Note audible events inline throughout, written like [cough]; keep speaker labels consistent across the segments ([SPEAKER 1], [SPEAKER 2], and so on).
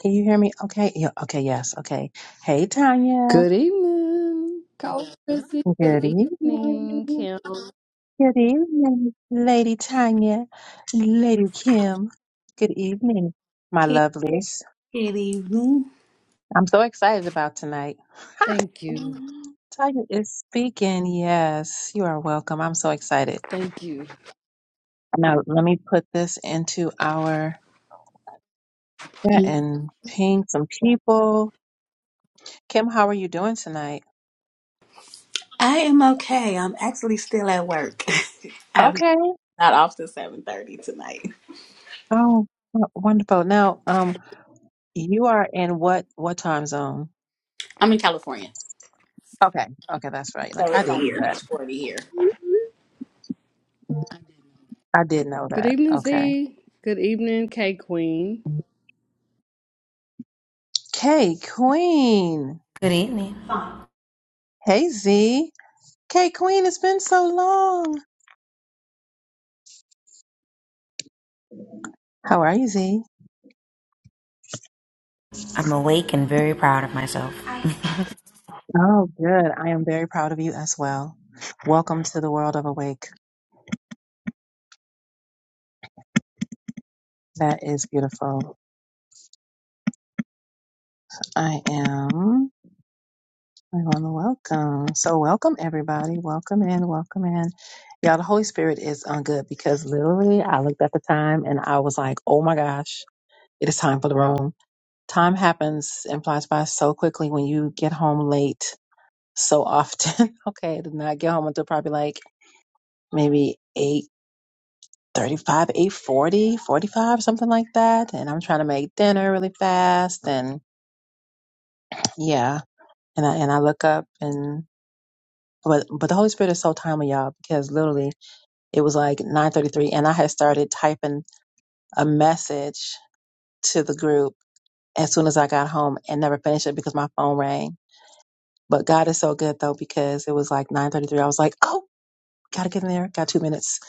[SPEAKER 1] Can you hear me? Okay. Yeah, okay. Yes. Okay. Hey,
[SPEAKER 2] Good
[SPEAKER 1] Tanya.
[SPEAKER 2] evening, Coach Chrissy. Good
[SPEAKER 1] Good
[SPEAKER 2] evening,
[SPEAKER 1] evening.
[SPEAKER 2] Kim.
[SPEAKER 1] Good evening, Lady Tanya, Lady Kim. Good evening, my
[SPEAKER 3] Good
[SPEAKER 1] lovelies.
[SPEAKER 3] evening.
[SPEAKER 1] I'm so excited about tonight.
[SPEAKER 2] Thank you.
[SPEAKER 1] Mm, Tanya is speaking. Yes, you are welcome. I'm so excited.
[SPEAKER 2] Thank you.
[SPEAKER 1] Now, let me put this into our chat
[SPEAKER 2] Good
[SPEAKER 1] and ping some people. Kim, how are you doing tonight?
[SPEAKER 3] I am okay. I'm actually still at work. [laughs] I'm
[SPEAKER 1] Okay.
[SPEAKER 3] not off till seven thirty tonight.
[SPEAKER 1] Oh, w- wonderful. Now, um, You are in what what time zone?
[SPEAKER 3] I'm in California,
[SPEAKER 1] Okay, okay, that's right. Like
[SPEAKER 3] so
[SPEAKER 1] I
[SPEAKER 3] it's
[SPEAKER 1] did
[SPEAKER 3] only
[SPEAKER 1] not that.
[SPEAKER 3] six forty here.
[SPEAKER 1] I did know that.
[SPEAKER 2] evening,
[SPEAKER 1] Okay.
[SPEAKER 2] Z. Good evening, K Queen.
[SPEAKER 1] K Queen.
[SPEAKER 4] Good evening.
[SPEAKER 1] Hey Z. K Queen, it's been so long. How are you, Z?
[SPEAKER 4] I'm awake and very proud of myself.
[SPEAKER 1] Oh, good. I am very proud of you as well. Welcome to the world of awake. That is beautiful. I am I want to welcome. So welcome everybody. Welcome in, welcome in. Y'all, the Holy Spirit is on good because literally I looked at the time and I was like, oh my gosh. It is time for the room. Time happens and flies by so quickly when you get home late so often. [laughs] okay, I did not get home until probably like maybe 8.35, eight forty, forty-five, something like that. And I'm trying to make dinner really fast. And yeah, and I, and I look up and but but the Holy Spirit is so timely, y'all, because literally it was like 9:33, and I had started typing a message to the group as soon as I got home and never finished it because my phone rang But God is so good though, because it was like 9.33. I was like, oh, gotta get in there. Got two minutes.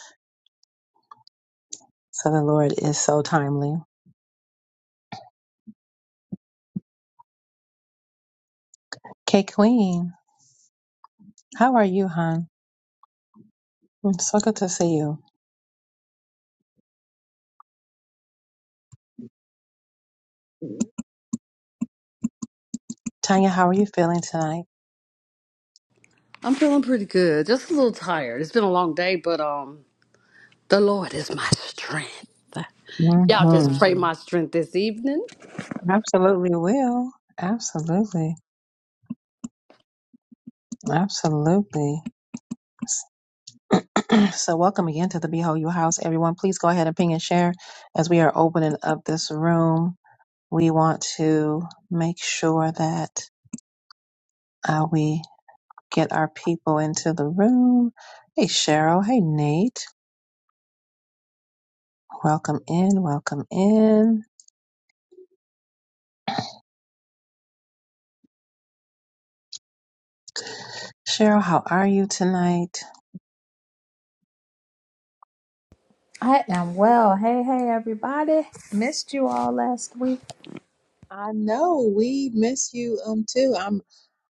[SPEAKER 1] So the Lord is so timely. K Queen, how are you, hon? Mm, So good to see you. Tanya, how are you feeling tonight?
[SPEAKER 2] I'm feeling pretty good. Just a little tired. It's been a long day, but um, the Lord is my strength. Y'all
[SPEAKER 1] hmm
[SPEAKER 2] just pray my strength this evening
[SPEAKER 1] Absolutely will. Absolutely. Absolutely. [clears throat] So welcome again to the Behold You House, everyone. Please go ahead and ping and share as we are opening up this room. We want to make sure that uh, we get our people into the room. Hey, Cheryl. Hey, Nate. Welcome in. Welcome in. Cheryl, how are you tonight?
[SPEAKER 5] I am well. Hey, hey, everybody. Missed you all last week.
[SPEAKER 1] I know we miss you um too. I'm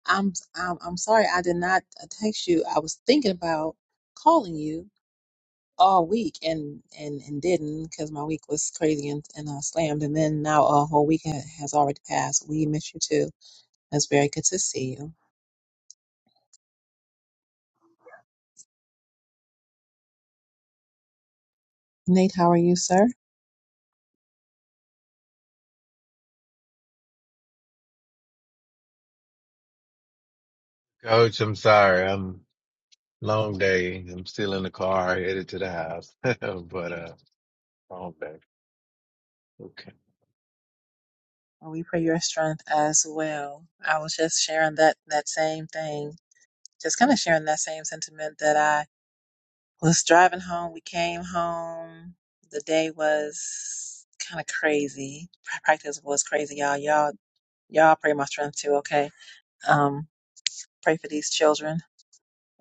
[SPEAKER 1] I'm I'm I'm sorry I did not text you. I was thinking about calling you all week and and and didn't because my week was crazy and and uh, slammed. And then now a whole week ha- has already passed. We miss you too. It's very good to see you. Nate, how are you, sir?
[SPEAKER 6] Coach, I'm sorry. I'm long day. I'm still in the car headed to the house. [laughs] But uh long day. Okay.
[SPEAKER 1] Well, we pray your strength as well. I was just sharing that that same thing, just kind of sharing that same sentiment that I was driving home. We came home. The day was kind of crazy. Practice was crazy, y'all. Y'all, y'all pray my strength too. Okay, um, pray for these children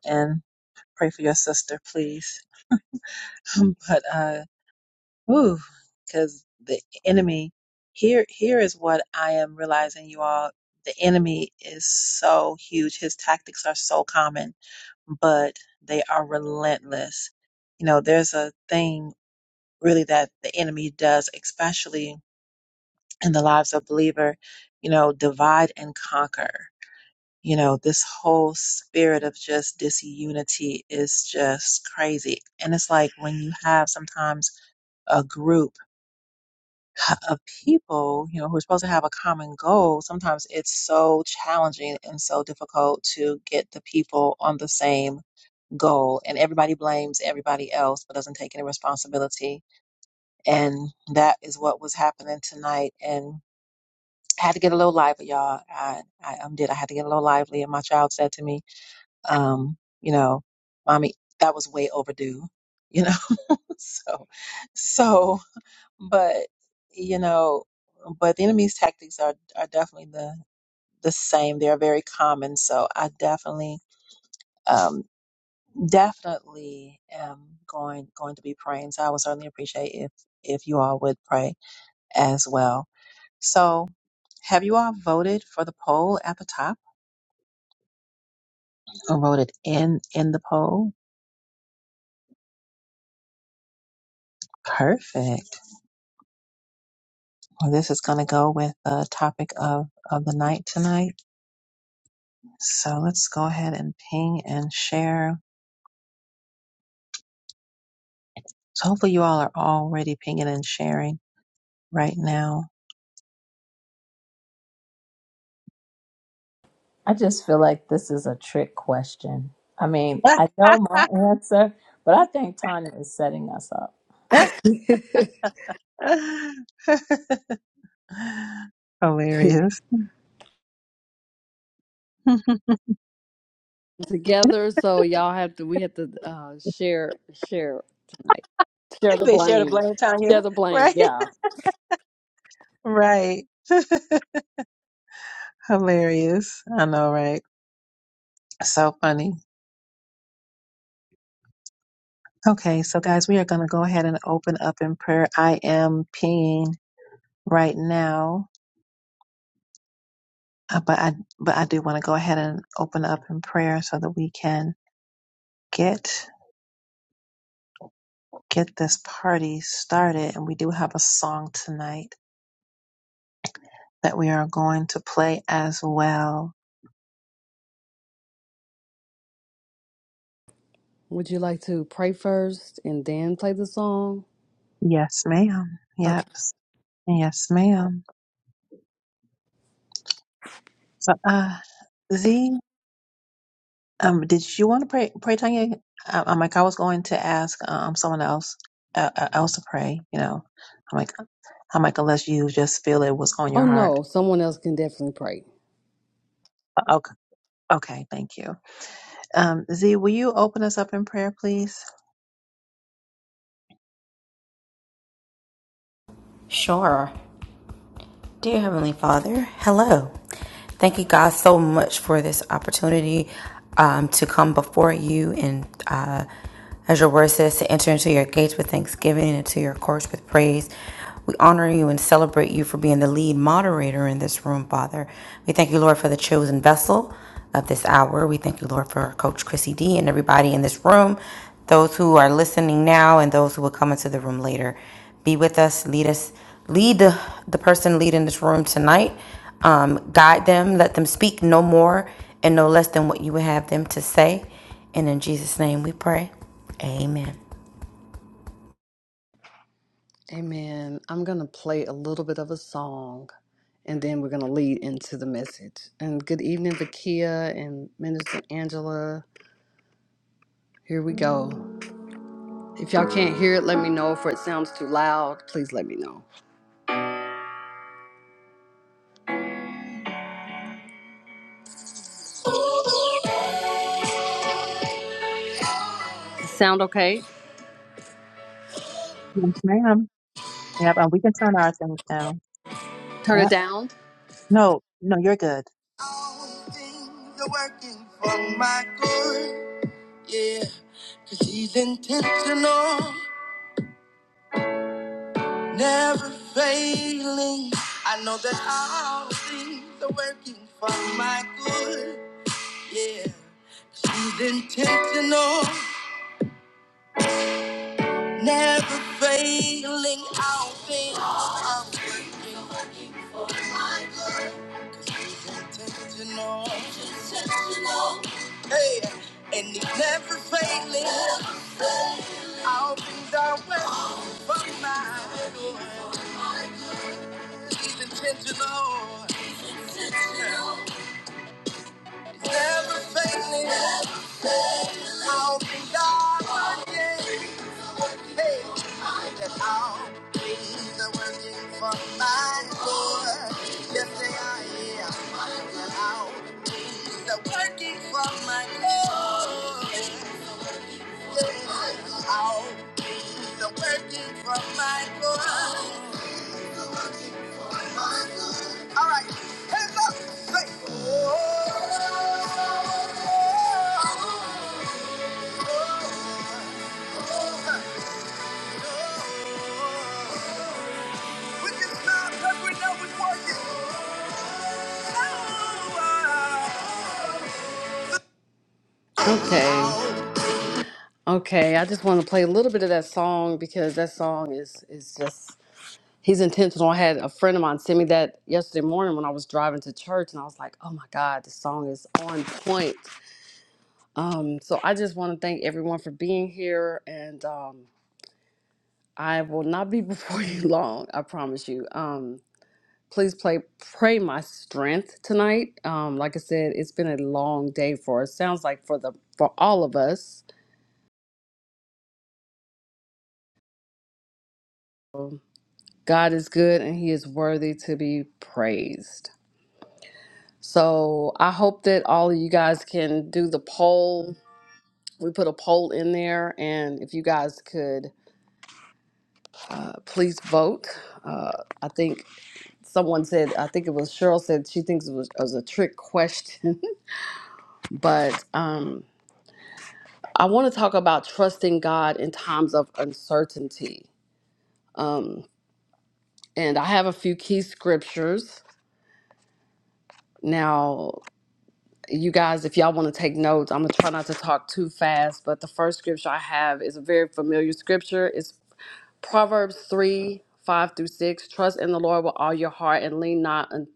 [SPEAKER 1] and pray for your sister, please. [laughs] but uh Ooh, because the enemy here here is what I am realizing, you all. The enemy is so huge. His tactics are so common, but they are relentless. You know, there's a thing really that the enemy does, especially in the lives of believer, you know, divide and conquer. You know, this whole spirit of just disunity is just crazy. And it's like when you have sometimes a group c- of people, you know, who are supposed to have a common goal, sometimes it's so challenging and so difficult to get the people on the same goal. And everybody blames everybody else, but doesn't take any responsibility. And that is what was happening tonight. And I had to get a little lively, y'all. I, I um, did. I had to get a little lively. And my child said to me, um, you know, mommy, that was way overdue, you know? [laughs] so, so but you know, but the enemy's tactics are are definitely the the same. They are very common. So I definitely, um, definitely am going going to be praying. So I would certainly appreciate if if you all would pray as well. So have you all voted for the poll at the top or voted in in the poll? Perfect. Well, this is going to go with the topic of of the night tonight. So let's go ahead and ping and share So hopefully you all are already pinging and sharing right now.
[SPEAKER 5] I just feel like this is a trick question. I mean, I know my answer, but I think Tanya is setting us up.
[SPEAKER 2] [laughs]
[SPEAKER 1] [laughs] Hilarious. [laughs]
[SPEAKER 2] together. So y'all have to. We have to uh, share, share tonight. Share the
[SPEAKER 1] they share the
[SPEAKER 2] blame.
[SPEAKER 1] blame, Tanya.
[SPEAKER 2] Share the
[SPEAKER 1] [laughs]
[SPEAKER 2] blame.
[SPEAKER 1] Right?
[SPEAKER 2] Yeah.
[SPEAKER 1] Right. Hilarious. I know, right? So funny. Okay, so guys, we are going to go ahead and open up in prayer. I am pinging right now, uh, but I but I do want to go ahead and open up in prayer so that we can get get this party started. And we do have a song tonight. that we are going to play as well.
[SPEAKER 2] Would you like to pray first and then play the song?
[SPEAKER 1] Yes, ma'am.
[SPEAKER 2] Okay.
[SPEAKER 1] Yep. Yes, ma'am. So, uh, Z, um, did you want to pray, pray, Tanya? I, I'm like, I was going to ask, um, someone else, uh, uh, else to pray, you know, I'm like, I'm like, unless you just feel it was on your
[SPEAKER 2] Oh
[SPEAKER 1] heart.
[SPEAKER 2] no, someone else can definitely pray.
[SPEAKER 1] Uh, Okay. Okay. Thank you. Um, Z, will you open us up in prayer, please?
[SPEAKER 4] Sure. Dear Heavenly Father, hello. Thank you, God, so much for this opportunity um, to come before you and, uh, as your word says, to enter into your gates with thanksgiving and into your courts with praise. We honor you and celebrate you for being the lead moderator in this room, Father. We thank you, Lord, for the chosen vessel of this hour. We thank you, Lord, for Coach Chrissy D and everybody in this room, those who are listening now and those who will come into the room later. Be with us, lead us lead the, the person leading this room tonight. Um, guide them, let them speak no more and no less than what you would have them to say. And in Jesus' name we pray. Amen.
[SPEAKER 2] Amen. I'm going to play a little bit of a song and then we're going to lead into the message. And good evening, Vakia and Minister Angela. Here we go. If y'all can't hear it, let me know. If it sounds too loud, please let me know. Sound okay?
[SPEAKER 1] Yes, ma'am. Yep. And we can turn our things down.
[SPEAKER 2] Turn it
[SPEAKER 1] Yep.
[SPEAKER 2] down.
[SPEAKER 1] No, no, you're good.
[SPEAKER 2] All things are working for my good. Yeah, cause he's intentional, never failing. I know that all things are working for my good. Yeah, cause he's intentional, never failing. All things are working. He's intentional. Hey, and he's never failing. All things are working for my good. He's intentional. Everything I'll be God again. Hey, and I'll be the working for my Lord. Yes, they are, yeah. And I'll be the working for my Lord. Yes, I'll be the working for my Lord. My Lord. All right, hands up, say, oh. With this mouth, cause we know it's working. Okay. Okay, I just want to play a little bit of that song because that song is is just he's intentional. I had a friend of mine send me that yesterday morning when I was driving to church and I was like, "Oh my god, this song is on point." Um so I just want to thank everyone for being here and um I will not be [laughs] before you long, I promise you. Um, please play pray my strength tonight. Um, like I said, it's been a long day for us. Sounds like for the for all of us. So, God is good and He is worthy to be praised. So I hope that all of you guys can do the poll. We put a poll in there, and if you guys could uh, please vote. Uh, I think someone said, I think it was Cheryl said she thinks it was, it was a trick question, [laughs] but um, I want to talk about trusting God in times of uncertainty. Um, and I have a few key scriptures. Now, you guys, if y'all want to take notes, I'm going to try not to talk too fast. But the first scripture I have is a very familiar scripture. It's Proverbs 3 5 through 6. Trust in the Lord with all your heart and lean not un-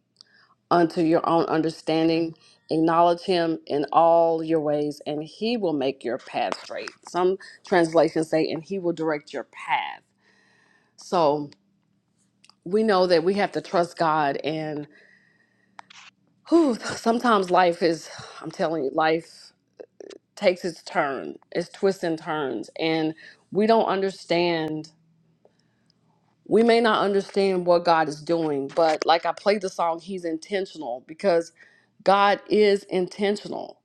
[SPEAKER 2] unto your own understanding. Acknowledge him in all your ways, and he will make your path straight. Some translations say, and he will direct your path. So we know that we have to trust God. And whew, sometimes life is, I'm telling you, life takes its turn, its twists and turns. And we don't understand, we may not understand what God is doing, but like I played the song, He's intentional because God is intentional.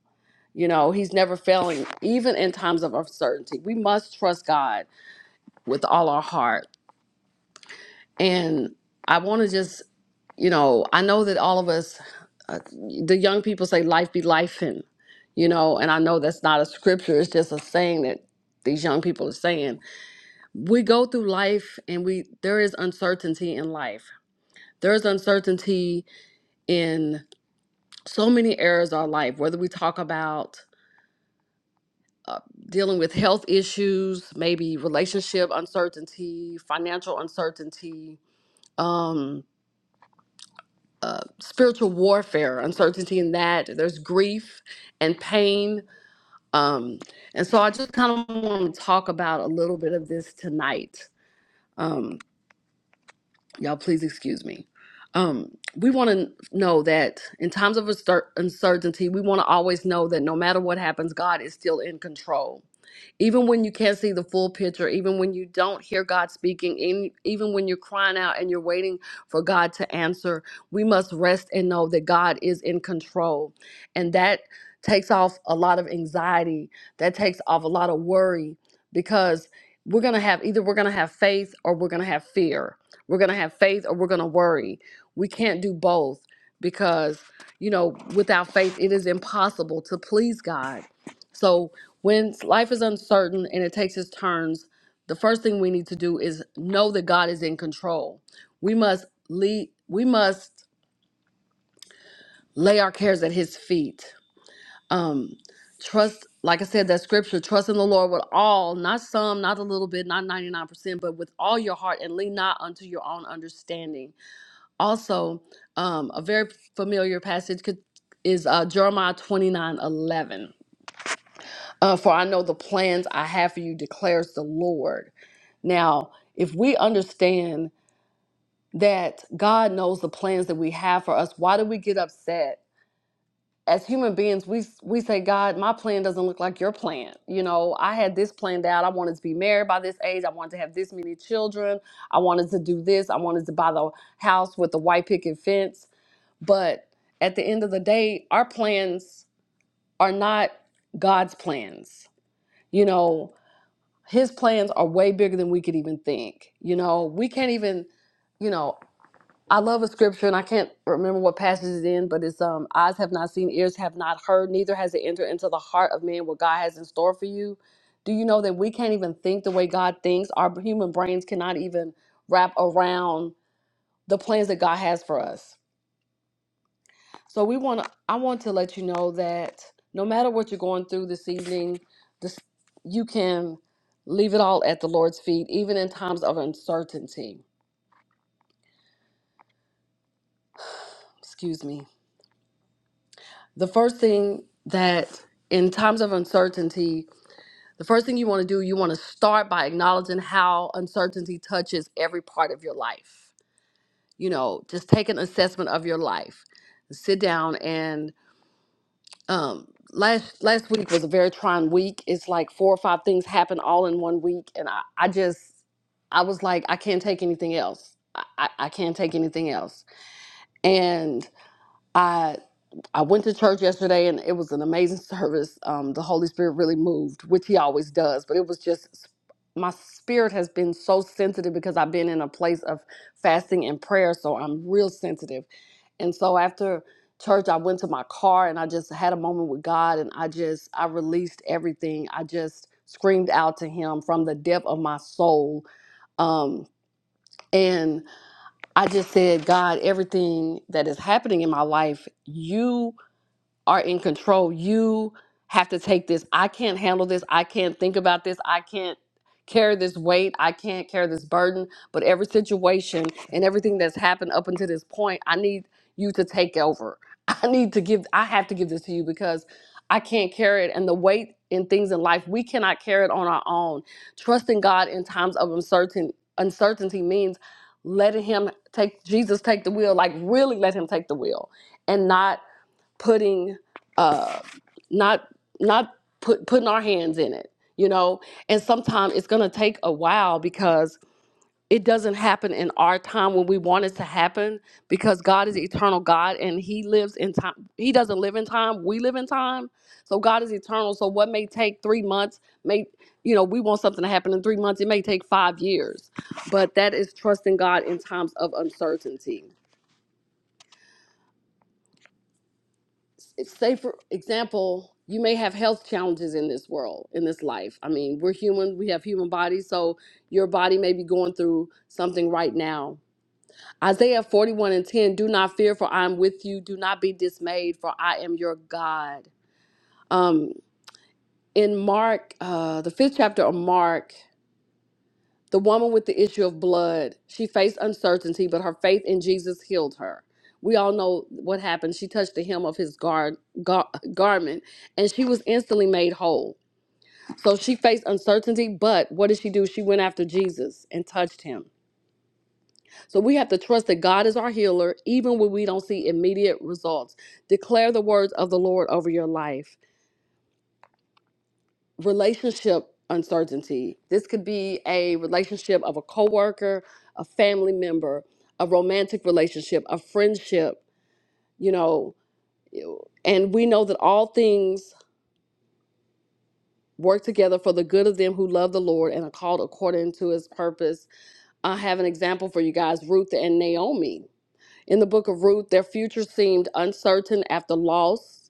[SPEAKER 2] You know, He's never failing, even in times of uncertainty. We must trust God with all our heart. And I want to just you know, I know that all of us, uh, the young people say, life be life, and, you know, and I know that's not a scripture, it's just a saying that these young people are saying. We go through life and we, there is uncertainty in life. There's uncertainty in so many areas of our life, whether we talk about uh, dealing with health issues, maybe relationship uncertainty, financial uncertainty, um, uh, spiritual warfare, uncertainty in that. There's grief and pain. Um, and so I just kind of want to talk about a little bit of this tonight. Um, y'all please excuse me um we want to know that in times of uncer- uncertainty we want to always know that no matter what happens god is still in control even when you can't see the full picture even when you don't hear god speaking in, even when you're crying out and you're waiting for god to answer we must rest and know that god is in control and that takes off a lot of anxiety that takes off a lot of worry because we're going to have either we're going to have faith or we're going to have fear we're going to have faith or we're going to worry. We can't do both because, you know, without faith, it is impossible to please God. So when life is uncertain and it takes its turns, the first thing we need to do is know that God is in control. We must lead, we must lay our cares at his feet. Um, trust, like I said, that scripture, trust in the Lord with all, not some, not a little bit, not 99%, but with all your heart and lean not unto your own understanding also, um, a very familiar passage could, is uh, Jeremiah 29 11. Uh, For I know the plans I have for you, declares the Lord. Now, if we understand that God knows the plans that we have for us, why do we get upset? As human beings, we we say, God, my plan doesn't look like your plan. You know, I had this planned out. I wanted to be married by this age. I wanted to have this many children. I wanted to do this. I wanted to buy the house with the white picket fence. But at the end of the day, our plans are not God's plans. You know, his plans are way bigger than we could even think. You know, we can't even, you know, I love a scripture and I can't remember what passage it's in, but it's um eyes have not seen, ears have not heard, neither has it entered into the heart of man what God has in store for you. Do you know that we can't even think the way God thinks? Our human brains cannot even wrap around the plans that God has for us So we want to. I want to let you know that no matter what you're going through this evening, this you can leave it all at the Lord's feet, even in times of uncertainty. Excuse me. The first thing that in times of uncertainty, the first thing you want to do, you want to start by acknowledging how uncertainty touches every part of your life. You know, just take an assessment of your life. Sit down and. um last last week was a very trying week it's like four or five things happened all in one week and i i just i was like i can't take anything else i i, I can't take anything else and I. I went to church yesterday and it was an amazing [laughs] service. Um, the Holy Spirit really moved, which He always does, but it was just my spirit has been so sensitive because I've been in a place of fasting and prayer, so I'm real sensitive. And so after church, I went to my car and I just had a moment with God and I just, I released everything. I just screamed out to Him from the depth of my soul. Um, and I just said, God, everything that is happening in my life, you are in control. You have to take this. I can't handle this. I can't think about this. I can't carry this weight. I can't carry this burden. But every situation and everything that's happened up until this point, I need you to take over. [laughs] I need to give, I have to give this to you because I can't carry it. And the weight in things in life, we cannot carry it on our own. Trusting God in times of uncertain, uncertainty means letting Him take, Jesus take the wheel, like really let Him take the wheel and not putting uh not not put putting our hands in it you know and sometimes it's going to take a while because it doesn't happen in our time when we want it to happen because god is eternal god and he lives in time he doesn't live in time we live in time so god is eternal so what may take three months may you know we want something to happen in three months it may take five years but that is trusting god in times of uncertainty say for example you may have health challenges in this world in this life i mean we're human we have human bodies so your body may be going through something right now isaiah 41 and 10 do not fear for i am with you do not be dismayed for i am your god um in mark uh the fifth chapter of mark The woman with the issue of blood, she faced uncertainty, but her faith in Jesus healed her. We all know what happened. She touched the hem of his gar- gar- garment and she was instantly made whole. So she faced uncertainty, but what did she do? She went after Jesus and touched him. So we have to trust that God is our healer, even when we don't see immediate results. Declare the words of the Lord over your life. relationship uncertainty. This could be a relationship of a coworker, a family member, a romantic relationship, a friendship, you know, and we know that all things work together for the good of them who love the Lord and are called according to his purpose. I have an example for you guys, Ruth and Naomi. In the book of Ruth, their future seemed uncertain after loss,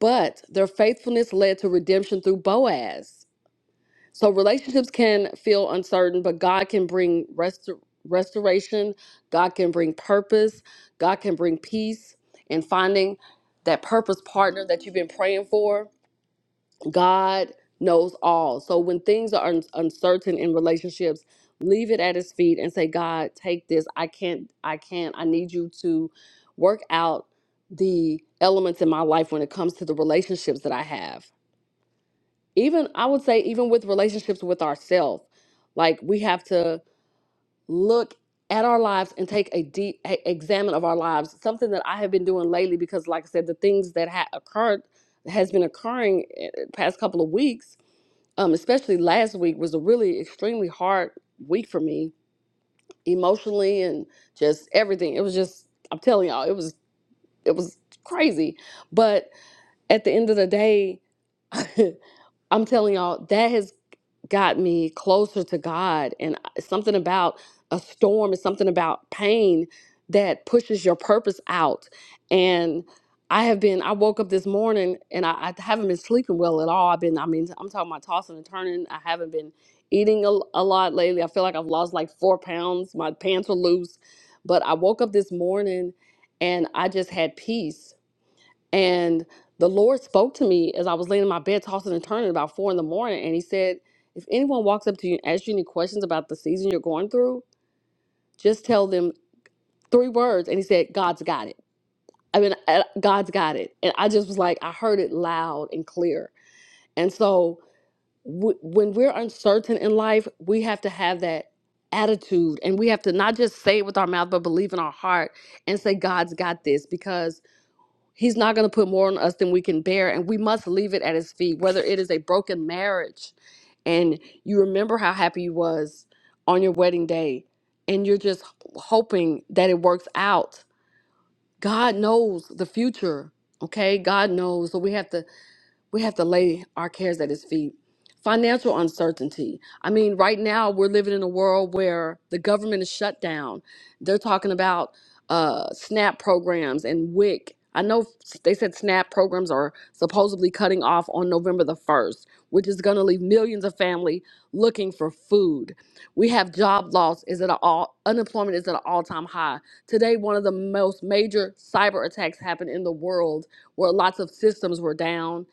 [SPEAKER 2] but their faithfulness led to redemption through Boaz. So relationships can feel uncertain, but God can bring rest- restoration. God can bring purpose. God can bring peace and finding that purpose partner that you've been praying for. God knows all. So when things are un- uncertain in relationships, leave it at his feet and say, God, take this. I can't, I can't, I need you to work out the elements in my life when it comes to the relationships that I have even I would say even with relationships with ourselves, like we have to look at our lives and take a deep a- examine of our lives. Something that I have been doing lately because, like I said, the things that ha- occurred has been occurring eh, eh, past couple of weeks, um, especially last week was a really extremely hard week for me emotionally and just everything. It was just I'm telling y'all, it was it was crazy. But at the end of the day. [laughs] I'm telling y'all that has got me closer to God. And I- something about a storm is something about pain that pushes your purpose out. And I have been, I woke up this morning and I, I haven't been sleeping well at all. I've been, I mean, I'm talking about tossing and turning. I haven't been eating a, a lot lately. I feel like I've lost like four pounds. My pants are loose. But I woke up this morning and I just had peace and the Lord spoke to me as I was laying in my bed, tossing and turning about four in the morning. And He said, If anyone walks up to you and asks you any questions about the season you're going through, just tell them three words. And He said, God's got it. I mean, uh, God's got it. And I just was like, I heard it loud and clear. And so w- when we're uncertain in life, we have to have that attitude and we have to not just say it with our mouth, but believe in our heart and say, God's got this because He's not going to put more on us than we can bear, and we must leave it at His feet. Whether it is a broken marriage, and you remember how happy you was on your wedding day, and you're just hoping that it works out. God knows the future. Okay, God knows. So we have to we have to lay our cares at his feet. Financial uncertainty. I mean, right now we're living in a world where the government is shut down. They're talking about uh, SNAP programs and WIC. I know s- they said SNAP programs are supposedly cutting off on November the 1st, which is going to leave millions of family looking for food. We have job loss is at an all unemployment is at an all-time high. Today one of the most major cyber attacks happened in the world where lots of systems were down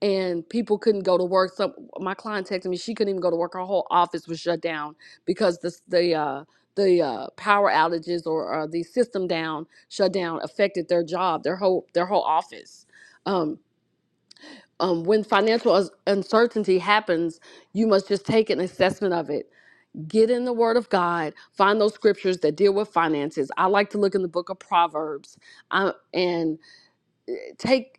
[SPEAKER 2] and people couldn't go to work. Some my client texted me she couldn't even go to work. Her whole office was shut down because the the uh, the uh, power outages or uh, the system down shut down affected their job, their whole their whole office. Um, um, when financial us- uncertainty happens, you must just take an assessment of it. Get in the Word of God. Find those scriptures that deal with finances. I like to look in the Book of Proverbs, I, and take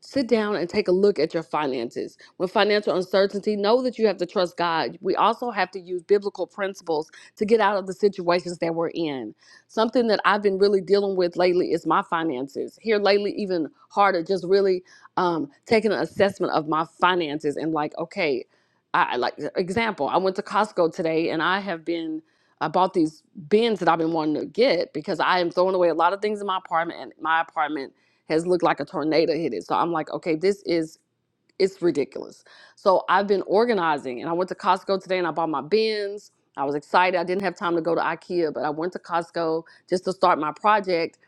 [SPEAKER 2] sit down and take a look at your finances. With financial uncertainty, know that you have to trust God. We also have to use biblical principles to get out of the situations that we're in. Something that I've been really dealing with lately is my finances. Here lately, even harder, just really um, taking an assessment of my finances and like, okay, I I like e, example. I went to Costco today and I have been. I bought these bins that I've been wanting to get because I am throwing away a lot of things in my apartment, and my apartment has looked like a tornado hit it. So I'm like, okay, this is it's ridiculous. So I've been organizing and I went to Costco today and I bought my bins. I was excited. I didn't have time to go to IKEA, but I went to Costco just to start my project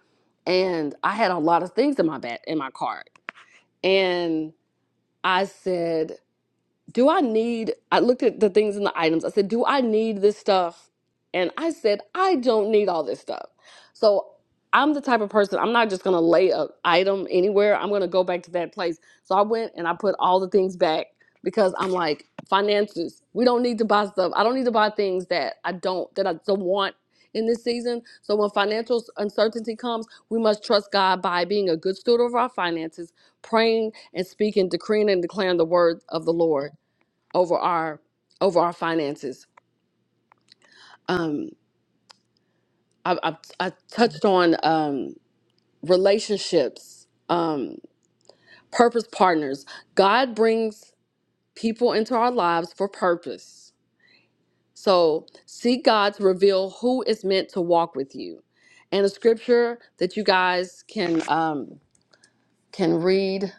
[SPEAKER 2] and I had a lot of things in my bat in my cart. And I said, do I need? I looked at the things in the items. I said, do I need this stuff? And I said, I don't need all this stuff. So I'm the type of person, I'm not just going to lay a item anywhere. I'm going to go back to that place. So I went and I put all the things back because I'm like, finances, we don't need to buy stuff. I don't need to buy things that I don't, that I don't want in this season. So when financial uncertainty comes, we must trust God by being a good steward of our finances, praying and speaking, decreeing and declaring the word of the Lord over our over our finances. Um, I, I, I touched on um, relationships, um, purpose partners. God brings people into our lives for purpose. So seek God to reveal who is meant to walk with you. And a scripture that you guys can um, can read.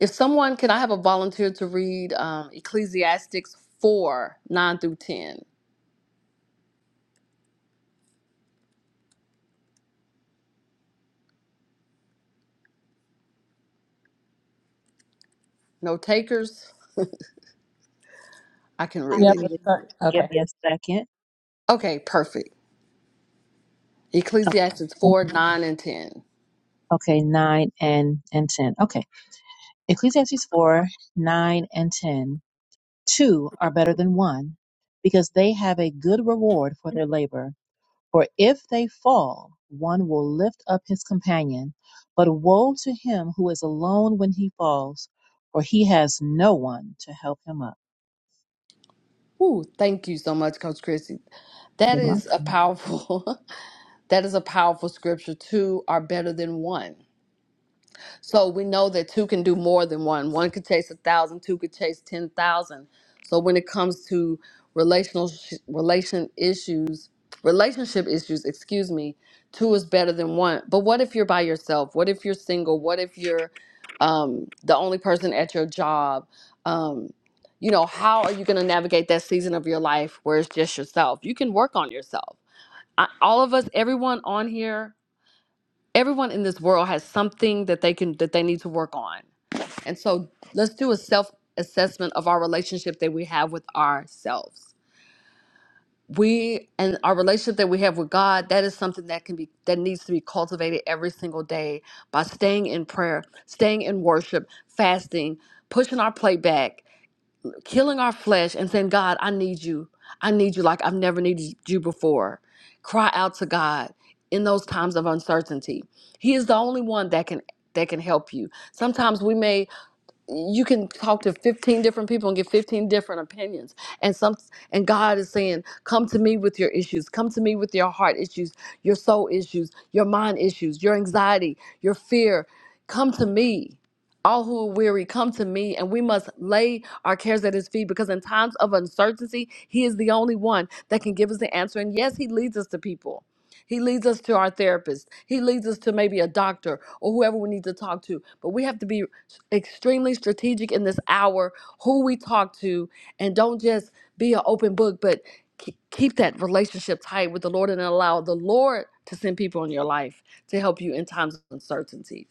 [SPEAKER 2] If someone can, I have a volunteer to read um, Ecclesiastics four nine through ten. No takers. I can
[SPEAKER 1] I
[SPEAKER 2] read
[SPEAKER 5] Yeah.
[SPEAKER 1] will
[SPEAKER 2] it.
[SPEAKER 1] read
[SPEAKER 5] that's
[SPEAKER 1] it.
[SPEAKER 5] right.
[SPEAKER 1] Give
[SPEAKER 5] Okay.
[SPEAKER 1] me a second.
[SPEAKER 2] Okay, perfect. Ecclesiastes
[SPEAKER 1] Oh,
[SPEAKER 2] 4, 9, and 10.
[SPEAKER 1] Okay, 9 and, and 10. Okay. Ecclesiastes 4, 9 and 10. Two are better than one because they have a good reward for their labor. For if they fall, one will lift up his companion. But woe to him who is alone when he falls, for he has no one to help him up.
[SPEAKER 2] Woo, thank you so much, Coach Chrissy. That
[SPEAKER 1] You're
[SPEAKER 2] is a
[SPEAKER 1] welcome.
[SPEAKER 2] powerful, [laughs] that is a powerful scripture. Two are better than one. So we know that two can do more than one. One could chase a thousand, two could chase ten thousand. So when it comes to relational sh- relation issues, relationship issues, excuse me, two is better than one. But what if you're by yourself? What if you're single? What if you're um, the only person at your job? Um, you know, how are you going to navigate that season of your life where it's just yourself? You can work on yourself. I, all of us, everyone on here everyone in this world has something that they can that they need to work on and so let's do a self assessment of our relationship that we have with ourselves we and our relationship that we have with god that is something that can be that needs to be cultivated every single day by staying in prayer staying in worship fasting pushing our plate back killing our flesh and saying, God, I need you. I need you like I've never needed you before. Cry out to God in those times of uncertainty. He is the only one that can that can help you. Sometimes we may you can talk to 15 different people and get 15 different opinions and some and god is saying come to me with your issues come to me with your heart issues your soul issues your mind issues your anxiety your fear come to me all who are weary come to me and we must lay our cares at his feet because in times of uncertainty he is the only one that can give us the answer and yes he leads us to people he leads us to our therapist. He leads us to maybe a doctor or whoever we need to talk to. But we have to be extremely strategic in this hour who we talk to and don't just be an open book but ke- keep that relationship tight with the lord and allow the lord to send people in your life to help you in times of uncertainty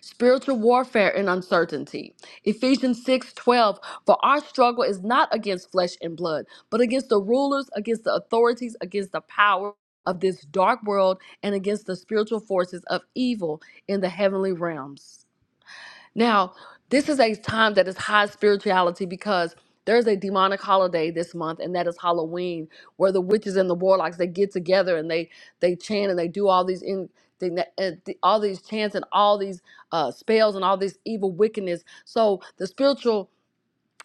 [SPEAKER 2] spiritual warfare and uncertainty ephesians 6 12. for our struggle is not against flesh and blood but against the rulers against the authorities against the power of this dark world and against the spiritual forces of evil in the heavenly realms now, this is a time that is high spirituality because there's a demonic holiday this month, and that is Halloween, where the witches and the warlocks they get together and they they chant and they do all these in they, uh, th- all these chants and all these uh, spells and all this evil wickedness. So the spiritual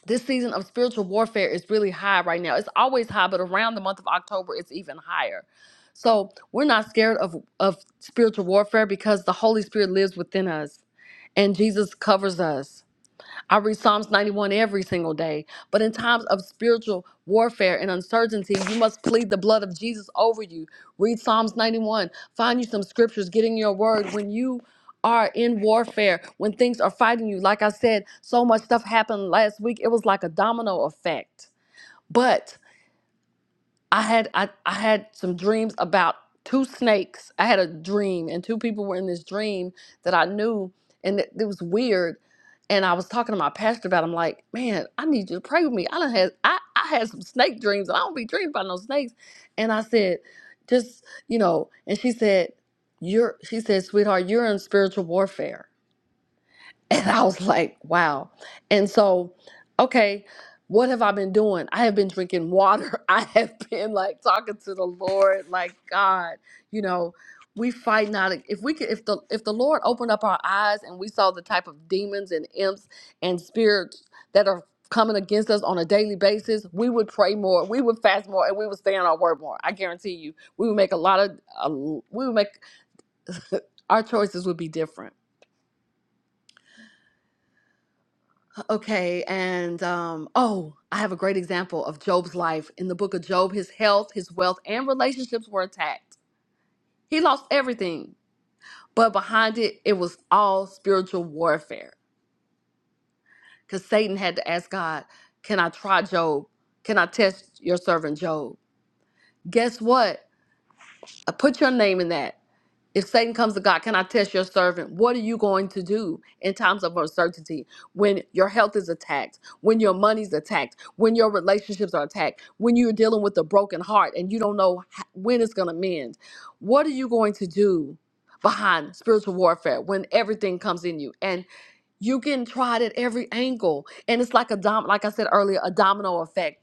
[SPEAKER 2] this season of spiritual warfare is really high right now. It's always high, but around the month of October, it's even higher. So we're not scared of of spiritual warfare because the Holy Spirit lives within us and Jesus covers us. I read Psalms 91 every single day. But in times of spiritual warfare and uncertainty, you must plead the blood of Jesus over you. Read Psalms 91. Find you some scriptures, get in your word. When you are in warfare, when things are fighting you, like I said, so much stuff happened last week. It was like a domino effect. But. I had I, I had some dreams about two snakes. I had a dream, and two people were in this dream that I knew, and it, it was weird. And I was talking to my pastor about. it. I'm like, man, I need you to pray with me. I done had I I had some snake dreams, and I don't be dreaming about no snakes. And I said, just you know. And she said, you're. She said, sweetheart, you're in spiritual warfare. And I was like, wow. And so, okay, what have I been doing? I have been drinking water. [laughs] I have been like talking to the Lord, like God, you know, we fight not if we could if the if the Lord opened up our eyes and we saw the type of demons and imps and spirits that are coming against us on a daily basis, we would pray more, we would fast more, and we would stay on our word more. I guarantee you, we would make a lot of a, we would make [laughs] our choices would be different. Okay, and um, oh, I have a great example of Job's life. In the book of Job, his health, his wealth, and relationships were attacked. He lost everything, but behind it, it was all spiritual warfare. Because Satan had to ask God, Can I try Job? Can I test your servant Job? Guess what? I put your name in that. If Satan comes to God, can I test your servant? What are you going to do in times of uncertainty when your health is attacked, when your money's attacked, when your relationships are attacked, when you're dealing with a broken heart and you don't know h- when it's going to mend? What are you going to do behind spiritual warfare when everything comes in you and you're getting tried at every angle? And it's like a dom, like I said earlier, a domino effect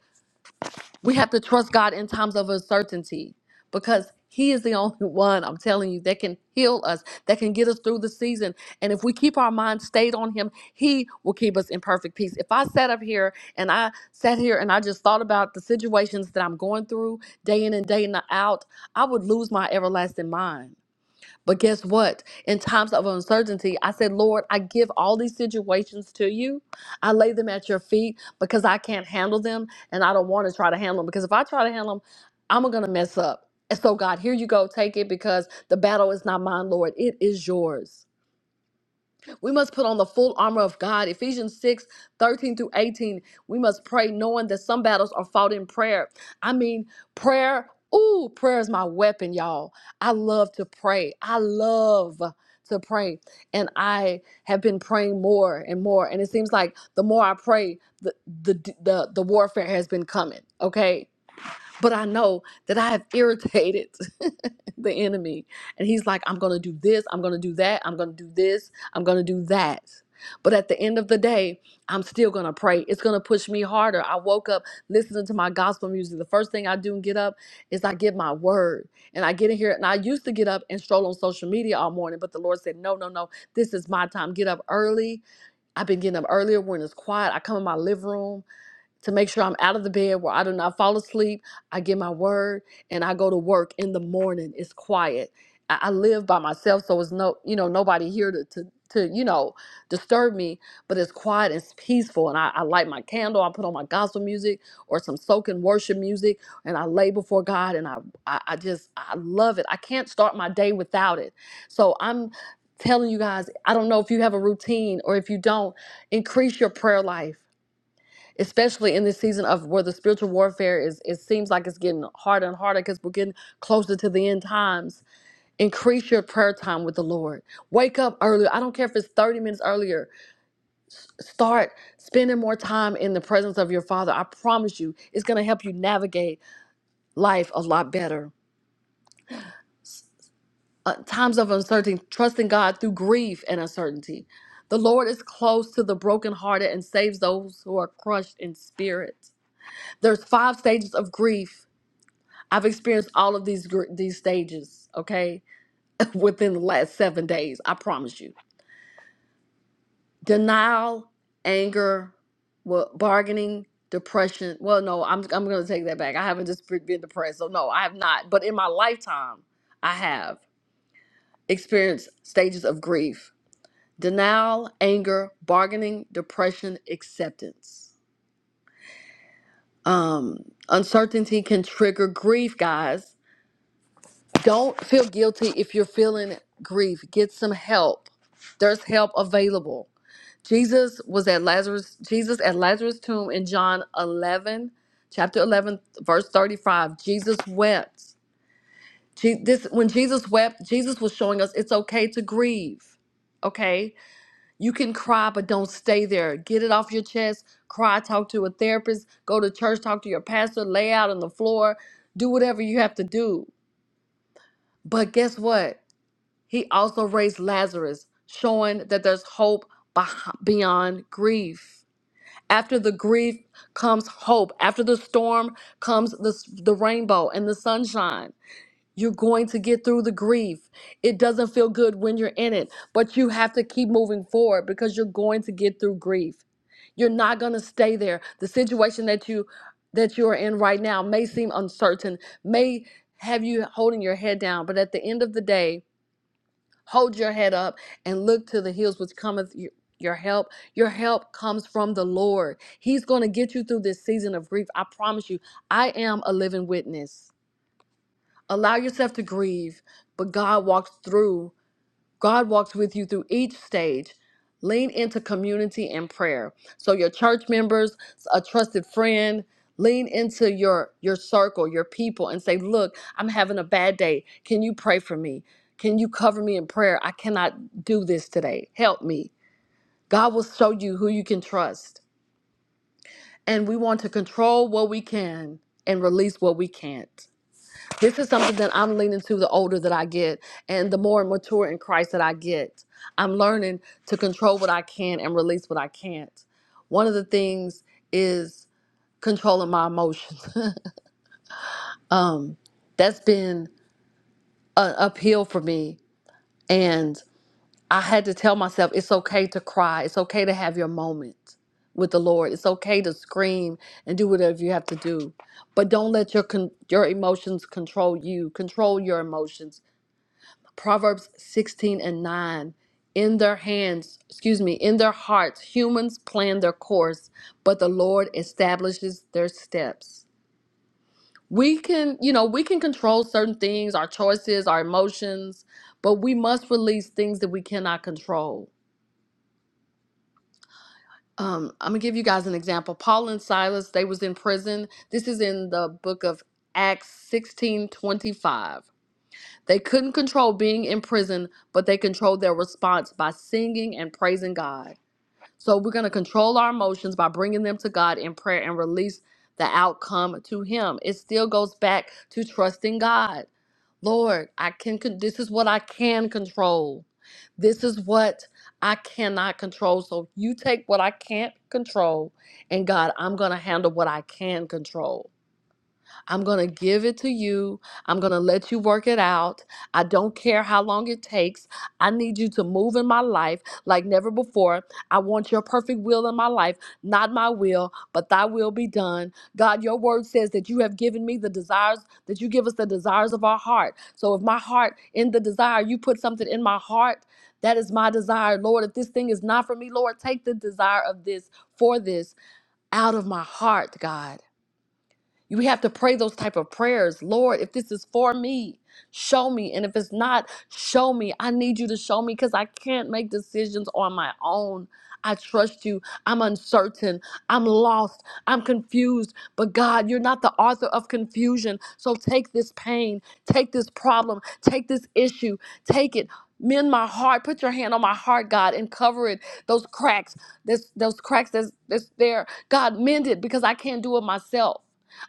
[SPEAKER 2] we have to trust God in times of uncertainty because He is the [laughs] only one, I'm telling you, that can heal us, that can get us through the season. And if we keep our mind stayed on Him, He will keep us in perfect peace. If I sat up here and I sat here and I just thought about the situations that I'm going through day in and day out, I would lose my everlasting mind. But guess what? In times of uncertainty, I said, Lord, I give all these situations to you. I lay them at your feet because I can't handle them and I don't want to try to handle them because if I try to handle them, I'm going to mess up. And so, God, here you go. Take it because the battle is not mine, Lord. It is yours. We must put on the full armor of God. Ephesians 6:13 through 18. We must pray knowing that some battles are fought in prayer. I mean, prayer. Ooh, prayer is my weapon, y'all. I love to pray. I love to pray. And I have been praying more and more. And it seems like the more I pray, the the the, the warfare has been coming. Okay. But I know that I have [laughs] irritated the enemy. And he's like, I'm going to do this, I'm going to do that, I'm going to do this, I'm going to do that. But at the end of the day, I'm still going to pray. It's going to push me harder. I woke up listening to my gospel music. The first thing I do and get up is I give my word. And I get in here and I used to get up and stroll on social media all morning, but the Lord said, "No, no, no. This is my time. Get up early." I've been getting up earlier when it's quiet. I come in my living room to make sure I'm out of the bed where I do not fall asleep. I get my word and I go to work in the morning. It's quiet. I, I live by myself, so it's no, you know, nobody here to, to, to, you know, disturb me, but it's quiet, it's peaceful. And I, I light my candle, I put on my gospel music or some soaking worship music, and I lay before God and I, I, I just, I love it. I can't start my day without it. So I'm telling you guys, I don't know if you have a routine or if you don't, increase your prayer life especially in this season of where the spiritual warfare is it seems like it's getting harder and harder because we're getting closer to the end times increase your prayer time with the lord wake up earlier i don't care if it's 30 minutes earlier start spending more time in the presence of your father i promise you it's going to help you navigate life a lot better uh, times of uncertainty trusting god through grief and uncertainty the lord is close to the brokenhearted and saves those who are crushed in spirit there's five stages of grief I've experienced all of these gr- these stages, okay, [laughs] within the last seven days. I promise you. Denial, anger, well, bargaining, depression. Well, no, I'm I'm gonna take that back. I haven't just be- been depressed, so no, I have not. But in my lifetime, I have experienced stages of grief: denial, anger, bargaining, depression, acceptance. Um, uncertainty can trigger grief, guys Don't feel guilty if you're feeling grief. Get some help. There's help available. Jesus was at Lazarus Jesus at Lazarus tomb in John 11, chapter 11, verse 35. Jesus wept. Je- this when Jesus wept, Jesus was showing us it's okay to grieve. Okay? You can cry but don't stay there. Get it off your chest. Cry, talk to a therapist, go to church, talk to your pastor, lay out on the floor, do whatever you have to do. But guess what? He also raised Lazarus, showing that there's hope beh- beyond grief. After the grief comes hope. After the storm comes the, the rainbow and the sunshine. You're going to get through the grief. It doesn't feel good when you're in it, but you have to keep moving forward because you're going to get through grief. You're not going to stay there. The situation that you that you're in right now may seem uncertain, may have you holding your head down, but at the end of the day, Hold your head up and look to the hills which cometh y- your help. Your help comes from the Lord. He's going to get you through this season of grief. I promise you, I am a living witness. Allow yourself to grieve, but God walks through. God walks with you through each stage. Lean into community and prayer. So your church members, a trusted friend, lean into your your circle, your people and say, "Look, I'm having a bad day. Can you pray for me? Can you cover me in prayer? I cannot do this today. Help me." God will show you who you can trust. And we want to control what we can and release what we can't. This is something that I'm leaning to the older that I get and the more mature in Christ that I get. I'm learning to control what I can and release what I can't. One of the things is controlling my emotions. [laughs] um, that's been an uphill for me. And I had to tell myself it's okay to cry, it's okay to have your moment with the Lord, it's okay to scream and do whatever you have to do. But don't let your con- your emotions control you. Control your emotions Proverbs 16 and 9. In their hands, excuse me, in their hearts, humans plan their course, but the Lord establishes their steps. We can, you know, we can control certain things, our choices, our emotions, but we must release things that we cannot control. Um, I'm gonna give you guys an example. Paul and Silas, they was in prison. This is in the book of Acts 16:25. They couldn't control being in prison, but they controlled their response by singing and praising God. So we're going to control our emotions by bringing them to God in prayer and release the outcome to Him. It still goes back to trusting God. Lord, I can con- this is what I can control. This is what I cannot control. So you take what I can't control and God, I'm going to handle what I can control. I'm going to give it to you. I'm going to let you work it out. I don't care how long it takes. I need you to move in my life like never before. I want your perfect will in my life, not my will, but thy will be done. God, your word says that you have given me the desires, that you give us the desires of our heart. So if my heart in the desire, you put something in my heart, that is my desire. Lord, if this thing is not for me, Lord, take the desire of this for this out of my heart, God. We have to pray those type of prayers. Lord, if this is for me, show me. And if it's not, show me. I need you to show me because I can't make decisions on my own. I trust you. I'm uncertain. I'm lost. I'm confused. But God, you're not the author of confusion. So take this pain, take this problem, take this issue, take it. Mend my heart. Put your hand on my heart, God, and cover it. Those cracks, this, those cracks that's, that's there. God, mend it because I can't do it myself.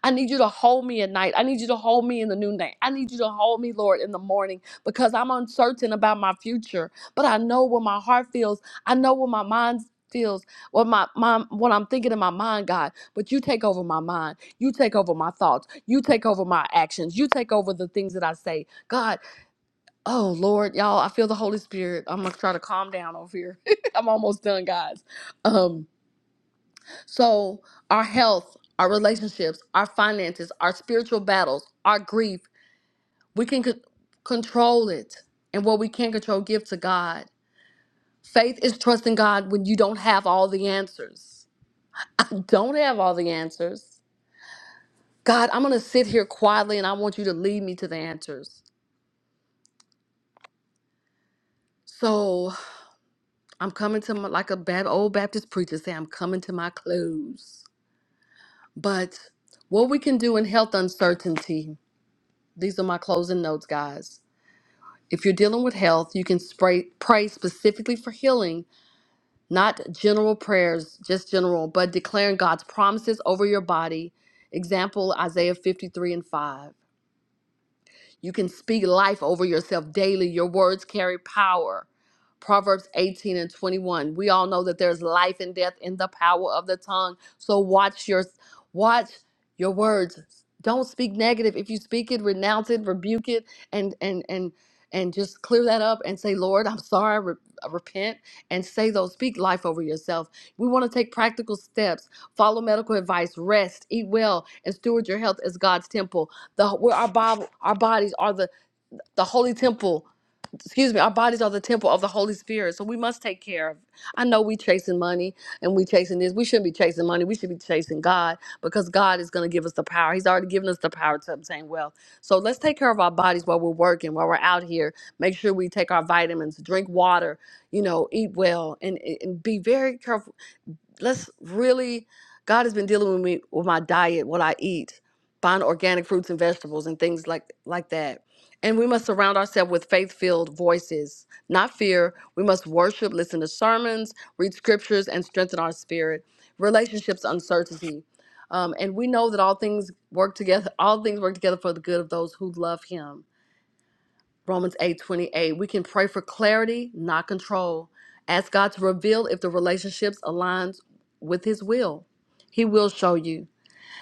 [SPEAKER 2] I need you to hold me at night. I need you to hold me in the noonday. I need you to hold me, Lord, in the morning because I'm uncertain about my future. But I know what my heart feels. I know what my mind feels, what my, my what I'm thinking in my mind, God. But you take over my mind. You take over my thoughts. You take over my actions. You take over the things that I say. God, oh Lord, y'all, I feel the Holy Spirit. I'm gonna try to calm down over here. [laughs] I'm almost done, guys. Um so, our health, our relationships, our finances, our spiritual battles, our grief, we can c- control it. And what we can't control, give to God. Faith is trusting God when you don't have all the answers. Don't have all the answers. God, I'm going to sit here quietly and I want you to lead me to the answers. So, I'm coming to my, like a bad old Baptist preacher say, I'm coming to my close. But what we can do in health uncertainty, these are my closing notes, guys If you're dealing with health, you can spray, pray specifically for healing, not general prayers, just general, but declaring God's promises over your body. Example Isaiah 53 and 5. You can speak life over yourself daily. Your words carry power. Proverbs 18 and 21. We all know that there's life and death in the power of the tongue. So watch your watch your words. Don't speak negative. If you speak it, renounce it, rebuke it, and and and and just clear that up and say, Lord, I'm sorry. I re- I repent and say those. Speak life over yourself. We want to take practical steps. Follow medical advice. Rest. Eat well and steward your health as God's temple the where our Bob, our bodies are the the holy temple. Excuse me, our bodies are the temple of the Holy Spirit. So we must take care of. I know we chasing money and we chasing this. We shouldn't be chasing money. We should be chasing God because God is going to give us the power. He's already given us the power to obtain wealth. So let's take care of our bodies while we're working, while we're out here. Make sure we take our vitamins, drink water, you know, eat well, and, and be very careful let's really god has been dealing with me with my diet what i eat buying organic fruits and vegetables and things like like that and we must surround ourselves with faith-filled voices not fear we must worship listen to sermons read scriptures and strengthen our spirit relationships uncertainty um, and we know that all things work together all things work together for the good of those who love him Romans 8:28. We can pray for clarity, not control. Ask God to reveal if the relationships aligns with His will. He will show you.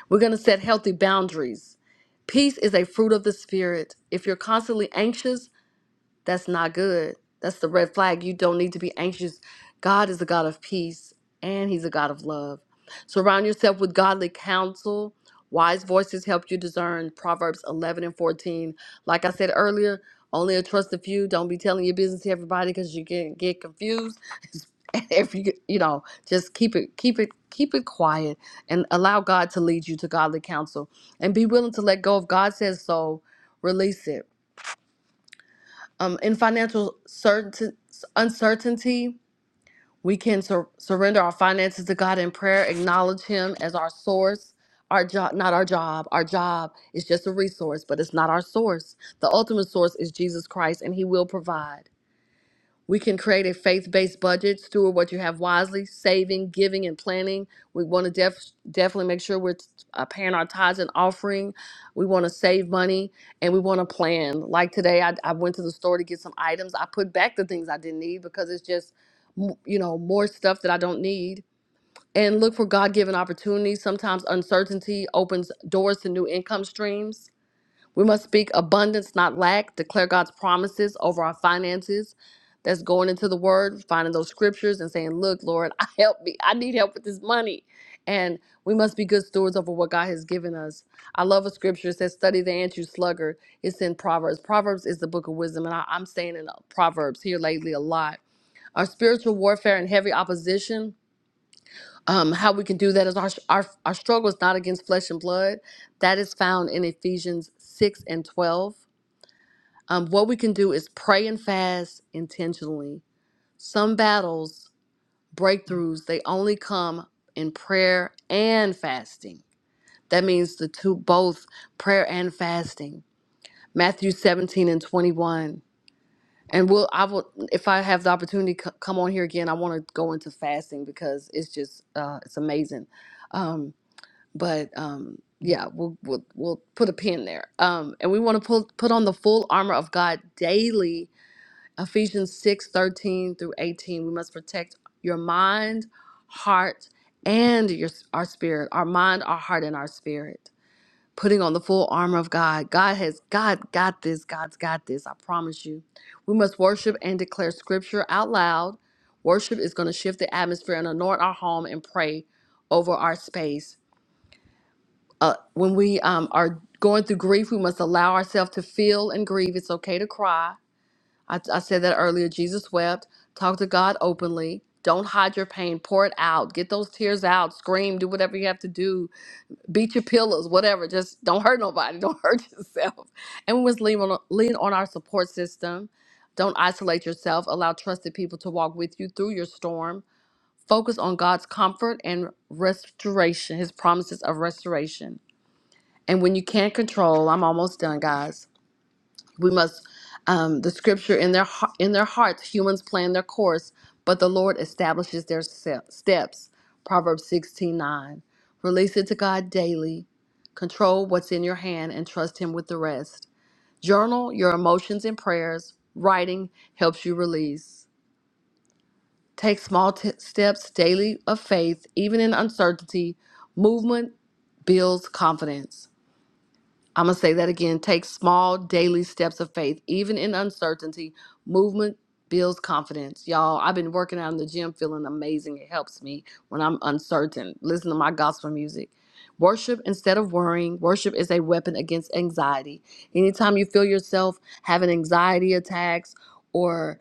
[SPEAKER 2] We're going to set healthy boundaries. Peace is a fruit of the Spirit. If you're constantly anxious, that's not good. That's the red flag. You don't need to be anxious. God is a God of peace and He's a God of love. Surround yourself with godly counsel. Wise voices help you discern Proverbs 11 and 14. Like I said earlier, only a trusted few. Don't be telling your business to everybody because you can get confused. [laughs] And if you, you know, just keep it, keep it, keep it quiet and allow God to lead you to godly counsel and be willing to let go. If God says so, release it um, in financial certain uncertainty, we can sur- surrender our finances to God in prayer, acknowledge Him as our source. Our job, not our job. Our job is just a resource, but it's not our source. The ultimate source is Jesus Christ, and He will provide. We can create a faith based budget, steward what you have wisely, saving, giving, and planning. We want to def- definitely make sure we're uh, paying our tithes and offering. We want to save money and we want to plan. Like today, I, I went to the store to get some items. I put back the things I didn't need because it's just, m- you know, more stuff that I don't need. And look for God given opportunities. Sometimes uncertainty opens doors to new income streams we must speak abundance, not lack, declare God's promises over our finances. That's going into the word, finding those scriptures and saying, Look, Lord, [laughs] I help me. I need help with this money. And we must be good stewards over what God has given us. I love a scripture that says, Study the ant, you sluggard. It's in Proverbs. Proverbs is the book of wisdom. And I, I'm staying in uh, Proverbs here lately a lot. Our spiritual warfare and heavy opposition, um, how we can do that is our, our, our struggle is not against flesh and blood. That is found in Ephesians 6 and 12. Um, what we can do is pray and fast intentionally. Some battles, breakthroughs, they only come in prayer and fasting. That means the two, both prayer and fasting. Matthew 17 and 21. And we'll, I will, if I have the opportunity to c- come on here again, I want to go into fasting because it's just, uh, it's amazing. Um, but um, yeah, we'll, we'll, we'll put a pin there. Um, and we want to put, put on the full armor of God daily Ephesians 6:13 through 18. We must protect your mind, heart, and your our spirit. Our mind, our heart, and our spirit. Putting on the full armor of God. God has God got this. God's got this. I promise you. We must worship and declare scripture out loud. Worship is going to shift the atmosphere and anoint our home and pray over our space. Uh, when we um, are going through grief, we must allow ourselves to feel and grieve. It's okay to cry I, I said that earlier. Jesus wept. Talk to God openly. Don't hide your pain. Pour it out. Get those tears out. Scream. Do whatever you have to do. Beat your pillows. Whatever. Just don't hurt nobody. [laughs] Don't hurt yourself. And we must lean on, lean on our support system. Don't isolate yourself. Allow trusted people to walk with you through your storm. Focus on God's comfort and restoration, His promises of restoration. And when you can't control, I'm almost done, guys we must um, the scripture in their hea- in their hearts humans plan their course but the lord establishes their se- steps proverbs 16 9. release it to god daily control what's in your hand and trust him with the rest journal your emotions and prayers writing helps you release take small t- steps daily of faith even in uncertainty movement builds confidence I'm going to say that again. Take small daily steps of faith, even in uncertainty. Movement builds confidence. Y'all, I've been working out in the gym feeling amazing. It helps me when I'm uncertain. Listen to my gospel music. Worship instead of worrying. Worship is a weapon against anxiety. Anytime you feel yourself having anxiety attacks or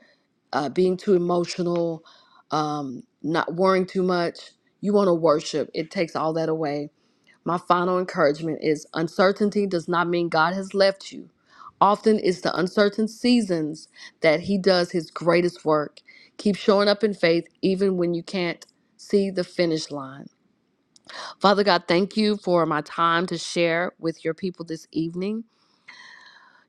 [SPEAKER 2] uh, being too emotional, um, not worrying too much, you want to worship. It takes all that away. My final encouragement is uncertainty does not mean God has left you. Often it's the uncertain seasons that He does His greatest work. Keep showing up in faith even when you can't see the finish line. Father God, thank you for my time to share with your people this evening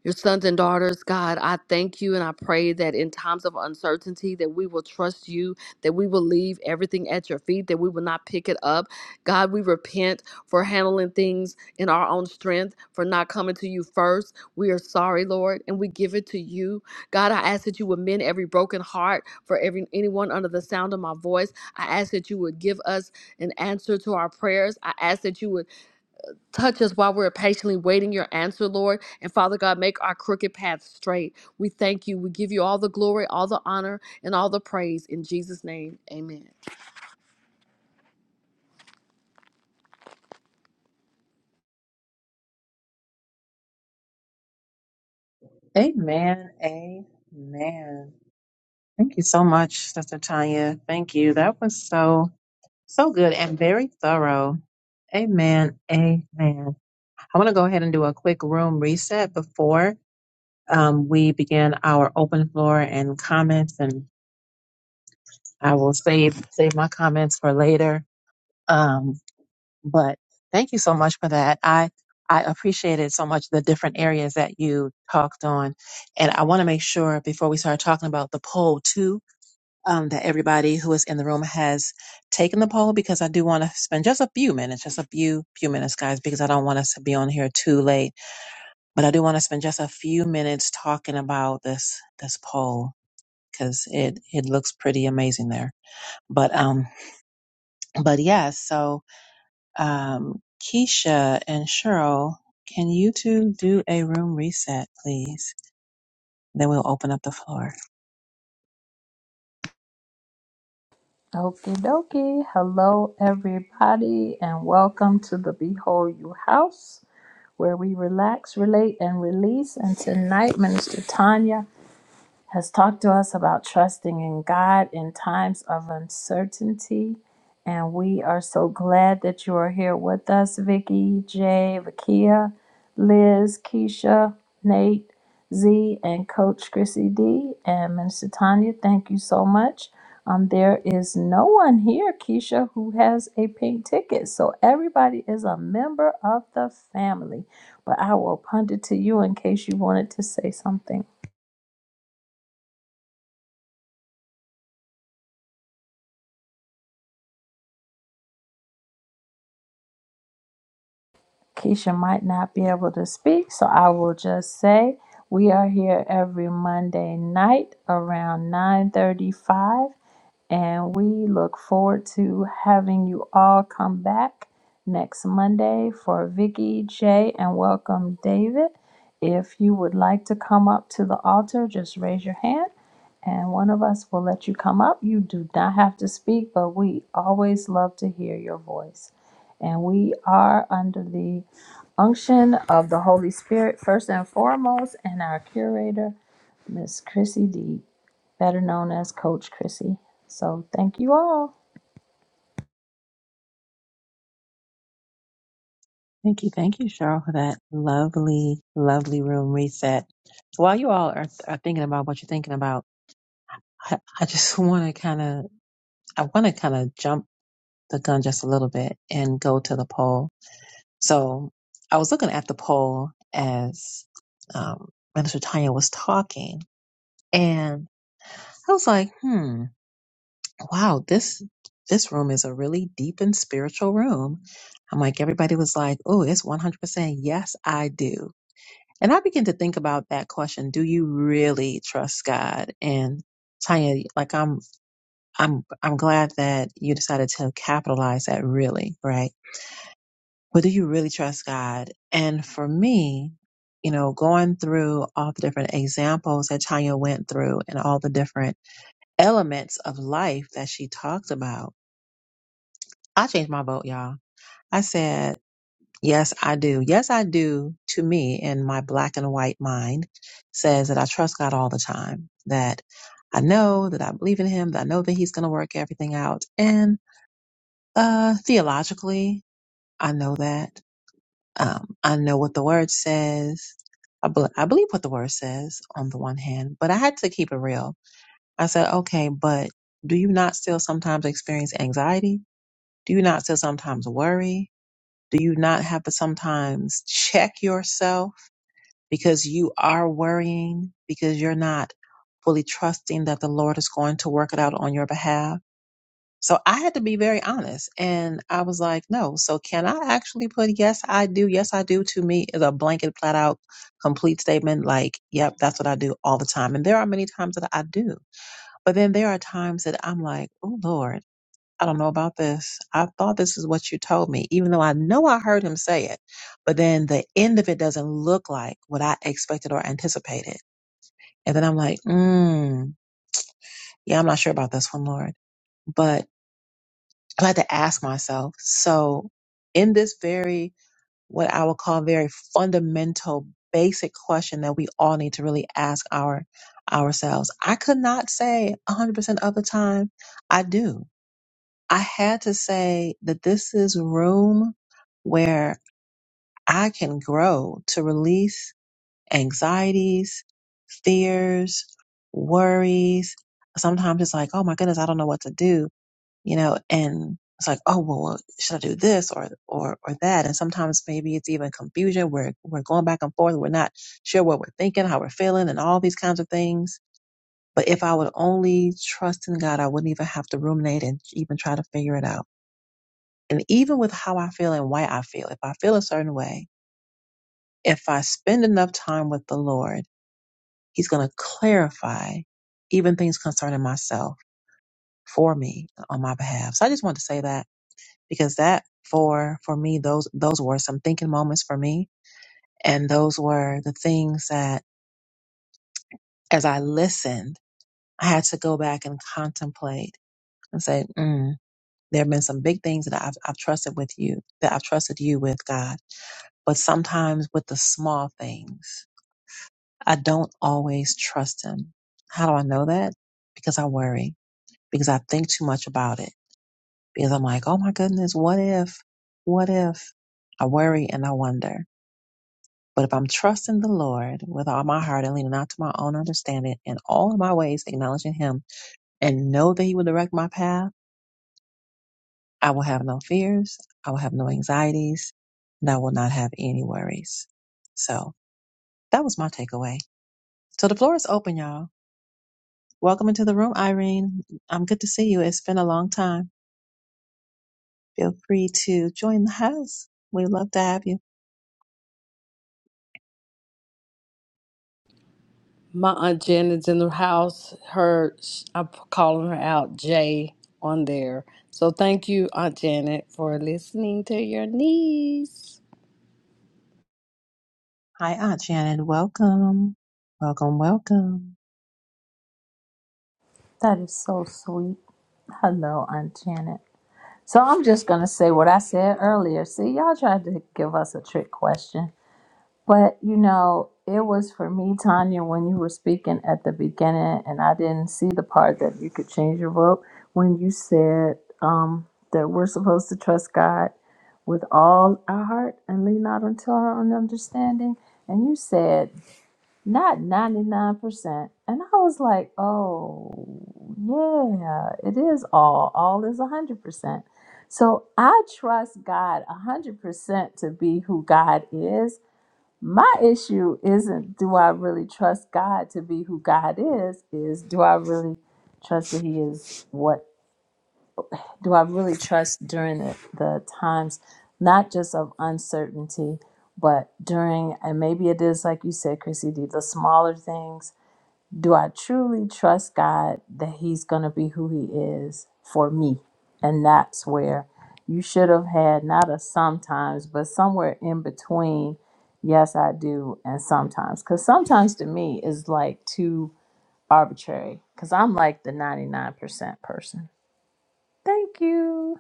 [SPEAKER 2] your sons and daughters, God. I thank you and I pray that in times of uncertainty that we will trust you, that we will leave everything at your feet, that we will not pick it up. God, we repent for handling things in our own strength, for not coming to you first. We are sorry, Lord, and we give it to you. God, I ask that you would mend every broken heart for every anyone under the sound of my voice. I ask that you would give us an answer to our prayers. I ask that you would Touch us while we're patiently waiting your answer, Lord. And Father God, make our crooked paths straight. We thank you. We give you all the glory, all the honor, and all the praise. In Jesus' name, amen.
[SPEAKER 1] Amen. Amen. Thank you so much, Sister Tanya. Thank you. That was so, so good and very thorough. Amen. Amen. I want to go ahead and do a quick room reset before um, we begin our open floor and comments. and. I will save save my comments for later. Um, but thank you so much for that. I I appreciated so much the different areas that you talked on, and I want to make sure before we start talking about the poll too um, that everybody who is in the room has taken the poll because I do want to spend just a few minutes, just a few few minutes, guys, because I don't want us to be on here too late. But I do want to spend just a few minutes talking about this this poll because it it looks pretty amazing there. But um, but yes, so um, Keisha and Cheryl, can you two do a room reset, please? Then we'll open up the floor.
[SPEAKER 5] Okie dokie. Hello, everybody, and welcome to the Behold You House, where we relax, relate, and release. And tonight, Minister Tanya has talked to us about trusting in God in times of uncertainty. And we are so glad that you are here with us, Vicky, Jay, Vakia, Liz, Keisha, Nate, Z, and Coach Chrissy D. And Minister Tanya, thank you so much. Um, there is no one here, Keisha, who has a pink ticket. So everybody is a member of the family. But I will punt it to you in case you wanted to say something. Keisha might not be able to speak, so I will just say we are here every Monday night around 9:35 and we look forward to having you all come back next Monday for Vicky, Jay, and welcome David. If you would like to come up to the altar, just raise your hand and one of us will let you come up. You do not have to speak, but we always love to hear your voice. And we are under the unction of the Holy Spirit, first and foremost, and our curator, Miss Chrissy D, better known as Coach Chrissy. So thank you all.
[SPEAKER 1] Thank you, thank you, Cheryl, for that lovely, lovely room reset. While you all are, are thinking about what you're thinking about, I, I just [laughs] want to kind of, I want to kind of jump the gun just a little bit and go to the poll. So I was looking at the poll as um, Minister Tanya was talking, and I was like, hmm. wow, this this room is a really deep and spiritual room. I'm like, everybody was like, oh, it's 100% yes, I do. And I begin to think about that question. Do you really trust God? And Tanya, like I'm, I'm, I'm glad that you decided to capitalize that really, right? But do you really trust God? And for me, you know, going through all the different examples that Tanya went through and all the different elements of life that she talked about, I changed my vote, y'all. I said, yes, I do. Yes, I do to me in my black and white mind says that I trust God all the time, that I know that I believe in him, that I know that he's going to work everything out. And, uh, theologically, I know that. Um, I know what the word says. I, bel I believe what the word says on the one hand, but I had to keep it real. I said, okay, but do you not still sometimes experience anxiety? Do you not still sometimes worry? Do you not have to sometimes check yourself because you are worrying because you're not fully trusting that the Lord is going to work it out on your behalf? So I had to be very honest and I was like, no. So can I actually put yes, I do. Yes, I do to me is a blanket flat out complete statement. Like, yep, that's what I do all the time. And there are many times that I do, but then there are times that I'm like, oh Lord. I don't know about this. I thought this is what you told me, even though I know I heard him say it. But then the end of it doesn't look like what I expected or anticipated. And then I'm like, mm, yeah, I'm not sure about this one, Lord. But I had to ask myself. So in this very, what I would call very fundamental, basic question that we all need to really ask our ourselves, I could not say 100% of the time I do. I had to say that this is room where I can grow to release anxieties, fears, worries. Sometimes it's like, oh my goodness, I don't know what to do, you know, and it's like, oh well, well, should I do this or or or that? And sometimes maybe it's even confusion. We're we're going back and forth. We're not sure what we're thinking, how we're feeling, and all these kinds of things. But if I would only trust in God, I wouldn't even have to ruminate and even try to figure it out. And even with how I feel and why I feel, if I feel a certain way, if I spend enough time with the Lord, He's going to clarify even things concerning myself for me on my behalf. So I just want to say that because that for for me those those were some thinking moments for me and those were the things that as I listened I had to go back and contemplate and say mm, there have been some big things that I've, I've trusted with you that I've trusted you with God but sometimes with the small things I don't always trust him. How do I know that? Because I worry, because I think too much about it, because I'm like, oh my goodness, what if? What if? I worry and I wonder. But if I'm trusting the Lord with all my heart and leaning not to my own understanding in all of my ways, acknowledging Him and know that He will direct my path, I will have no fears, I will have no anxieties, and I will not have any worries. So that was my takeaway. So the floor is open, y'all. Welcome into the room, Irene. I'm good to see you. It's been a long time. Feel free to join the house. We'd love to have you.
[SPEAKER 2] My aunt Janet's in the house. Her, I'm calling her out, Jay, on there. So thank you, Aunt Janet, for listening to your niece.
[SPEAKER 1] Hi, Aunt Shannon. Welcome. Welcome, welcome.
[SPEAKER 5] That is so sweet. Hello, Aunt Janet. So I'm just going to say what I said earlier. See, y'all tried to give us a trick question. But you know, it was for me, Tanya, when you were speaking at the beginning, and I didn't see the part that you could change your vote when you said um, that we're supposed to trust God with all our heart and lean not unto our own understanding. And you said not 99%. And I was like, oh, yeah, it is all. All is 100%. So I trust God 100% to be who God is my issue isn't do I really trust God to be who God is, is do I really trust that He is what? Do I really trust during the, the times, not just of uncertainty, but during, and maybe it is like you said, Chrissy D, the smaller things do I truly trust God that He's going to be who He is for me? And that's where you should have had not a sometimes, but somewhere in between, yes, I do, and sometimes. Because sometimes to me is like too arbitrary, because I'm like the 99% person. Thank you.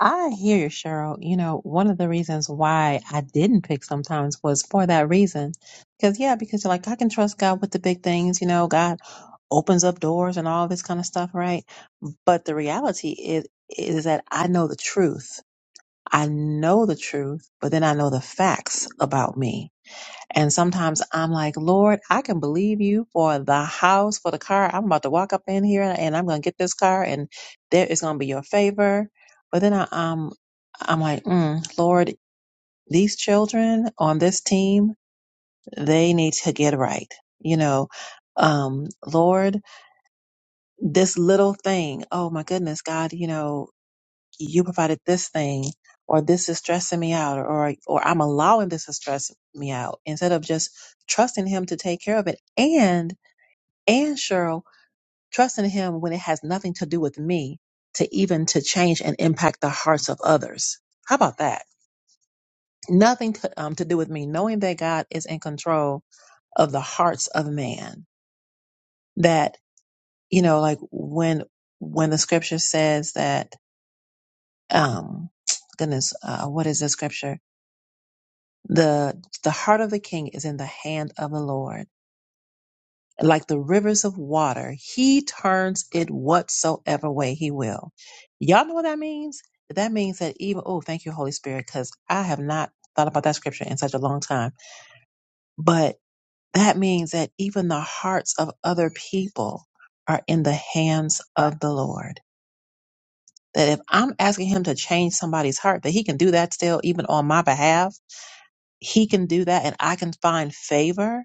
[SPEAKER 1] I hear you, Cheryl. You know, one of the reasons why I didn't pick sometimes was for that reason. Because, yeah, because you're like, I can trust God with the big things. You know, God opens up doors and all this kind of stuff, right? But the reality is, is that I know the truth. I know the truth, but then I know the facts about me. And sometimes I'm like, Lord, I can believe you for the house, for the car. I'm about to walk up in here and I'm going to get this car and there is going to be your favor. But then I, um, I'm like, mm, Lord, these children on this team, they need to get right. You know, um, Lord, this little thing. Oh my goodness, God, you know, you provided this thing or this is stressing me out or or I'm allowing this to stress me out instead of just trusting him to take care of it and and Cheryl trusting him when it has nothing to do with me to even to change and impact the hearts of others. How about that? Nothing to, um, to do with me, knowing that God is in control of the hearts of man. That you know, like when when the scripture says that, um, goodness, uh, what is the scripture? The, the heart of the king is in the hand of the Lord. Like the rivers of water, he turns it whatsoever way he will. Y'all know what that means? That means that even, oh, thank you, Holy Spirit, because I have not thought about that scripture in such a long time. But that means that even the hearts of other people are in the hands of the Lord. That if I'm asking him to change somebody's heart, that he can do that still, even on my behalf. He can do that and I can find favor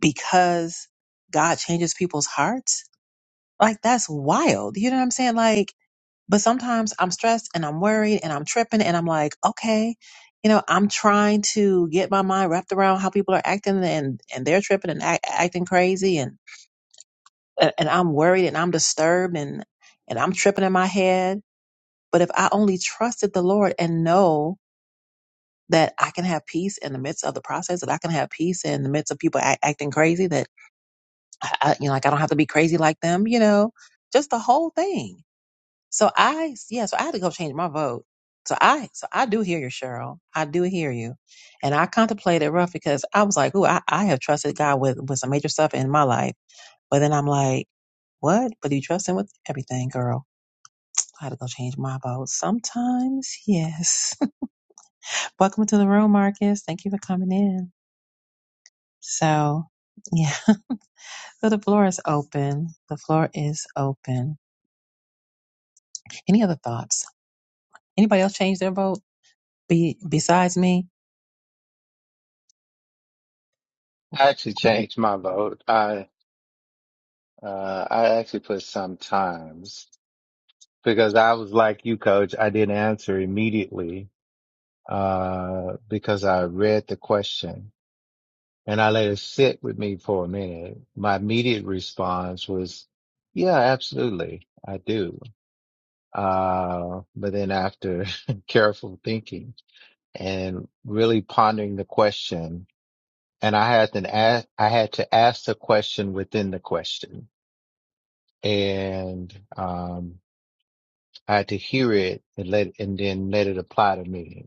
[SPEAKER 1] because God changes people's hearts. Like that's wild. You know what I'm saying? Like, but sometimes I'm stressed and I'm worried and I'm tripping and I'm like, okay, you know, I'm trying to get my mind wrapped around how people are acting and and they're tripping and act, acting crazy and and I'm worried and I'm disturbed and and I'm tripping in my head. But if I only trusted the Lord and know that I can have peace in the midst of the process, that I can have peace in the midst of people act, acting crazy, that I, I- you know, like I don't have to be crazy like them, you know, just the whole thing. So I, yeah, so I had to go change my vote. So I, so I do hear you, Cheryl. I do hear you. And I contemplated rough because I was like, ooh, I, I have trusted God with, with some major stuff in my life. But then I'm like, what? But you trust him with everything, girl. I had to go change my vote. Sometimes, yes. [laughs] Welcome to the room, Marcus. Thank you for coming in. So yeah, [laughs] so the floor is open. The floor is open. Any other thoughts? Anybody else change their vote be, besides me?
[SPEAKER 6] I actually changed my vote. I uh I actually put sometimes because I was like you, coach. I didn't answer immediately uh because I read the question and I let it sit with me for a minute. My immediate response was, yeah, absolutely. I do. Uh, but then after [laughs] careful thinking, and really pondering the question. And I had to ask, I had to ask the question within the question and, um, I had to hear it and let, and then let it apply to me.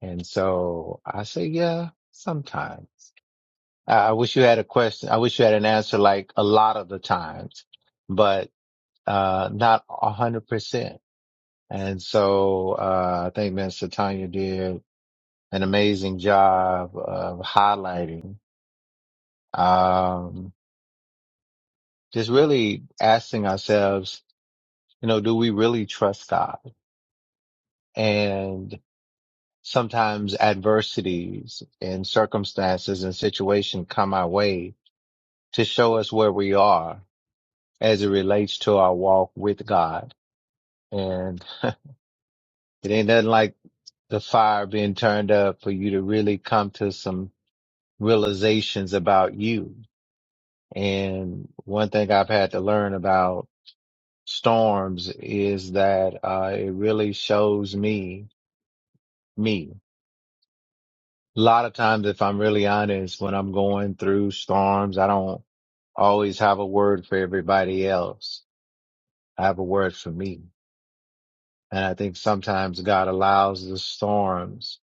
[SPEAKER 6] And so I say, yeah, sometimes I, I wish you had a question. I wish you had an answer like a lot of the times, but, uh, not a hundred percent. And so, uh, I think Miss Tanya did an amazing job of highlighting um, just really asking ourselves, you know, do we really trust God? And sometimes adversities and circumstances and situations come our way to show us where we are as it relates to our walk with God. And it ain't nothing like the fire being turned up for you to really come to some realizations about you. And one thing I've had to learn about storms is that uh, it really shows me me. A lot of times, if I'm really honest, when I'm going through storms, I don't always have a word for everybody else. I have a word for me. And I think sometimes God allows the storms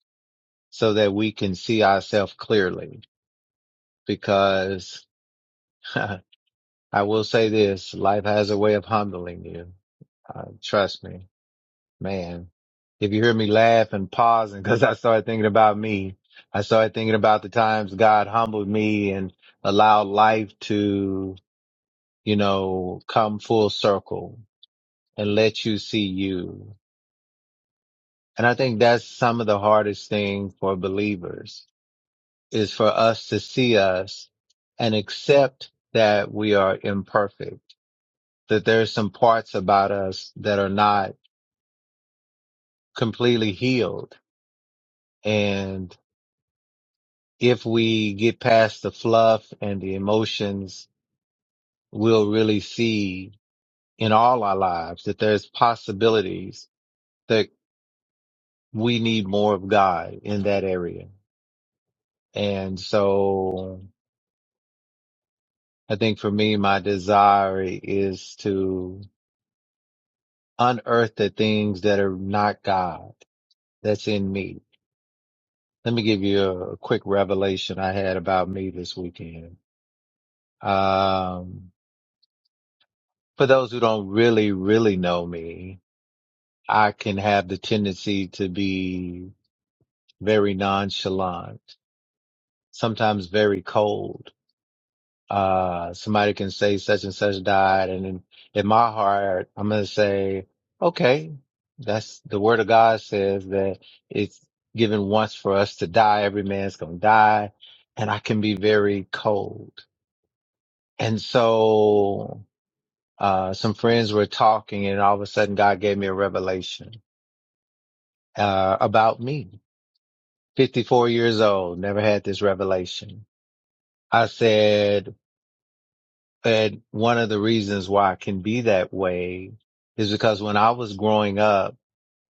[SPEAKER 6] so that we can see ourselves clearly because [laughs] I will say this, life has a way of humbling you. Uh, trust me Man, if you hear me laugh and pausing [laughs] because I started thinking about me, I started thinking about the times God humbled me and allowed life to, you know, come full circle and let you see you. And I think that's some of the hardest thing for believers is for us to see us and accept that we are imperfect, that there's some parts about us that are not completely healed and. if we get past the fluff and the emotions, we'll really see in all our lives that there's possibilities that we need more of God in that area. And so I think for me, my desire is to unearth the things that are not God that's in me. Let me give you a, a quick revelation I had about me this weekend. Um, for those who don't really, really know me, I can have the tendency to be very nonchalant, sometimes very cold. Uh, somebody can say such and such died. And in, in my heart, I'm going to say, okay, that's the word of God says that it's given once for us to die. Every man's going to die. And I can be very cold. And so, uh, some friends were talking and all of a sudden God gave me a revelation, uh, about me 54 years old, never had this revelation. I said, and one of the reasons why I can be that way is because when I was growing up,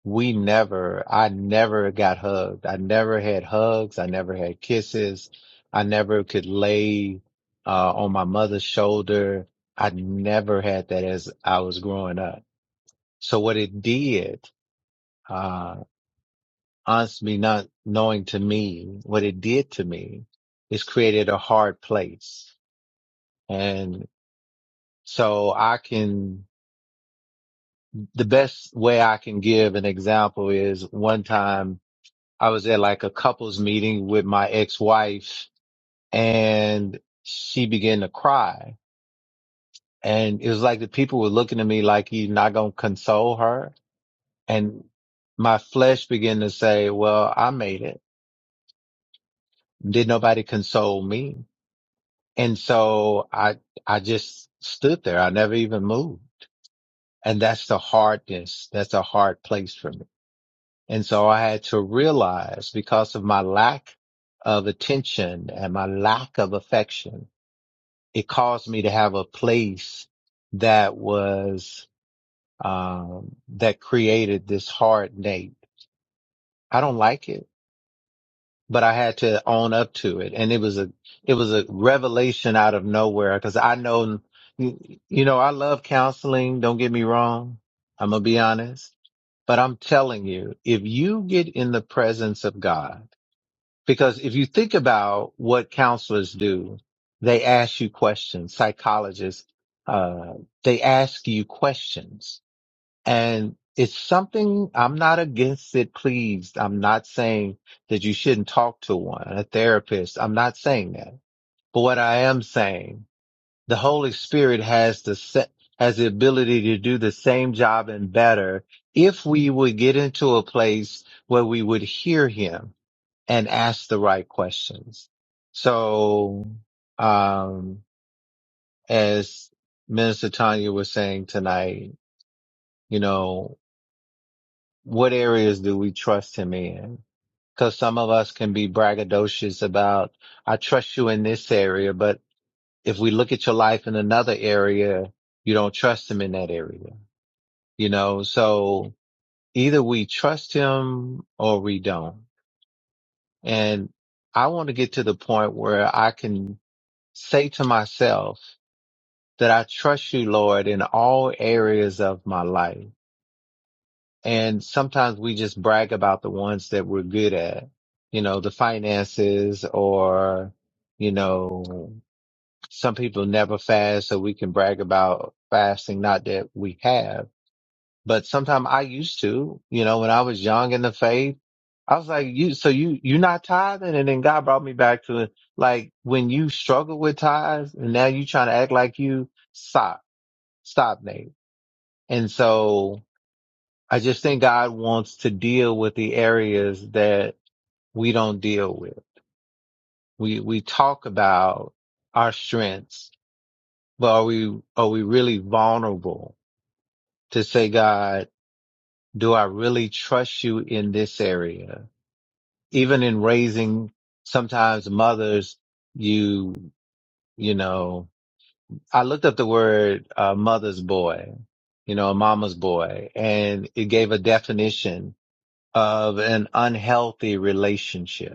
[SPEAKER 6] we never, I never got hugged. I never had hugs. I never had kisses. I never could lay uh, on my mother's shoulder. I never had that as I was growing up. So what it did, uh, Honestly, not knowing to me what it did to me is created a hard place. And so I can, the best way I can give an example is one time I was at like a couples meeting with my ex-wife and she began to cry. And it was like the people were looking at me like you're not going to console her. And my flesh began to say, well, I made it. Did nobody console me? And so I, I just stood there. I never even moved. And that's the hardness. That's a hard place for me. And so I had to realize because of my lack of attention and my lack of affection, it caused me to have a place that was, um, that created this hard Nate. I don't like it. but I had to own up to it. And it was a, it was a revelation out of nowhere because I know, you you know, I love counseling. Don't get me wrong. I'm going to be honest, but I'm telling you, if you get in the presence of God, because if you think about what counselors do, they ask you questions, psychologists, uh, they ask you questions and it's something I'm not against it, please. I'm not saying that you shouldn't talk to one, a therapist. I'm not saying that. But what I am saying, the Holy Spirit has the set, has the ability to do the same job and better if we would get into a place where we would hear him and ask the right questions. So, um, as Minister Tanya was saying tonight, you know, what areas do we trust him in? Because some of us can be braggadocious about, I trust you in this area, but if we look at your life in another area, you don't trust him in that area, you know? So either we trust him or we don't. And I want to get to the point where I can say to myself that I trust you, Lord, in all areas of my life And sometimes we just brag about the ones that we're good at, you know, the finances or, you know, some people never fast. So we can brag about fasting. Not that we have, but sometimes I used to, you know, when I was young in the faith, I was like, you, so you, you are not tithing. And then God brought me back to it. Like when you struggle with tithes and now you trying to act like you stop, stop, Nate. And so I just think God wants to deal with the areas that we don't deal with. We we talk about our strengths, but are we are we really vulnerable to say, God, do I really trust you in this area? Even in raising sometimes mothers, you you know, I looked up the word uh, mother's boy, you know, a mama's boy, and it gave a definition of an unhealthy relationship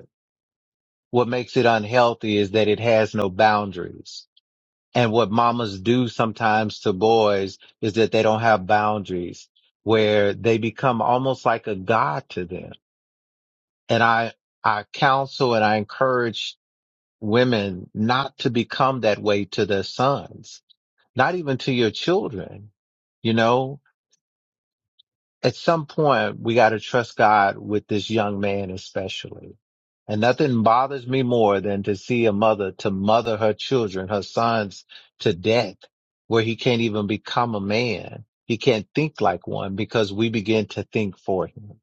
[SPEAKER 6] What makes it unhealthy is that it has no boundaries. And what mamas do sometimes to boys is that they don't have boundaries where they become almost like a god to them. And I, I counsel and I encourage women not to become that way to their sons, not even to your children. You know, at some point we got to trust God with this young man especially. And nothing bothers me more than to see a mother to mother her children, her sons to death where he can't even become a man. He can't think like one because we begin to think for him.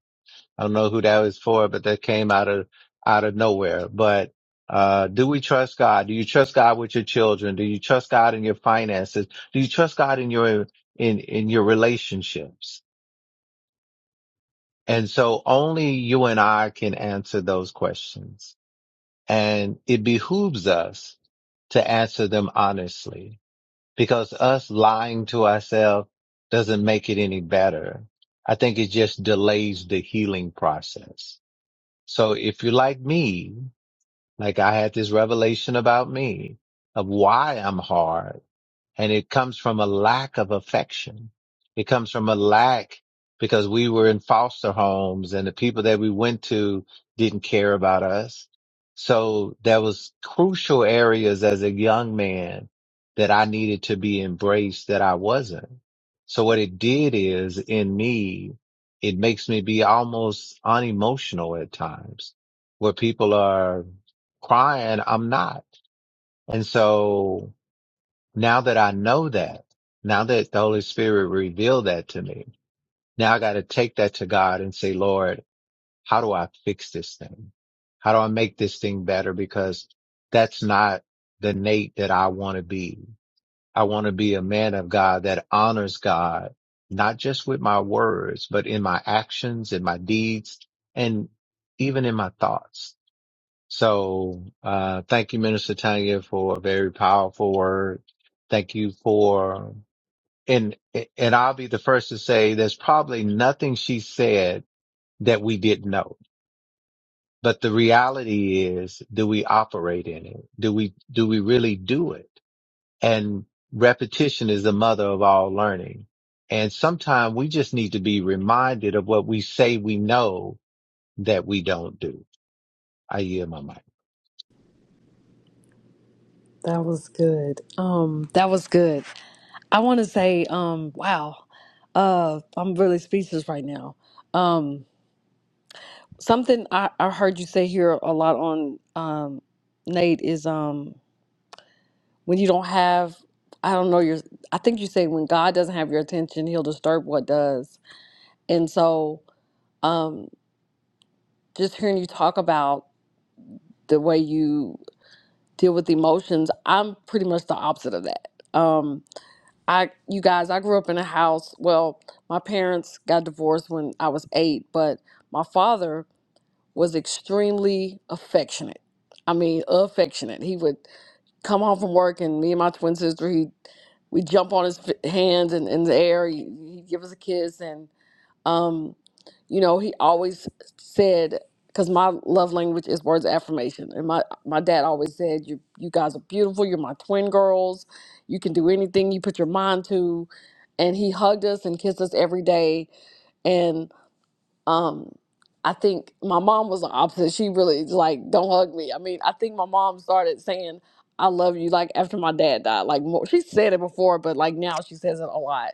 [SPEAKER 6] I don't know who that was for, but that came out of, out of nowhere. But, uh, do we trust God? Do you trust God with your children? Do you trust God in your finances? Do you trust God in your, in, in your relationships? And so only you and I can answer those questions. And it behooves us to answer them honestly because us lying to ourselves doesn't make it any better. I think it just delays the healing process. So if you're like me, like I had this revelation about me of why I'm hard and it comes from a lack of affection. It comes from a lack because we were in foster homes and the people that we went to didn't care about us. So there was crucial areas as a young man that I needed to be embraced that I wasn't. So what it did is in me, it makes me be almost unemotional at times where people are crying. I'm not. And so now that I know that, now that the Holy Spirit revealed that to me, now I got to take that to God and say, Lord, how do I fix this thing? How do I make this thing better? Because that's not the Nate that I want to be. I want to be a man of God that honors God, not just with my words, but in my actions, in my deeds, and even in my thoughts so, uh, thank you, Minister Tanya, for a very powerful word. Thank you for, and, and I'll be the first to say there's probably nothing she said that we didn't know. But the reality is, do we operate in it? Do we, do we really do it? And repetition is the mother of all learning. And sometimes we just need to be reminded of what we say we know that we don't do. I hear my mic.
[SPEAKER 2] That was good. Um, that was good. I want to say, um, wow, uh, I'm really speechless right now. Um, something I, I heard you say here a lot on um, Nate is um, when you don't have I don't know your I think you say when God doesn't have your attention, he'll disturb what does. And so um, just hearing you talk about the way you deal with emotions, I'm pretty much the opposite of that. Um, I you guys, I grew up in a house, well, my parents got divorced when I was 8, but my father was extremely affectionate. I mean, affectionate. He would come home from work, and me and my twin sister, he we jump on his f- hands and in the air. He, he'd give us a kiss, and um, you know, he always said, because my love language is words of affirmation, and my my dad always said, "You you guys are beautiful. You're my twin girls. You can do anything you put your mind to." And he hugged us and kissed us every day, um, I think my mom was the opposite. She really like don't hug me. I mean, I think my mom started saying I love you like after my dad died. Like more, she said it before, but like now she says it a lot.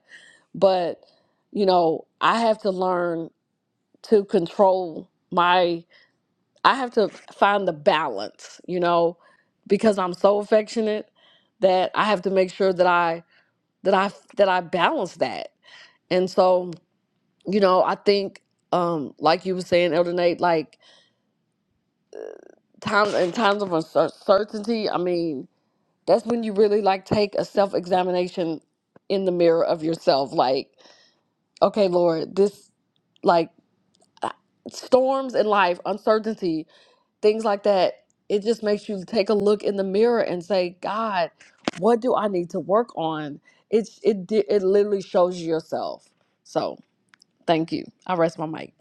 [SPEAKER 2] But you know, I have to learn to control my. I have to find the balance. You know, because I'm so affectionate that I have to make sure that I that I that I balance that. And so, you know, I think um like you were saying, Elder Nate, like Time in times of uncertainty, I mean, that's when you really like take a self examination in the mirror of yourself. Like, okay, Lord, this like uh, storms in life, uncertainty, things like that. It just makes you take a look in the mirror and say, God, what do I need to work on? It's it di- it literally shows you yourself. So thank you. I rest my mic.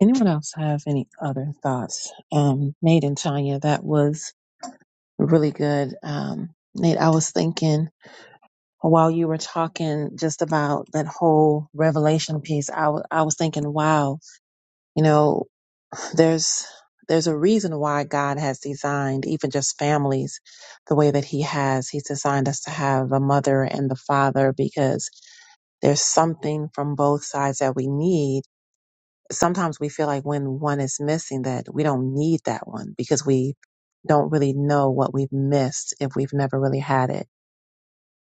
[SPEAKER 1] Anyone else have any other thoughts? Um, Nate and Tanya, that was really good. Um, Nate, I was thinking while you were talking just about that whole revelation piece, I wa- I was thinking, wow, you know. There's there's a reason why God has designed even just families the way that he has. He's designed us to have a mother and the father because there's something from both sides that we need. Sometimes we feel like when one is missing that we don't need that one because we don't really know what we've missed if we've never really had it.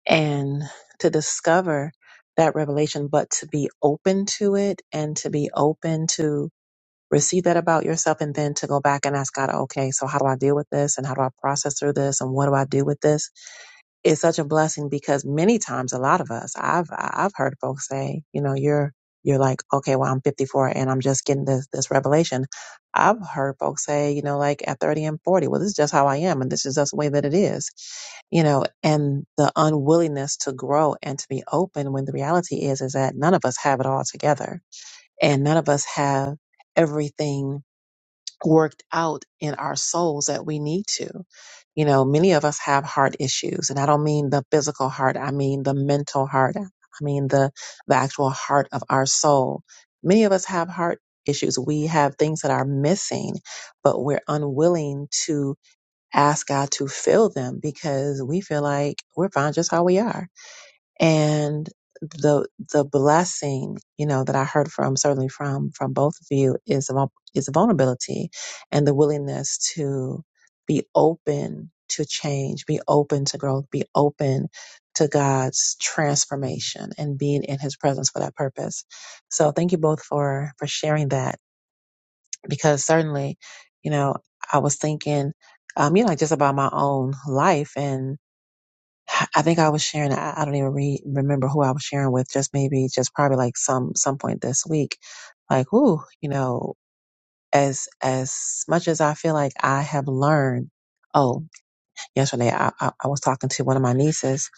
[SPEAKER 1] And to discover that revelation, but to be open to it and to be open to receive that about yourself and then to go back and ask God, okay, so how do I deal with this and how do I process through this and what do I do with this? It's such a blessing because many times a lot of us, I've I've heard folks say, you know, you're you're like, okay, well I'm 54 and I'm just getting this this revelation. I've heard folks say, you know, like at 30 and 40, well this is just how I am and this is just the way that it is. You know, and the unwillingness to grow and to be open when the reality is is that none of us have it all together and none of us have everything worked out in our souls that we need to. You know, many of us have heart issues, and I don't mean the physical heart, I mean the mental heart. I mean the the actual heart of our soul. Many of us have heart issues. We have things that are missing, but we're unwilling to ask God to fill them because we feel like we're fine just how we are and the the blessing you know that i heard from certainly from from both of you is vul- is vulnerability and the willingness to be open to change be open to growth be open to god's transformation and being in his presence for that purpose so thank you both for for sharing that because certainly you know i was thinking um you know just about my own life I think I was sharing. I, I don't even re- remember who I was sharing with. Just maybe, just probably like some some point this week. Like, ooh, you know, as as much as I feel like I have learned. Oh, yesterday I, I I was talking to one of my nieces.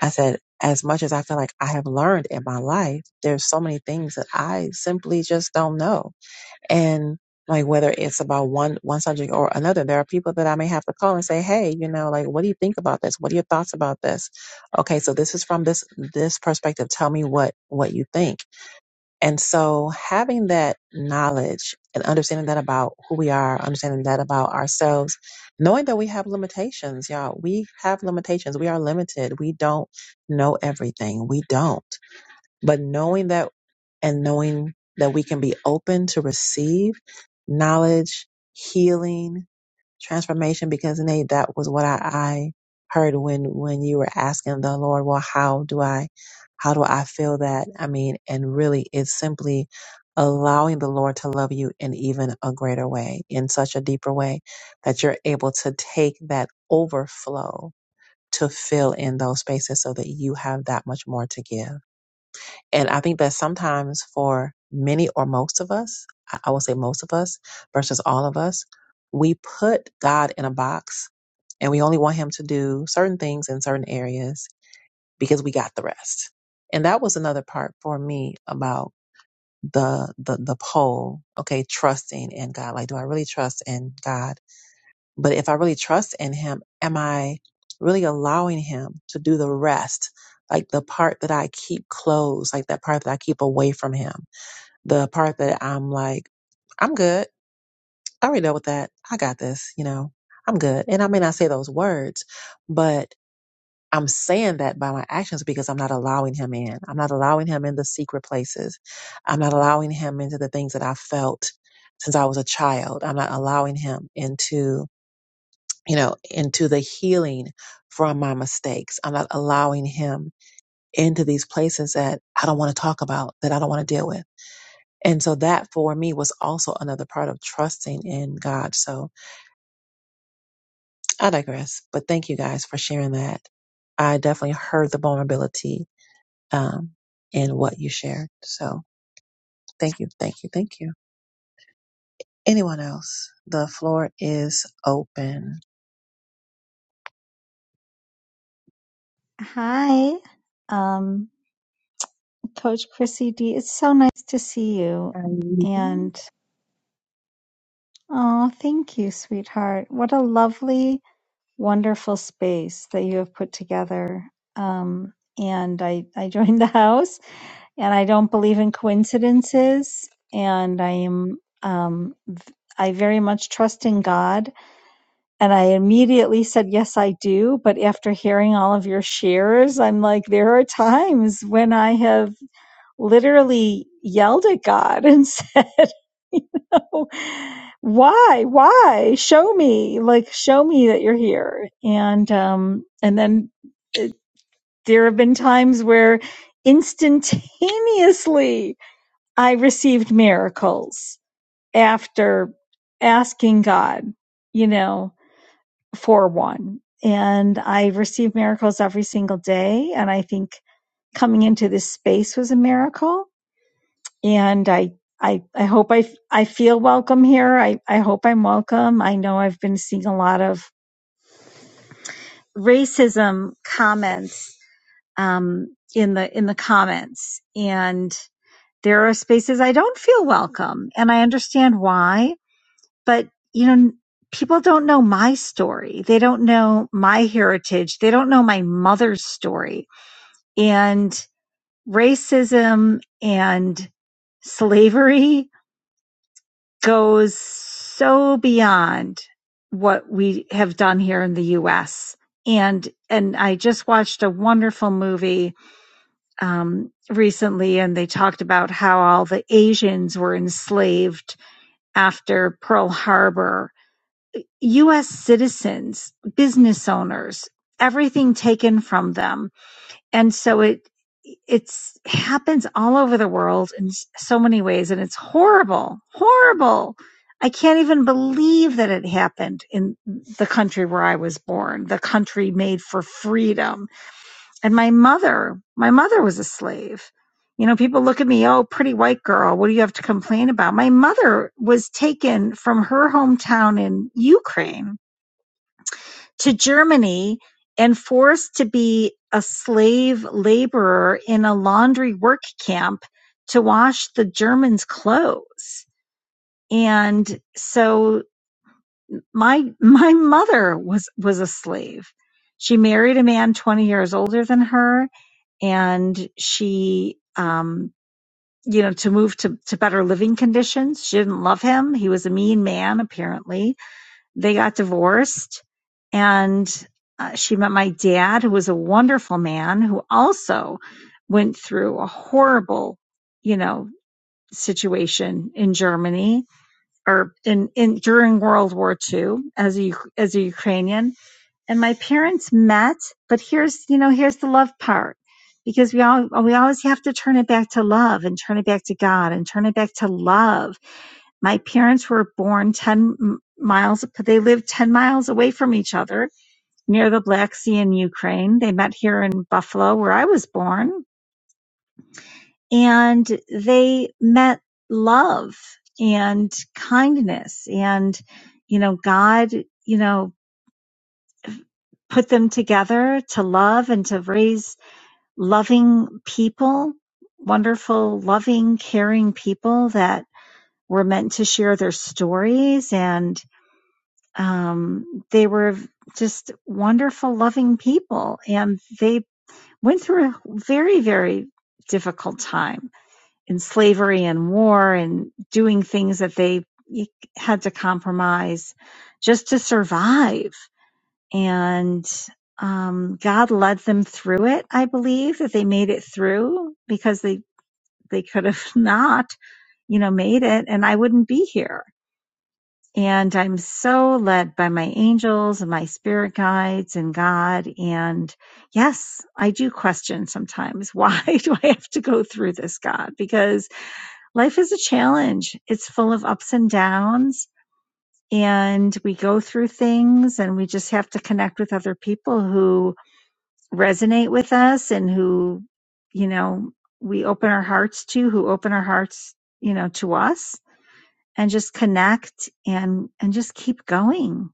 [SPEAKER 1] I said, as much as I feel like I have learned in my life, there's so many things that I simply just don't know and like whether it's about one one subject or another there are people that i may have to call and say hey you know like what do you think about this what are your thoughts about this okay so this is from this this perspective tell me what what you think and so having that knowledge and understanding that about who we are understanding that about ourselves knowing that we have limitations y'all we have limitations we are limited we don't know everything we don't but knowing that and knowing that we can be open to receive knowledge, healing, transformation, because Nate, that was what I, I heard when, when you were asking the Lord, well, how do I, how do I feel that? I mean, and really it's simply allowing the Lord to love you in even a greater way, in such a deeper way that you're able to take that overflow to fill in those spaces so that you have that much more to give. And I think that sometimes for many or most of us, I I will say most of us versus all of us, we put God in a box and we only want him to do certain things in certain areas because we got the rest. And that was another part for me about the the the poll, okay, trusting in God. Like, do I really trust in God? But if I really trust in Him, am I really allowing Him to do the rest? Like the part that I keep closed, like that part that I keep away from Him, the part that I'm like, I'm good. I already dealt with that. I got this, you know, I'm good. And I may not say those words, but I'm saying that by my actions because I'm not allowing Him in. I'm not allowing Him in the secret places. I'm not allowing Him into the things that I felt since I was a child. I'm not allowing Him into you know, into the healing from my mistakes. I'm not allowing him into these places that I don't want to talk about, that I don't want to deal with. And so that for me was also another part of trusting in God. So I digress, but thank you guys for sharing that. I definitely heard the vulnerability um, in what you shared. So thank you, thank you, thank you. Anyone else? The floor is open.
[SPEAKER 7] Hi, um, Coach Chrissy D. It's so nice to see you. And oh, thank you, sweetheart. What a lovely, wonderful space that you have put together. Um, and I, I joined the house, and I don't believe in coincidences. And I am, um, v- I very much trust in God. And I immediately said, Yes, I do. But after hearing all of your shares, I'm like, there are times when I have literally yelled at God [laughs] and said, you know, why, why show me, like, show me that you're here. And, um, and then uh, there have been times where instantaneously I received miracles after asking God, you know, for one. And I receive miracles every single day. And I think coming into this space was a miracle and I, I, I hope I, I feel welcome here. I, I hope I'm welcome. I know I've been seeing a lot of racism comments, um, in the, in the comments and there are spaces I don't feel welcome and I understand why, but you know, people don't know my story. They don't know my heritage. They don't know my mother's story and racism and slavery goes so beyond what we have done here in the US. And and I just watched a wonderful movie um, recently, and they talked about how all the Asians were enslaved after Pearl Harbor. U.S. citizens, business owners, everything taken from them and so it it's happens all over the world in so many ways and it's horrible horrible i can't even believe that it happened in the country where i was born the country made for freedom and my mother my mother was a slave you know people look at me oh pretty white girl what do you have to complain about my mother was taken from her hometown in ukraine to Germany and forced to be a slave laborer in a laundry work camp to wash the Germans' clothes. And so my my mother was was a slave. She married a man 20 years older than her and she um you know to move to to better living conditions. She didn't love him. He was a mean man apparently they got divorced and uh, she met my dad who was a wonderful man who also went through a horrible you know situation in germany or in, in during world war ii as a as a ukrainian and my parents met but here's you know here's the love part because we all we always have to turn it back to love and turn it back to god and turn it back to love my parents were born 10 miles, they lived 10 miles away from each other near the Black Sea in Ukraine. They met here in Buffalo, where I was born, and they met love and kindness. And, you know, God, you know, put them together to love and to raise loving people, wonderful, loving, caring people that were meant to share their stories and Um, they were just wonderful, loving people, and they went through a very, very difficult time in slavery and war and doing things that they had to compromise just to survive. And um, God led them through it. I believe that they made it through because they they could have [laughs] not, you know, made it, and I wouldn't be here and I'm so led by my angels and my spirit guides and God. And yes, I do question sometimes [laughs] why do I have to go through this, God? Because life is a challenge, it's full of ups and downs. And we go through things and we just have to connect with other people who resonate with us and who, you know, we open our hearts to, who open our hearts, you know, to us and just connect and and just keep going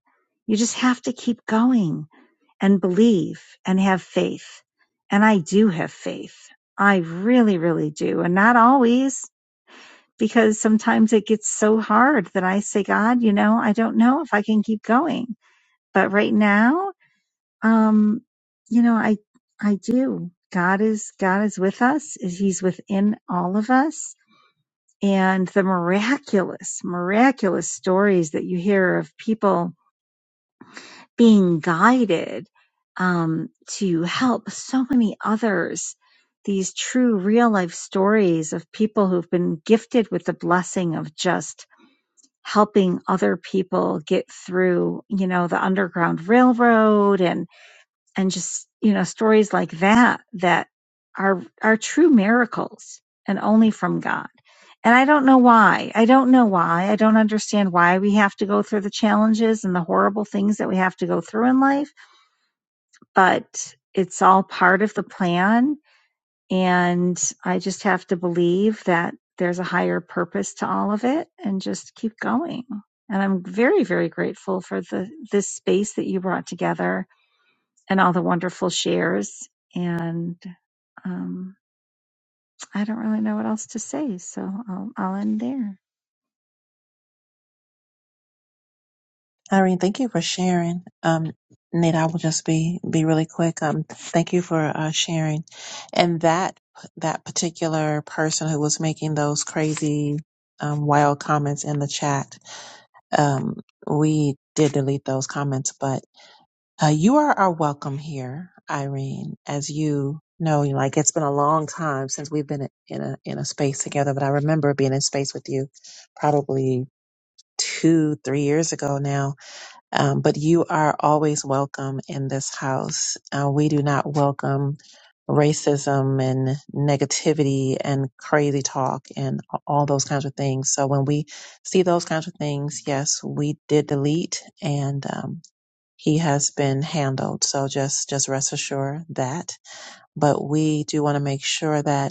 [SPEAKER 7] you just have to keep going and believe and have faith and i do have faith i really really do and not always because sometimes it gets so hard that i say god you know i don't know if i can keep going but right now um you know i i do god is god is with us he's within all of us and the miraculous, miraculous stories that you hear of people being guided um, to help so many others. These true real life stories of people who've been gifted with the blessing of just helping other people get through, you know, the Underground Railroad and and just you know stories like that that are are true miracles and only from god and i don't know why i don't know why i don't understand why we have to go through the challenges and the horrible things that we have to go through in life but it's all part of the plan and i just have to believe that there's a higher purpose to all of it and just keep going and i'm very very grateful for the this space that you brought together and all the wonderful shares. And um, I don't really know what else to say, so I'll, I'll end there.
[SPEAKER 1] Irene, thank you for sharing. Um, Nate, I will just be be really quick. Um, thank you for uh, sharing, and that that particular person who was making those crazy, um, wild comments in the chat. Um, we did delete those comments, but uh, you are are welcome here, Irene. As you know, you know, like it's been a long time since we've been in a in a space together, but I remember being in space with you, probably two, three years ago now um, but you are always welcome in this house. Uh, we do not welcome racism and negativity and crazy talk and all those kinds of things. So when we see those kinds of things, yes, we did delete and, um, he has been handled. So just, just rest assured that. But we do want to make sure that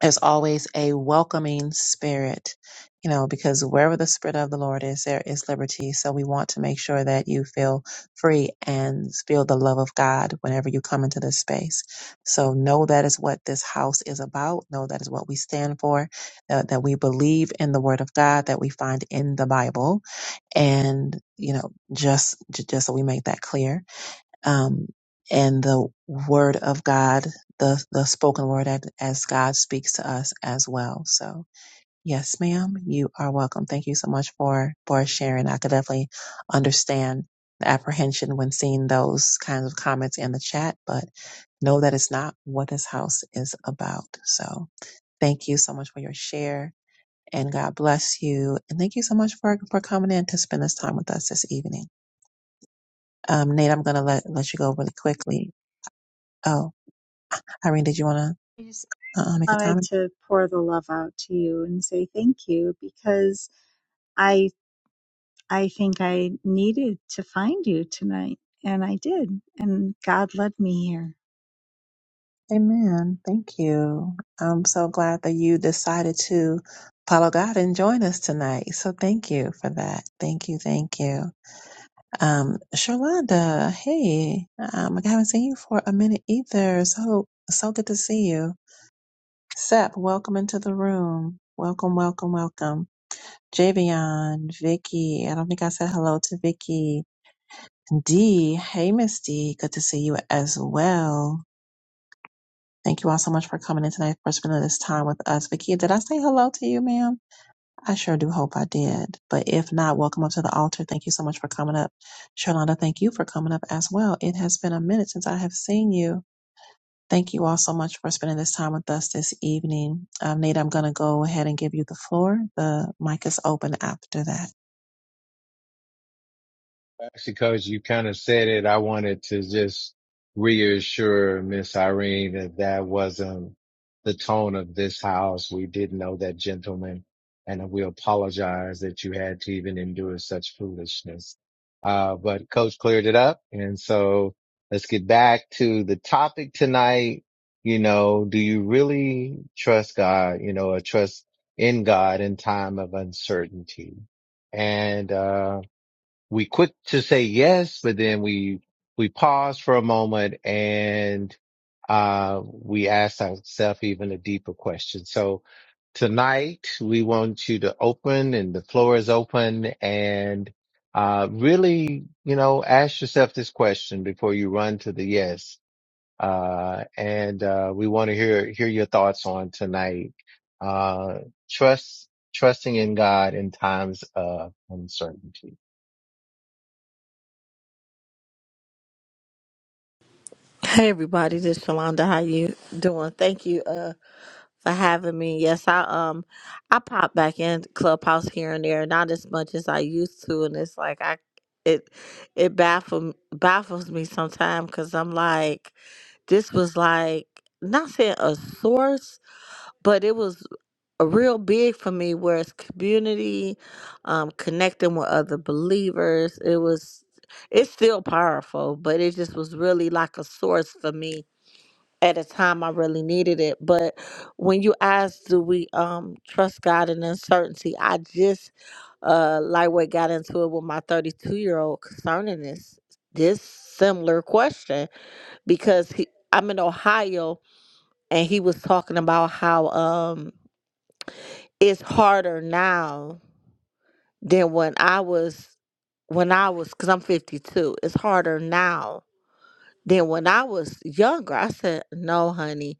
[SPEAKER 1] there's always a welcoming spirit, you know, because wherever the spirit of the Lord is, there is liberty. So we want to make sure that you feel free and feel the love of God whenever you come into this space. So know that is what this house is about. Know that is what we stand for, that, that we believe in the word of God that we find in the Bible and you know just j- just so we make that clear um, and the word of God, the, the spoken word as, as God speaks to us as well. So yes, ma'am, you are welcome. Thank you so much for, for sharing. I could definitely understand the apprehension when seeing those kinds of comments in the chat, but know that it's not what this house is about. So thank you so much for your share and God bless you. And thank you so much for, for coming in to spend this time with us this evening. Um, Nate, I'm going to let, let you go really quickly. Oh, Irene, did you want
[SPEAKER 7] I just,
[SPEAKER 1] to
[SPEAKER 7] I just
[SPEAKER 1] uh, make a
[SPEAKER 7] wanted
[SPEAKER 1] comment?
[SPEAKER 7] to pour the love out to you and say thank you because I I think I needed to find you tonight and I did and God led me here.
[SPEAKER 1] Amen. Thank you. I'm so glad that you decided to follow God and join us tonight. So thank you for that. Thank you. Thank you. Um, Sherlonda, hey, um, I haven't seen you for a minute either. So, so good to see you. Sep, welcome into the room. Welcome, welcome, welcome. Javion, Vicky. I don't think I said hello to Vicky. D. Hey, Miss D. Good to see you as well. Thank you all so much for coming in tonight for spending this time with us. Vicky, did I say hello to you, ma'am? I sure do hope I did. But if not, welcome up to the altar. Thank you so much for coming up. Shalonda, thank you for coming up as well. It has been a minute since I have seen you. Thank you all so much for spending this time with us this evening. Um, Nate, I'm going to go ahead and give you the floor. The mic is open after that.
[SPEAKER 6] actually, coach, you kind of said it. I wanted to just reassure Miss Irene that that wasn't the tone of this house. We did not know that gentleman and we apologize that you had to even endure such foolishness. Uh, but coach cleared it up. And so let's get back to the topic tonight. You know, do you really trust God, you know, or trust in God in time of uncertainty? And, uh, we quick to say yes, but then we we pause for a moment and uh, we ask ourselves even a deeper question. So tonight we want you to open and the floor is open and uh, really, you know, ask yourself this question before you run to the yes. Uh, and uh, we want to hear hear your thoughts on tonight. Uh, trust trusting in God in times of uncertainty.
[SPEAKER 8] Hey everybody, this is Shalonda. How you doing? Thank you uh for having me. Yes, I um I pop back in Clubhouse here and there, not as much as I used to, and it's like I it it baffles baffles me sometimes because I'm like this was like not saying a source, but it was a real big for me. Where it's community, um, connecting with other believers. It was it's still powerful, but it just was really like a source for me at a time I really needed it. But when you ask, do we um trust God in uncertainty? I just uh lightweight got into it with my 32 year old concerning this this similar question because he I'm in Ohio and he was talking about how um it's harder now than when I was when I was because I'm 52. It's harder now than when I was younger. I said, no, honey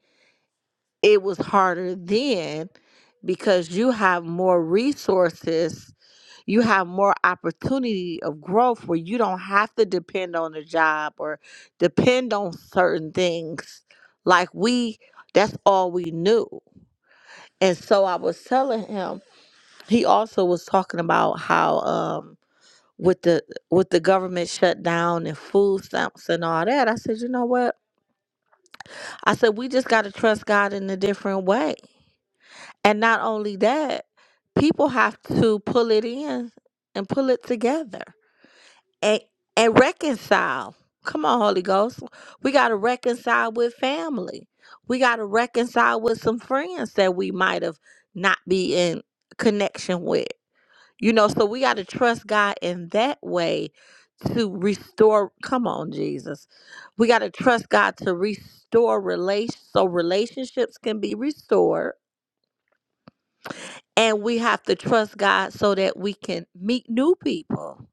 [SPEAKER 8] it was harder then because you have more resources, you have more opportunity of growth where you don't have to depend on a job or depend on certain things. Like we, that's all we knew. And so I was telling him, he also was talking about how um with the with the government shutdown and food stamps and all that. I said, you know what? I said we just gotta trust God in a different way And not only that, people have to pull it in and pull it together and, and reconcile. Come on, Holy Ghost. We got to reconcile with family. We got to reconcile with some friends that we might have not be in connection with. You know, so we got to trust God in that way to restore. Come on, Jesus. We got to trust God to restore relations so relationships can be restored and we have to trust God so that we can meet new people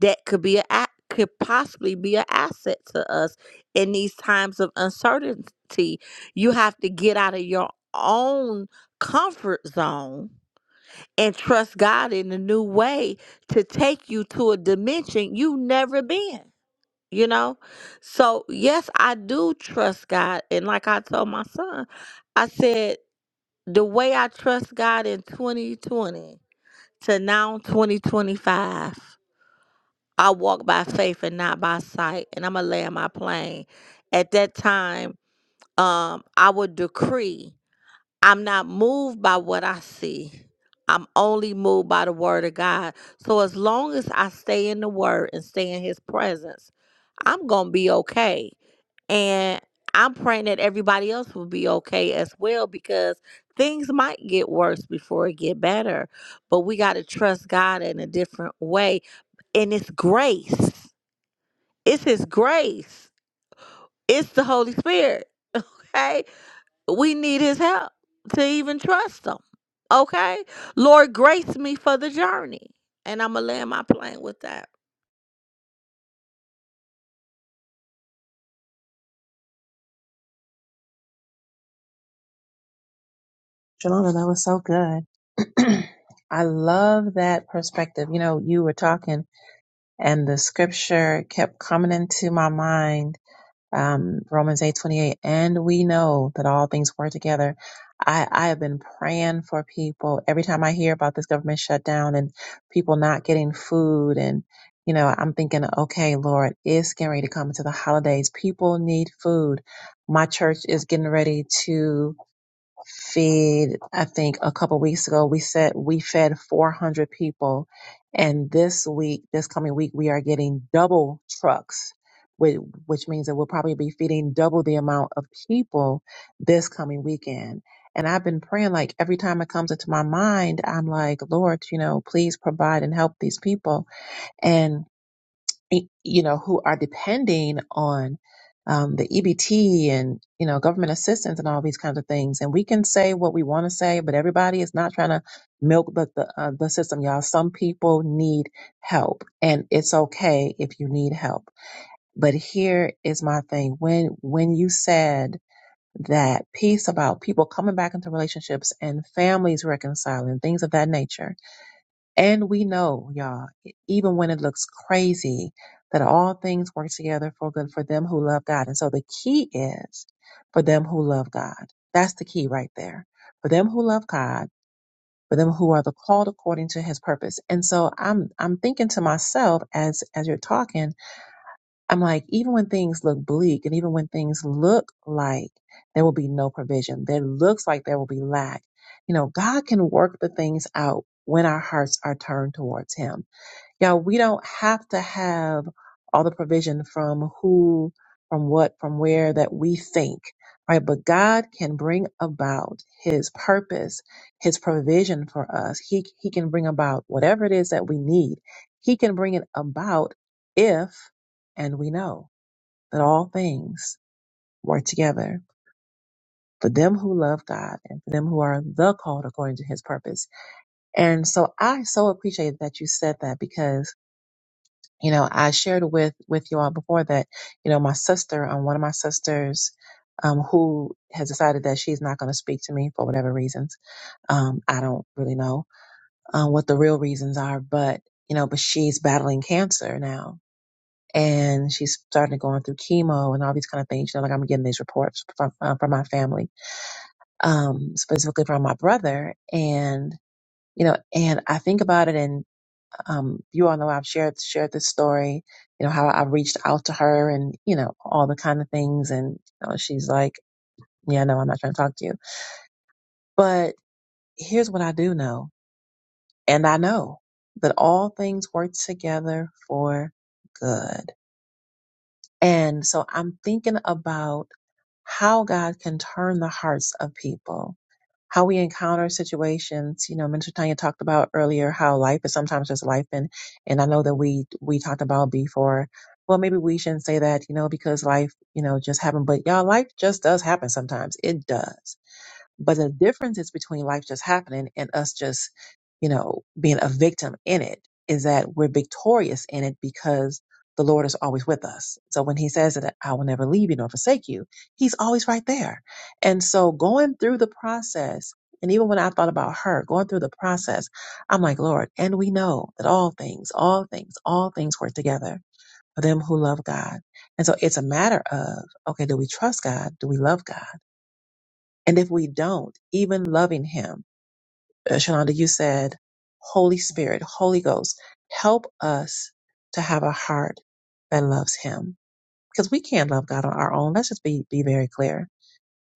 [SPEAKER 8] that could be a a- could possibly be an asset to us in these times of uncertainty. You have to get out of your own comfort zone and trust God in a new way to take you to a dimension you've never been, you know? So, yes, I do trust God. And like I told my son, I said, the way I trust God in 2020 to now 2025 i walk by faith and not by sight and i'm gonna land my plane at that time um i would decree i'm not moved by what i see i'm only moved by the word of god so as long as i stay in the word and stay in his presence i'm gonna be okay and I'm praying that everybody else will be okay as well because things might get worse before it get better. But we got to trust God in a different way. And it's grace. It's his grace. It's the Holy Spirit. Okay? We need his help to even trust him. Okay? Lord, grace me for the journey. And I'm going to land my plane with that.
[SPEAKER 1] Shalonda, that was so good. [clears throat] I love that perspective. You know, you were talking, and the scripture kept coming into my mind, um, Romans eight twenty eight, and we know that all things work together. I, I have been praying for people every time I hear about this government shutdown and people not getting food. And, you know, I'm thinking, okay, Lord, it's getting ready to come into the holidays. People need food. My church is getting ready to feed i think a couple weeks ago we said we fed 400 people and this week this coming week we are getting double trucks whi- which means that we'll probably be feeding double the amount of people this coming weekend and i've been praying like every time it comes into my mind i'm like lord you know please provide and help these people And y- you know, who are depending on um, the EBT and, you know, government assistance and all these kinds of things. And we can say what we want to say, but everybody is not trying to milk the, the, uh, the system, y'all. Some people need help and it's okay if you need help. But here is my thing. When, when you said that piece about people coming back into relationships and families reconciling, things of that nature, and we know, y'all, e, even when it looks crazy, that all things work together for good for them who love God. And so the key is for them who love God. That's the key right there. For them who love God, for them who are the called according to his purpose. And so I'm I'm thinking to myself as as you're talking, I'm like, even when things look bleak and even when things look like there will be no provision, there looks like there will be lack, you know, God can work the things out when our hearts are turned towards him now we don't have to have all the provision from who, from what, from where that we think, right? But God can bring about his purpose, his provision for us. He, he can bring about whatever it is that we need. He can bring it about if, and we know that all things work together for them who love God and for them who are the called according to his purpose. And so I so appreciate that you said that because you know i shared with with you all before that you know my sister um, one of my sisters um, who has decided that she's not going to speak to me for whatever reasons um, i don't really know um, what the real reasons are but you know but she's battling cancer now and she's starting to go through chemo and all these kind of things you know like i'm getting these reports from uh, from my family um, specifically from my brother and you know and i think about it and. Um, you all know I've shared shared this story, you know, how I reached out to her and, you know, all the kind of things and you know, she's like, Yeah, no, I'm not trying to talk to you. But here's what I do know, and I know that all things work together for good And so I'm thinking about how God can turn the hearts of people, how we encounter situations. You know, Minister Tanya talked about earlier how life is sometimes just life, and and I know that we we talked about before. Well, maybe we shouldn't say that, you know, because life, you know, just happened. But y'all, life just does happen sometimes. It does. But the difference is between life just happening and us just, you know, being a victim in it is that we're victorious in it because the Lord is always with us. So when he says that I will never leave you nor forsake you, he's always right there. And so going through the process, and even when I thought about her going through the process, I'm like, Lord, and we know that all things, all things, all things work together for them who love God. And so it's a matter of, okay, do we trust God? Do we love God? And if we don't, even loving Him, uh, Shalonda, you said, Holy Spirit, Holy Ghost, help us to have a heart that loves Him. Because we can't love God on our own. Let's just be, be very clear.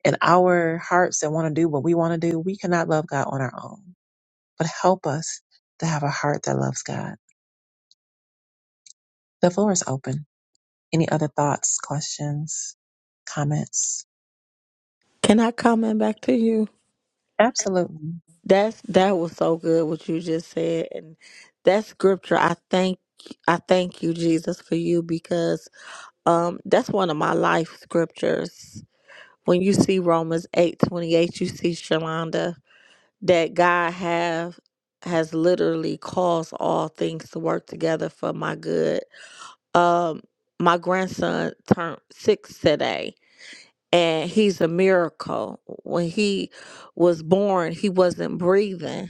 [SPEAKER 1] In our hearts that want to do what we want to do, we cannot love God on our own. But help us to have a heart that loves God. The floor is open. Any other thoughts, questions, comments?
[SPEAKER 8] Can I comment back to you?
[SPEAKER 1] Absolutely.
[SPEAKER 8] That's that was so good what you just said, and that scripture. I thank I thank you, Jesus, for you because um that's one of my life scriptures. When you see Romans eight twenty eight, you see Shalonda that God have has literally caused all things to work together for my good. Um, my grandson turned six today, and he's a miracle. When he was born, he wasn't breathing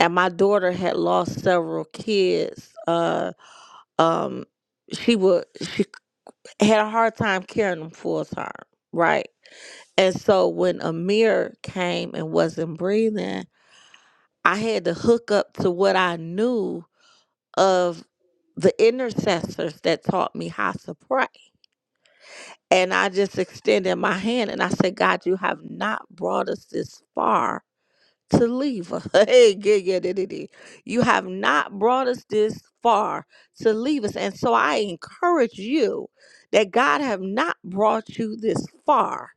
[SPEAKER 8] and my daughter had lost several kids. Uh, um, she would she had a hard time carrying them full term, right? And so when Amir came and wasn't breathing, I had to hook up to what I knew of the intercessors that taught me how to pray. And I just extended my hand and I said, God, you have not brought us this far to leave us. [laughs] Hey, gi- gi- di- di- di. you have not brought us this far to leave us. And so I encourage you that God have not brought you this far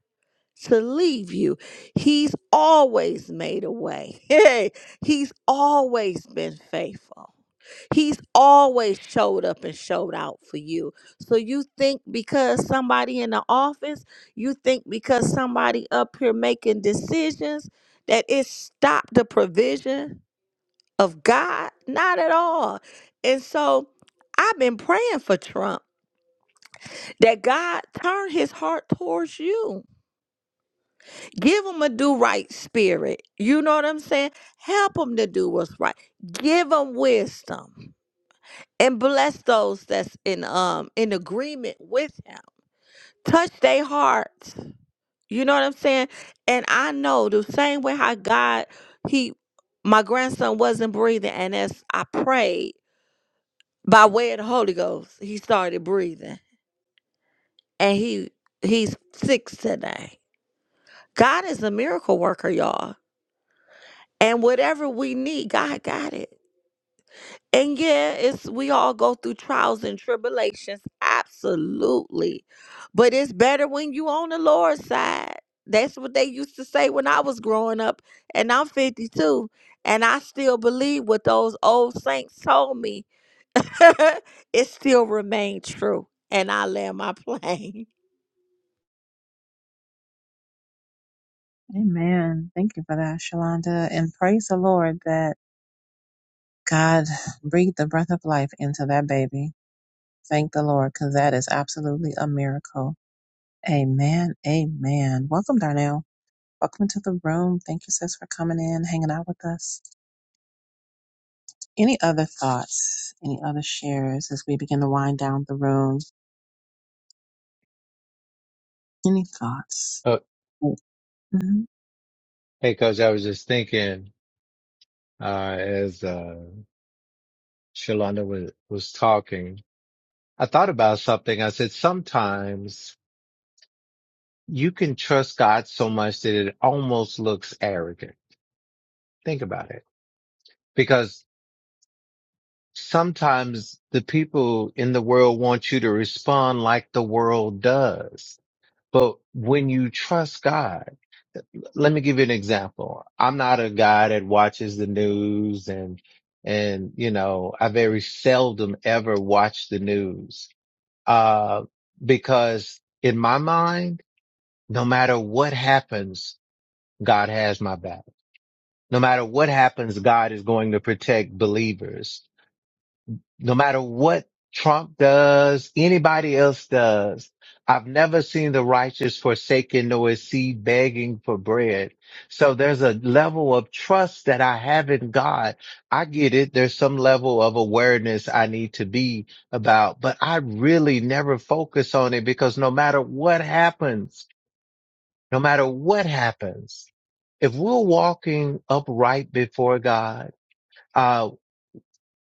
[SPEAKER 8] to leave you. He's always made a way. [laughs] Hey, he's always been faithful. He's always showed up and showed out for you. So you think because somebody in the office, you think because somebody up here making decisions that it stopped the provision of God? Not at all. And so I've been praying for Trump that God turn his heart towards you Give them a do right spirit. You know what I'm saying? Help them to do what's right. Give them wisdom and bless those that's in um in agreement with him. Touch their hearts. You know what I'm saying? And I know the same way how God he my grandson wasn't breathing and as I prayed by way of the Holy Ghost, he started breathing and he he's six today. God is a miracle worker, y'all. And whatever we need, God got it. And yeah, it's we all go through trials and tribulations, absolutely. But it's better when you on the Lord's side. That's what they used to say when I was growing up, and I'm 52, and I still believe what those old saints told me. [laughs] it still remained true, and I land my [laughs] plane.
[SPEAKER 1] Amen. Thank you for that, Shalonda. And praise the Lord that. God, breathe the breath of life into that baby. Thank the Lord, because that is absolutely a miracle. Amen. Amen. Welcome, Darnell. Welcome to the room. Thank you, sis, for coming in, hanging out with us. Any other thoughts? Any other shares as we begin to wind down the room? Any thoughts?
[SPEAKER 6] Uh,
[SPEAKER 1] hmm
[SPEAKER 6] Hey, Coach, I was just thinking uh, as uh, Shalonda was, was talking, I thought about something. I said, sometimes you can trust God so much that it almost looks arrogant. Think about it. Because sometimes the people in the world want you to respond like the world does. But when you trust God, let me give you an example. I'm not a guy that watches the news and, and, you know, I very seldom ever watch the news, uh, because in my mind, no matter what happens, God has my back. No matter what happens, God is going to protect believers no matter what Trump does, anybody else does. I've never seen the righteous forsaken nor is seed begging for bread. So there's a level of trust that I have in God. I get it. There's some level of awareness I need to be about, but I really never focus on it because no matter what happens, no matter what happens, if we're walking upright before God, uh.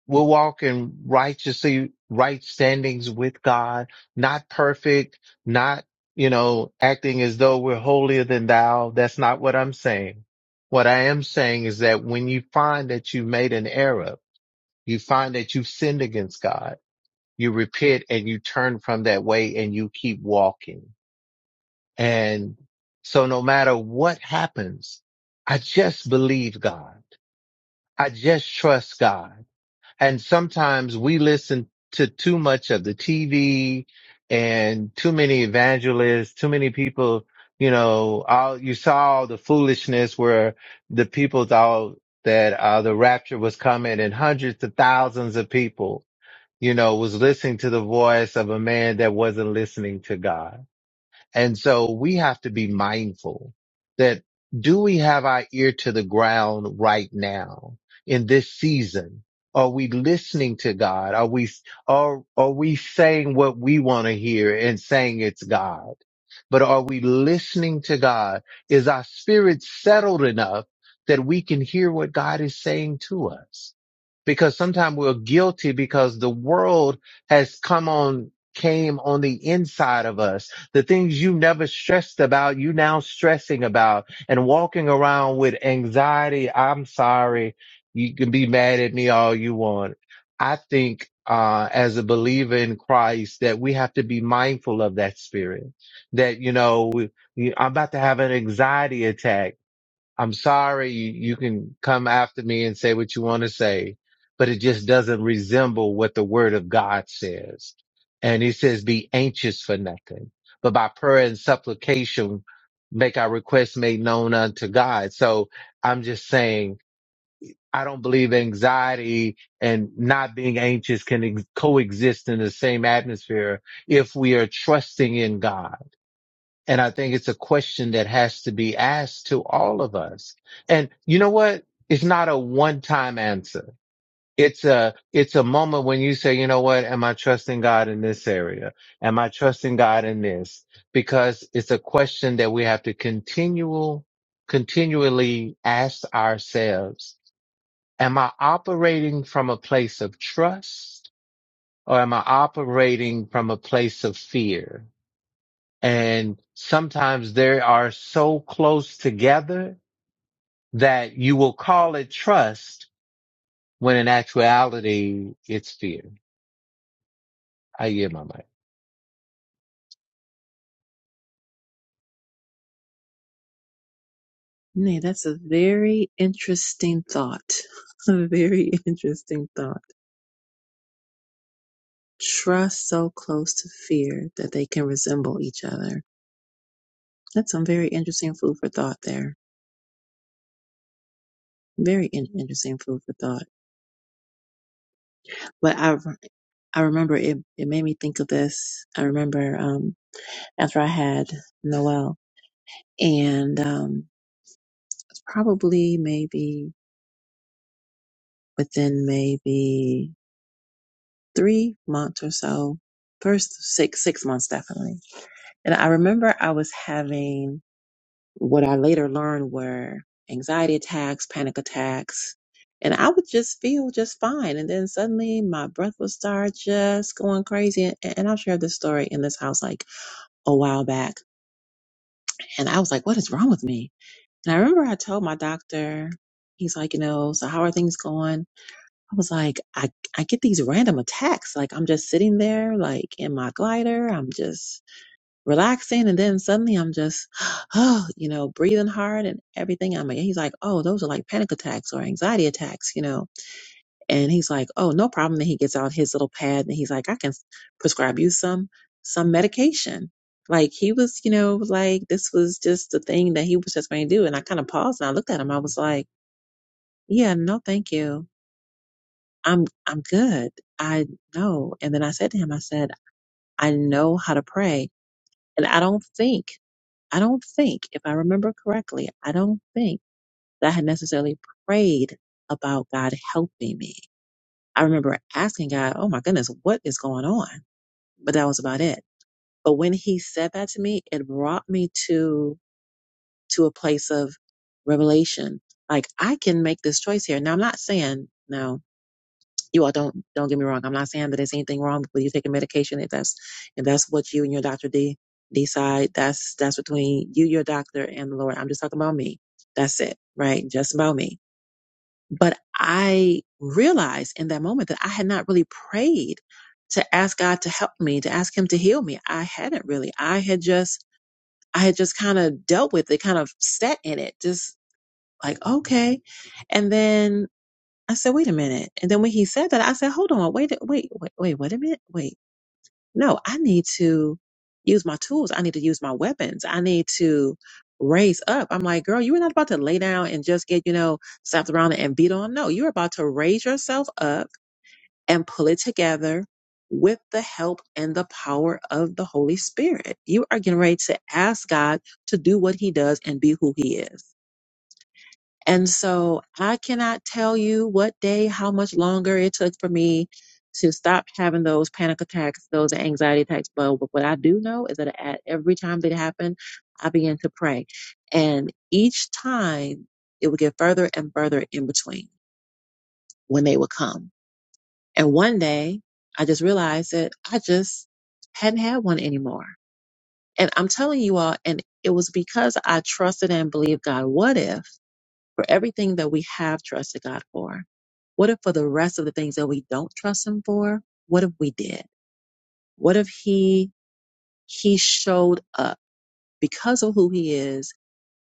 [SPEAKER 6] We'll walk in righteously, right standings with God, not perfect, not, you know, acting as though we're holier than thou. That's not what I'm saying. What I am saying is that when you find that you made an error, you find that you've sinned against God, you repent and you turn from that way and you keep walking. And so no matter what happens, I just believe God. I just trust God. And sometimes we listen to too much of the TV and too many evangelists, too many people, you know, all, you saw all the foolishness where the people thought that uh, the rapture was coming and hundreds of thousands of people, you know, was listening to the voice of a man that wasn't listening to God. And so we have to be mindful that do we have our ear to the ground right now in this season? Are we listening to God? Are we, are, are we saying what we want to hear and saying it's God? but are we listening to God? Is our spirit settled enough that we can hear what God is saying to us? Because sometimes we're guilty because the world has come on, came on the inside of us. The things you never stressed about, you now stressing about and walking around with anxiety. I'm sorry. You can be mad at me all you want. I think, uh, as a believer in Christ that we have to be mindful of that spirit that you know we, I'm about to have an anxiety attack. I'm sorry. You, you can come after me and say what you want to say, but it just doesn't resemble what the Word of God says. And He says, "Be anxious for nothing, but by prayer and supplication, make our requests made known unto God." So I'm just saying. I don't believe anxiety and not being anxious can ex- coexist in the same atmosphere if we are trusting in God and I think it's a question that has to be asked to all of us. And you know what? It's not a one time answer. It's a, it's a moment when you say, you know what? Am I trusting God in this area? Am I trusting God in this? Because it's a question that we have to continual, continually ask ourselves. Am I operating from a place of trust or am I operating from a place of fear? And sometimes they are so close together that you will call it trust when in actuality it's fear. I hear my mic.
[SPEAKER 1] Nay, that's a very interesting thought. [laughs] A very interesting thought. Trust so close to fear that they can resemble each other. That's some very interesting food for thought there. Very in- interesting food for thought. But I, I remember it, it made me think of this. I remember um, after I had Noel, and um, it's probably maybe within maybe three months or so, first six six months definitely. And I remember I was having What I later learned were anxiety attacks, panic attacks, and I would just feel just fine. And then suddenly my breath would start just going crazy. And, and I've shared this story in this house like a while back. And I was like, what is wrong with me? And I remember I told my doctor, he's like, you know, so how are things going? I was like, I, I get these random attacks. Like I'm just sitting there, like in my glider. I'm just relaxing and then suddenly I'm just [gasps] [sighs] oh, you know, breathing hard and everything. I'm like he's like, "Oh, those are like panic attacks or anxiety attacks, you know." And he's like, "Oh, no problem." Then he gets out his little pad and he's like, "I can prescribe you some some medication." Like he was, you know, like this was just the thing that he was just going to do and I kind of paused and I looked at him. I was like, "Yeah, no, thank you. I'm I'm good. I know." And then I said to him, I said, "I know how to pray." And I don't think I don't think, if I remember correctly, I don't think that I had necessarily prayed about God helping me. I remember asking God, oh my goodness, what is going on? But that was about it. But when he said that to me, it brought me to, to a place of revelation. Like I can make this choice here. Now I'm not saying no. You all don't don't get me wrong. I'm not saying that there's anything wrong with you taking medication. If that's if that's what you and your doctor de- decide, that's that's between you, your doctor, and the Lord. I'm just talking about me. That's it, right? Just about me. But I realized in that moment that I had not really prayed to ask God to help me, to ask Him to heal me. I hadn't really. I had just I had just kind of dealt with it, kind of sat in it, just like okay. And then I said, wait a minute. And then when he said that, I said, hold on, wait, wait, wait, wait, wait a minute. Wait. No, I need to use my tools. I need to use my weapons. I need to raise up. I'm like, girl, you were not about to lay down and just get, you know, slapped around and beat on. No, you're about to raise yourself up and pull it together with the help and the power of the Holy Spirit. You are getting ready to ask God to do what he does and be who he is. And so I cannot tell you what day, how much longer it took for me to stop having those panic attacks, those anxiety attacks. But what I do know is that at every time they happen, I began to pray. And each time it would get further and further in between when they would come. And one day I just realized that I just hadn't had one anymore. And I'm telling you all, and it was because I trusted and believed God. What if? for everything that we have trusted God for? What if for the rest of the things that we don't trust him for, what if we did? What if he he showed up because of who he is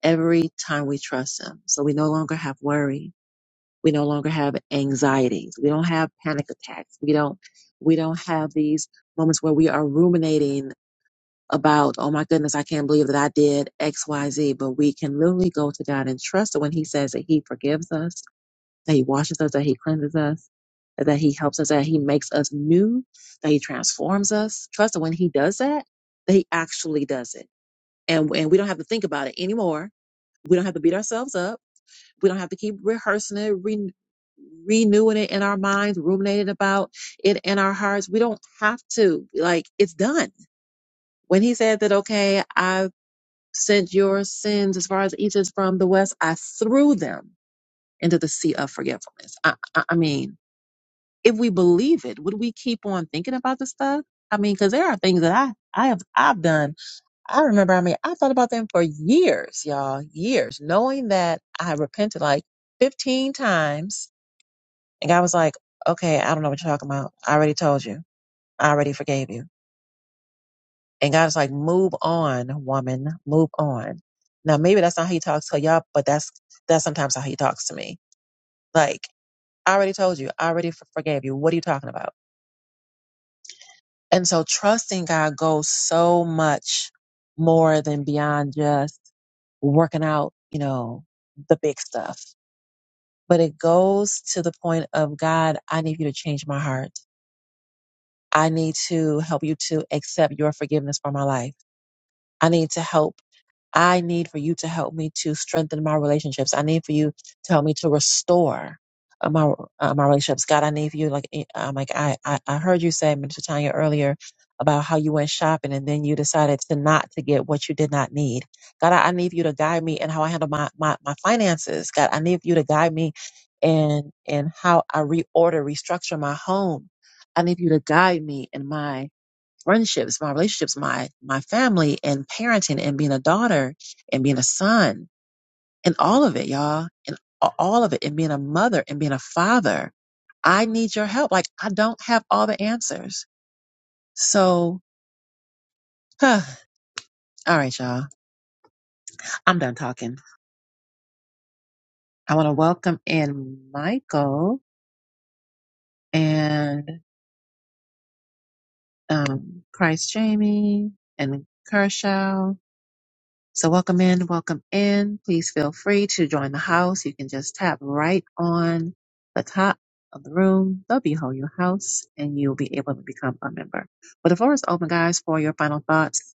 [SPEAKER 1] every time we trust him? So we no longer have worry. We no longer have anxieties. We don't have panic attacks. We don't we don't have these moments where we are ruminating about, oh my goodness, I can't believe that I did XYZ. But we can literally go to God and trust that when he says that he forgives us that He washes us, that He cleanses us, that He helps us, that He makes us new, that He transforms us. Trust that when He does that, that He actually does it. And, and we don't have to think about it anymore. We don't have to beat ourselves up. We don't have to keep rehearsing it, re- renewing it in our minds, ruminating about it in our hearts. We don't have to. Like, it's done. When He said that, okay, I sent your sins as far as the east is from the west, I threw them into the sea of forgetfulness. I, I, I mean, if we believe it, would we keep on thinking about this stuff? I mean, because there are things that I, I have I've done. I remember, I mean, I thought about them for years, y'all, years, knowing that I repented like 15 times. And God was like, okay, I don't know what you're talking about. I already told you. I already forgave you. And God was like, move on, woman, move on. Now, maybe that's not how he talks to y'all, but that's, that's sometimes how he talks to me. Like, I already told you. I already f- forgave you. What are you talking about? And so trusting God goes so much more than beyond just working out, you know, the big stuff. But it goes to the point of God, I need you to change my heart. I need to help you to accept your forgiveness for my life. I need to help I need for you to help me to strengthen my relationships. I need for you to help me to restore uh, my uh, my relationships. God, I need for you. Like eh, I'm like I I, I heard you say, Minister Tanya, earlier about how you went shopping and then you decided to not to get what you did not need. God, I, I need for you to guide me in how I handle my my my finances. God, I need for you to guide me in in how I reorder, restructure my home. I need for you to guide me in my friendships, my relationships, my my family, and parenting, and being a daughter, and being a son, and all of it, y'all, and all of it, and being a mother, and being a father. I need your help. Like I don't have all the answers. So, [sighs] huh. all right, y'all, I'm done talking. I want to welcome in Michael and um, Christ Jamie and Kershaw So welcome in, welcome in. Please feel free to join the house. You can just tap right on the top of the room, W ho Your House, and you'll be able to become a member. But the floor is open, guys, for your final thoughts.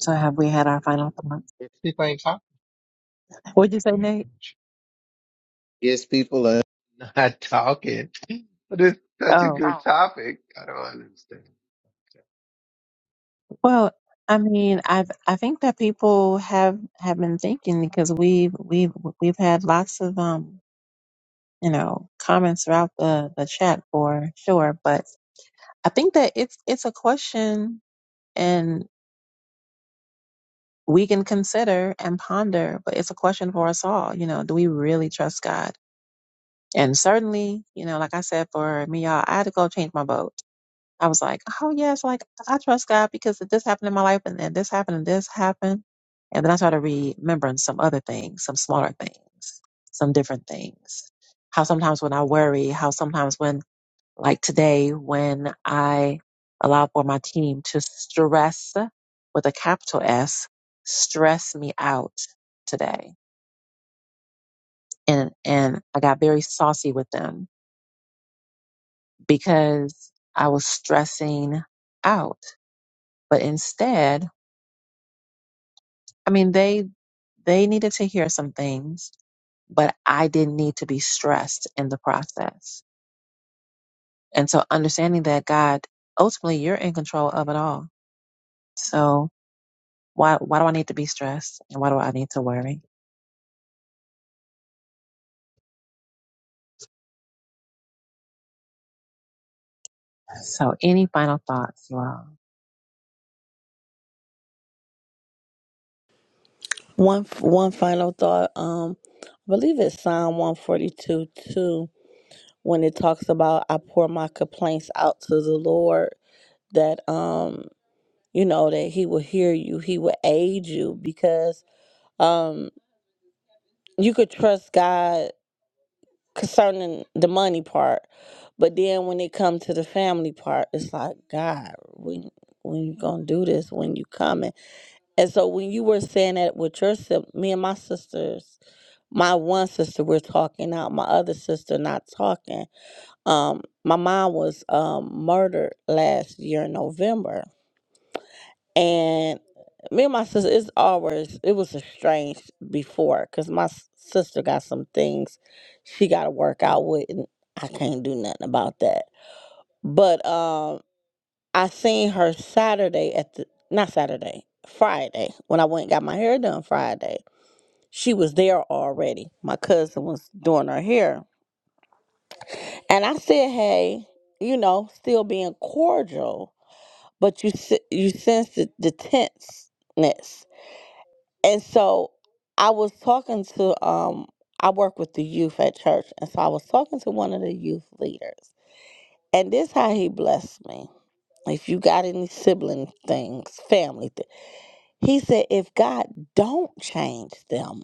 [SPEAKER 1] So have we had our final thoughts?
[SPEAKER 6] Yes, People ain't
[SPEAKER 1] What'd you say,
[SPEAKER 6] talking.
[SPEAKER 1] Nate?
[SPEAKER 6] Yes, people are. [laughs] Not talking. But it's such a
[SPEAKER 1] Oh,
[SPEAKER 6] good topic. I don't understand. Yeah.
[SPEAKER 1] well, I mean, I've I think that people have have been thinking because we've we've we've had lots of um you know comments throughout the the chat for sure, but I think that it's it's a question and we can consider and ponder but it's a question for us all you know do we really trust god and certainly you know like i said for me y'all i had to go change my vote i was like oh yes like i trust god because if this happened in my life and then this happened and this happened and then i started remembering some other things some smaller things some different things how sometimes when i worry how sometimes when like today when I allow for my team to stress with a capital S, stress me out today. And, and I got very saucy with them because I was stressing out. But instead, I mean, they, they needed to hear some things, but I didn't need to be stressed in the process. And so understanding that God, ultimately you're in control of it all. So Why why do I need to be stressed and why do I need to worry? So any final thoughts, you all?
[SPEAKER 8] One one final thought. Um, I believe it's Psalm one forty two two when it talks about I pour my complaints out to the Lord. that um you know that he will hear you he will aid you because um you could trust god concerning the money part but then when it come to the family part it's like god when when you gonna do this when you coming and so when you were saying that with your sis- me and my sisters my one sister we're talking out my other sister not talking um my mom was um murdered last year in november And me and my sister, it's always, it was estranged before because my s- sister got some things she got to work out with, and I can't do nothing about that. But um, I seen her Saturday at the, not Saturday, Friday, when I went and got my hair done Friday. She was there already. My cousin was doing her hair. And I said, hey, you know, still being cordial, but you, se- you sense the, the tenseness And so I was talking to um I work with the youth at church and so I was talking to one of the youth leaders. And this how he blessed me. If you got any sibling things, family thing. He said if God don't change them,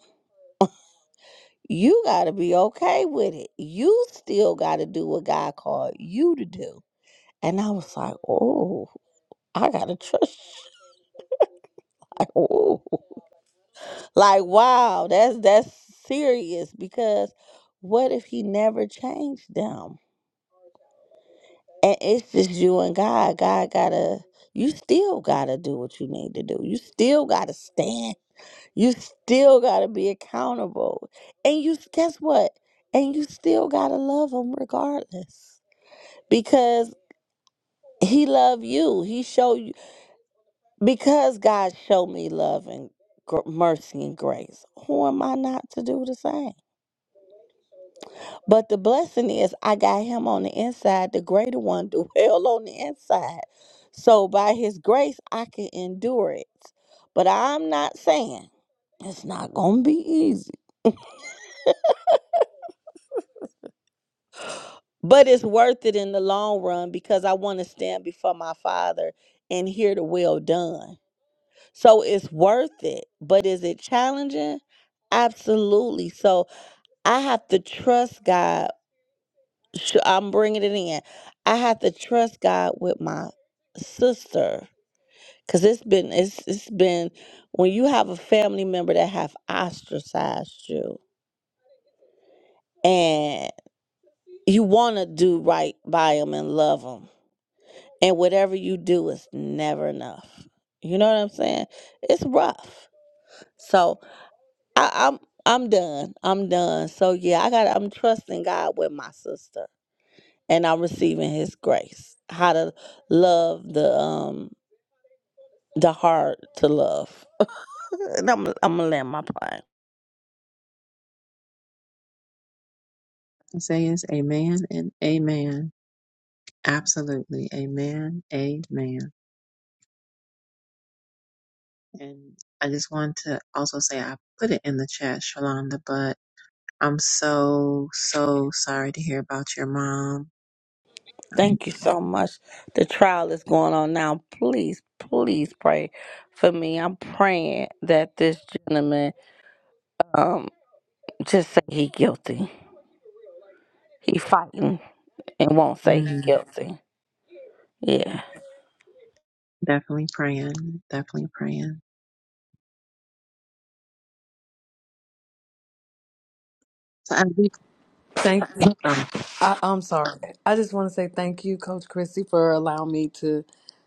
[SPEAKER 8] you got to be okay with it. You still got to do what God called you to do. And I was like, "Oh, I got to trust." [laughs] Like, "Oh." Like, wow, that's that's serious because what if he never changed them? And it's just you and God. God gotta you still gotta do what you need to do. You still gotta stand. You still gotta be accountable. And you guess what? And you still gotta love him regardless. Because he love you. He show you because God showed me love and gr- mercy and grace. Who am I not to do the same? But the blessing is, I got him on the inside, the greater one, [laughs] the well on the inside. So by his grace, I can endure it. But I'm not saying it's not going to be easy, but it's worth it in the long run because I want to stand before my father and hear the well done. So it's worth it. But is it challenging? Absolutely. So I have to trust God sh- I'm bringing it in. I have to trust God with my sister because it's been it's it's been when you have a family member that have ostracized you and you want to do right by them and love them and whatever you do is never enough. You know what I'm saying? It's rough. So I, I'm I'm done. I'm done. So yeah, I got. I'm trusting God with my sister and I'm receiving his grace. How to love the um the hard to love. [laughs] And I'm I'm gonna land my plane.
[SPEAKER 1] I say is amen and amen. Absolutely. Amen. Amen. And I just want to also say I put it in the chat, Shalonda, but I'm so, so sorry to hear about your mom. Um
[SPEAKER 8] Thank you so much. The trial is going on now. Please, please pray for me. I'm praying that this gentleman um just say he guilty. He fighting and won't say he
[SPEAKER 1] Mm,
[SPEAKER 8] guilty. Yeah.
[SPEAKER 1] definitely praying. Definitely praying. So I,
[SPEAKER 2] Thank you.
[SPEAKER 1] Um,
[SPEAKER 2] I, I'm sorry. I just want to say thank you, Coach Christy, for allowing me to.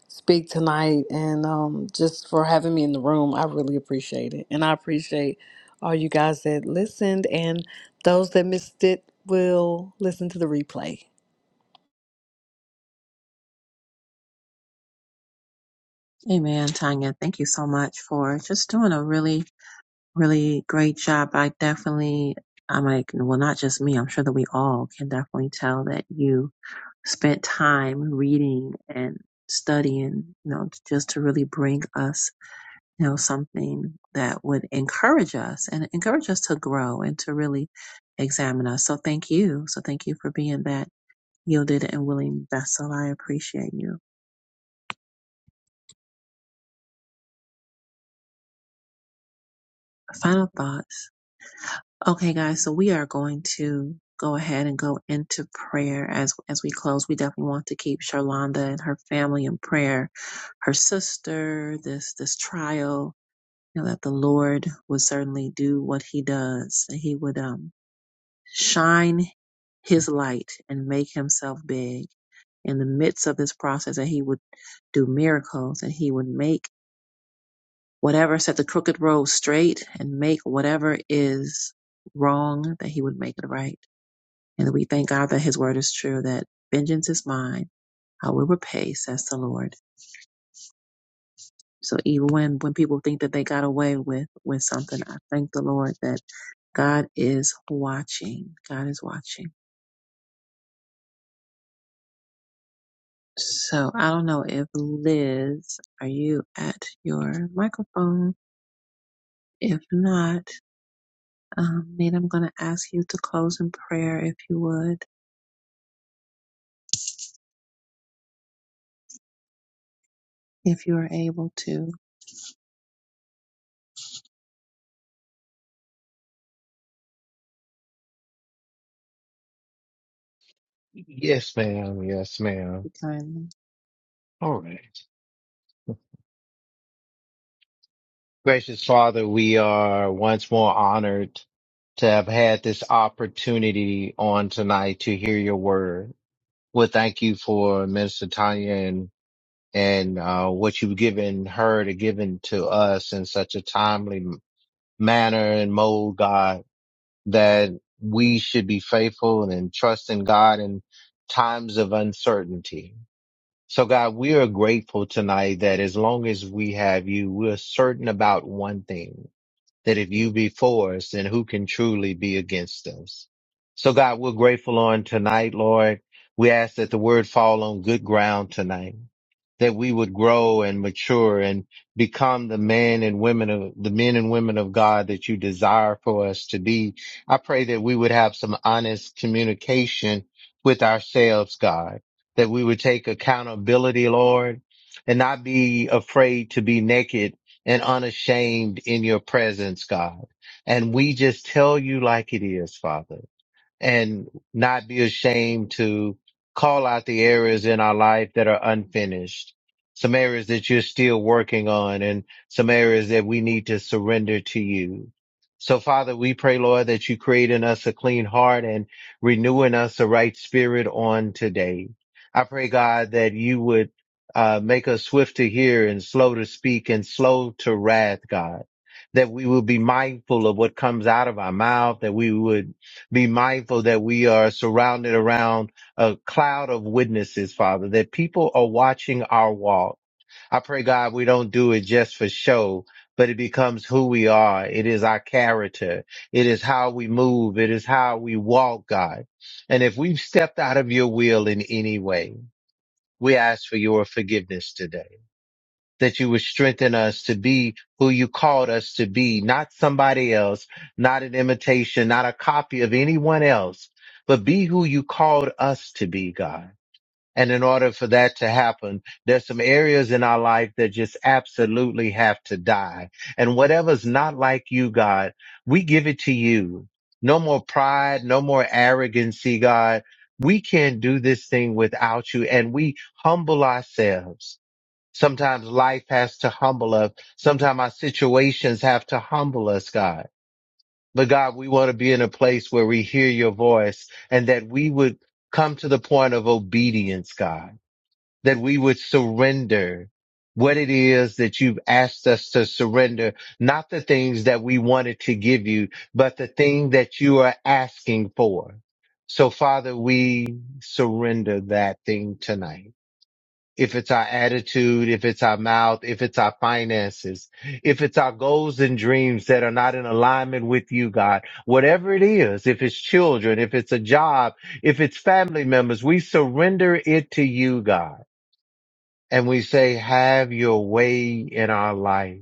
[SPEAKER 2] speak tonight and um, just for having me in the room. I really appreciate it. And I appreciate all you guys that listened and those that missed it will listen to the replay.
[SPEAKER 1] Amen, Tanya. Thank you so much for just doing a really, really great job. I definitely, I'm like, well, not just me. I'm sure that we all can definitely tell that you spent time reading and studying, you know, just to really bring us, you know, something that would encourage us and encourage us to grow and to really examine us. So thank you. So thank you for being that yielded and willing vessel. I appreciate you. Final thoughts. Okay, guys. So we are going to go ahead and go into prayer as as we close. We definitely want to keep Charlonda and her family in prayer. Her sister, this this trial you know, that the Lord would certainly do what he does, that he would um, shine his light and make himself big in the midst of this process, that he would do miracles, that he would make whatever, set the crooked road straight and make whatever is wrong, that he would make it right. And we thank God that his word is true, that vengeance is mine, I will repay, says the Lord. So even when, when people think that they got away with, with something, I thank the Lord that God is watching. God is watching. So I don't know if Liz, are you at your microphone? If not, um, Nita, I'm going to ask you to close in prayer if you would, if you are able to, if
[SPEAKER 6] Yes, ma'am. Yes, ma'am.
[SPEAKER 1] you kindly.
[SPEAKER 6] All right. Gracious Father, we are once more honored to have had this opportunity on tonight to hear your word. Well, thank you for Minister Tanya and uh, what you've given her to given to us in such a timely manner and mode, God, that we should be faithful and trust in God in times of uncertainty. So God, we are grateful tonight that as long as we have you, we're certain about one thing that if you be for us, then who can truly be against us? So God, we're grateful on tonight, Lord. We ask that the word fall on good ground tonight, that we would grow and mature and become the men and women of the men and women of God that you desire for us to be. I pray that we would have some honest communication with ourselves, God, that we would take accountability, Lord, and not be afraid to be naked and unashamed in your presence, God. And we just tell you like it is, Father and not be ashamed to call out the areas in our life that are unfinished, some areas that you're still working on and some areas that we need to surrender to you. So Father, we pray, Lord, that you create in us a clean heart and renew in us a right spirit on today. I pray, God, that you would uh, make us swift to hear and slow to speak and slow to wrath, God, that we will be mindful of what comes out of our mouth, that we would be mindful that we are surrounded around a cloud of witnesses, Father, that people are watching our walk. I pray, God, we don't do it just for show, but it becomes who we are. It is our character. It is how we move. It is how we walk, God. And if we've stepped out of your will in any way, we ask for your forgiveness today that you would strengthen us to be who you called us to be, not somebody else, not an imitation, not a copy of anyone else, but be who you called us to be, God. And in order for that to happen, there's some areas in our life that just absolutely have to die. And whatever's not like you, God, we give it to you. No more pride, no more arrogancy, God. We can't do this thing without you and we humble ourselves Sometimes life has to humble us. Sometimes our situations have to humble us, God. But God, we want to be in a place where we hear your voice and that we would come to the point of obedience, God, that we would surrender what it is that you've asked us to surrender, not the things that we wanted to give you, but the thing that you are asking for. So Father, we surrender that thing tonight if it's our attitude, if it's our mouth, if it's our finances, if it's our goals and dreams that are not in alignment with you, God, whatever it is, if it's children, if it's a job, if it's family members, we surrender it to you, God, and we say, have your way in our life.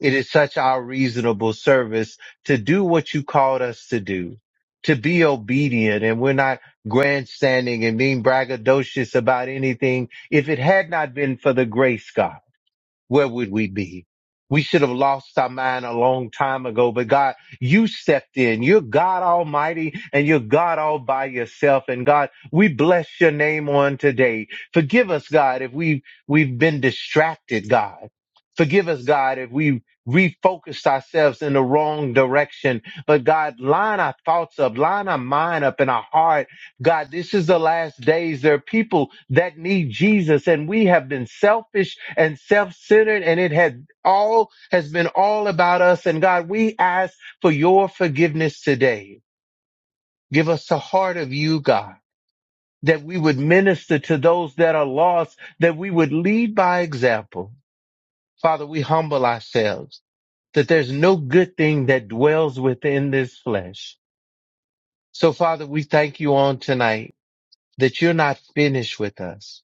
[SPEAKER 6] It is such our reasonable service to do what you called us to do, to be obedient. And we're not grandstanding and being braggadocious about anything. If it had not been for the grace, God where would we be? We should have lost our mind a long time ago, but God, you stepped in. You're God Almighty and you're God all by yourself. And God, we bless your name on today. Forgive us, God, if we, we've been distracted, God. Forgive us, God, if we refocused ourselves in the wrong direction. But God, line our thoughts up, line our mind up and our heart God, this is the last days. There are people that need Jesus and we have been selfish and self-centered and it had all has been all about us. And God, we ask for your forgiveness today. Give us the heart of you, God, that we would minister to those that are lost, that we would lead by example. Father, we humble ourselves that there's no good thing that dwells within this flesh. So Father, we thank you on tonight that you're not finished with us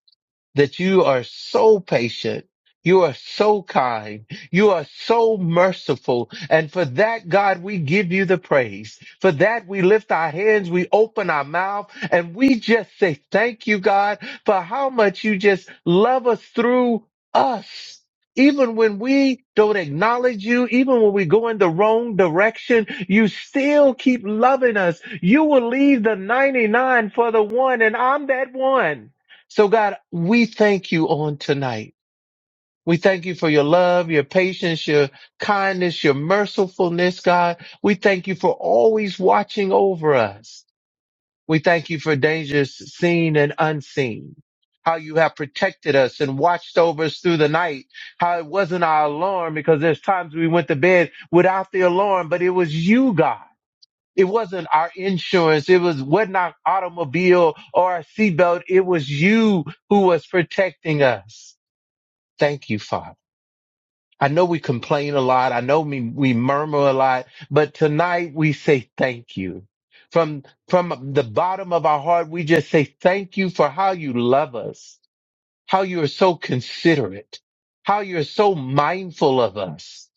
[SPEAKER 6] that you are so patient. You are so kind. You are so merciful. And for that, God, we give you the praise. For that, we lift our hands, we open our mouth, and we just say thank you, God, for how much you just love us through us. Even when we don't acknowledge you, even when we go in the wrong direction, you still keep loving us. You will leave the 99 for the one, and I'm that one. So God, we thank you on tonight. We thank you for your love, your patience, your kindness, your mercifulness, God. We thank you for always watching over us. We thank you for dangers seen and unseen. How you have protected us and watched over us through the night. How it wasn't our alarm because there's times we went to bed without the alarm, but it was you, God it wasn't our insurance. It was wasn't our automobile or our seatbelt. It was you who was protecting us. Thank you, Father. I know we complain a lot. I know we, we murmur a lot, but tonight we say thank you. From, from the bottom of our heart, we just say thank you for how you love us how you are so considerate, how you're so mindful of us.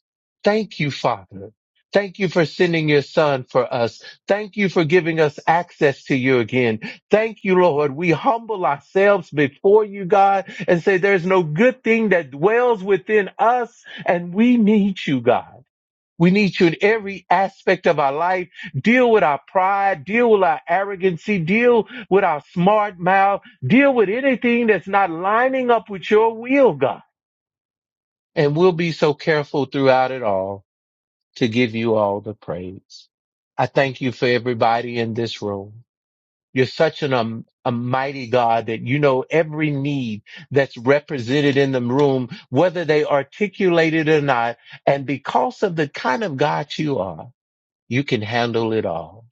[SPEAKER 6] Thank you, Father. Thank you for sending your son for us. Thank you for giving us access to you again. Thank you, Lord. We humble ourselves before you, God, and say there's no good thing that dwells within us and we need you, God. We need you in every aspect of our life. Deal with our pride, deal with our arrogancy, deal with our smart mouth, deal with anything that's not lining up with your will, God. And we'll be so careful throughout it all to give you all the praise. I thank you for everybody in this room. You're such an um, a mighty God that you know every need that's represented in the room, whether they articulate it or not. And because of the kind of God you are, you can handle it all.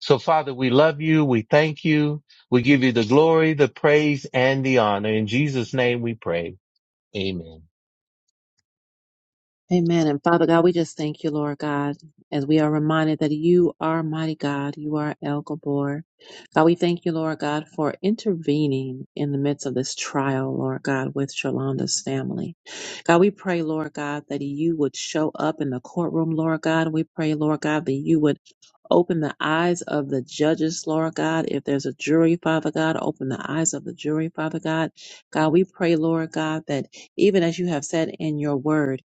[SPEAKER 6] So Father, we love you. We thank you. We give you the glory, the praise, and the honor. In Jesus' name we pray. Amen.
[SPEAKER 1] Amen. And Father God, we just thank you, Lord God, as we are reminded that you are mighty God. You are El Gabor. God, we thank you, Lord God, for intervening in the midst of this trial, Lord God, with Yolanda's family. God, we pray, Lord God, that you would show up in the courtroom, Lord God. We pray, Lord God, that you would open the eyes of the judges, Lord God. If there's a jury, Father God, open the eyes of the jury, Father God. God, we pray, Lord God, that even as you have said in your word,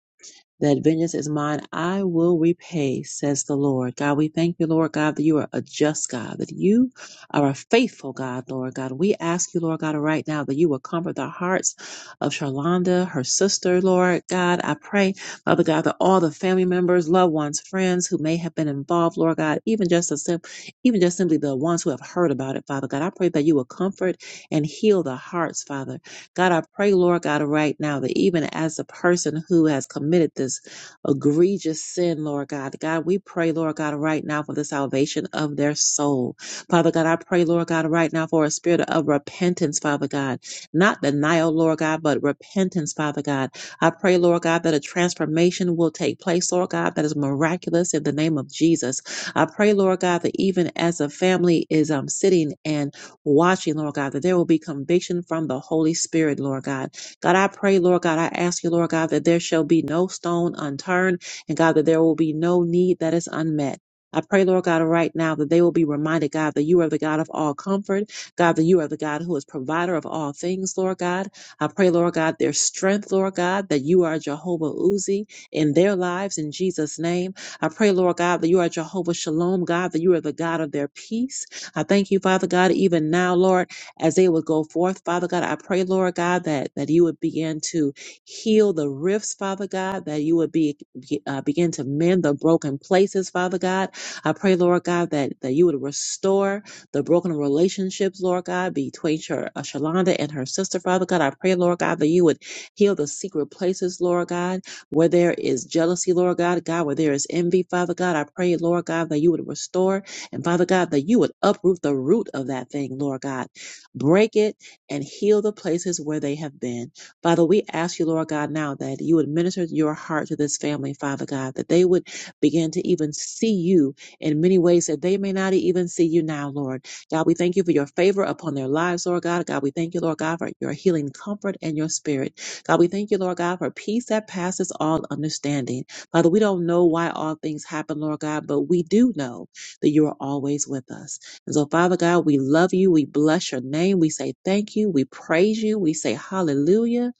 [SPEAKER 1] that vengeance is mine, I will repay, says the Lord. God, we thank you, Lord God, that you are a just God, that you are a faithful God, Lord God. We ask you, Lord God, right now that you will comfort the hearts of Charlonda, her sister, Lord God. I pray, Father God, that all the family members, loved ones, friends who may have been involved, Lord God, even just the sim- even just simply the ones who have heard about it, Father God. I pray that you will comfort and heal the hearts, Father. God, I pray, Lord God, right now that even as a person who has committed this egregious sin, Lord God, God, we pray, Lord God, right now for the salvation of their soul. Father God, I pray, Lord God, right now for a spirit of repentance, Father God, not denial, Lord God, but repentance, Father God. I pray, Lord God, that a transformation will take place, Lord God, that is miraculous in the name of Jesus. I pray, Lord God, that even as a family is um, sitting and watching, Lord God, that there will be conviction from the Holy Spirit, Lord God. God, I pray, Lord God, I ask you, Lord God, that there shall be no stone unturned, and God, that there will be no need that is unmet. I pray, Lord God, right now that they will be reminded, God, that you are the God of all comfort. God, that you are the God who is provider of all things, Lord God. I pray, Lord God, their strength, Lord God, that you are Jehovah Uzi in their lives in Jesus' name. I pray, Lord God, that you are Jehovah Shalom, God, that you are the God of their peace. I thank you, Father God, even now, Lord, as they would go forth, Father God. I pray, Lord God, that, that you would begin to heal the rifts, Father God, that you would be, uh, begin to mend the broken places, Father God. I pray, Lord God, that, that you would restore the broken relationships, Lord God, between Shar- uh, Shalonda and her sister, Father God. I pray, Lord God, that you would heal the secret places, Lord God, where there is jealousy, Lord God, God, where there is envy, Father God. I pray, Lord God, that you would restore and Father God, that you would uproot the root of that thing, Lord God. Break it and heal the places where they have been. Father, we ask you, Lord God, now that you would minister your heart to this family, Father God, that they would begin to even see you in many ways that they may not even see you now, Lord. God, we thank you for your favor upon their lives, Lord God. God, we thank you, Lord God, for your healing comfort and your spirit. God, we thank you, Lord God, for peace that passes all understanding. Father, we don't know why all things happen, Lord God, but we do know that you are always with us. And so, Father God, we love you. We bless your name. We say thank you. We praise you. We say hallelujah.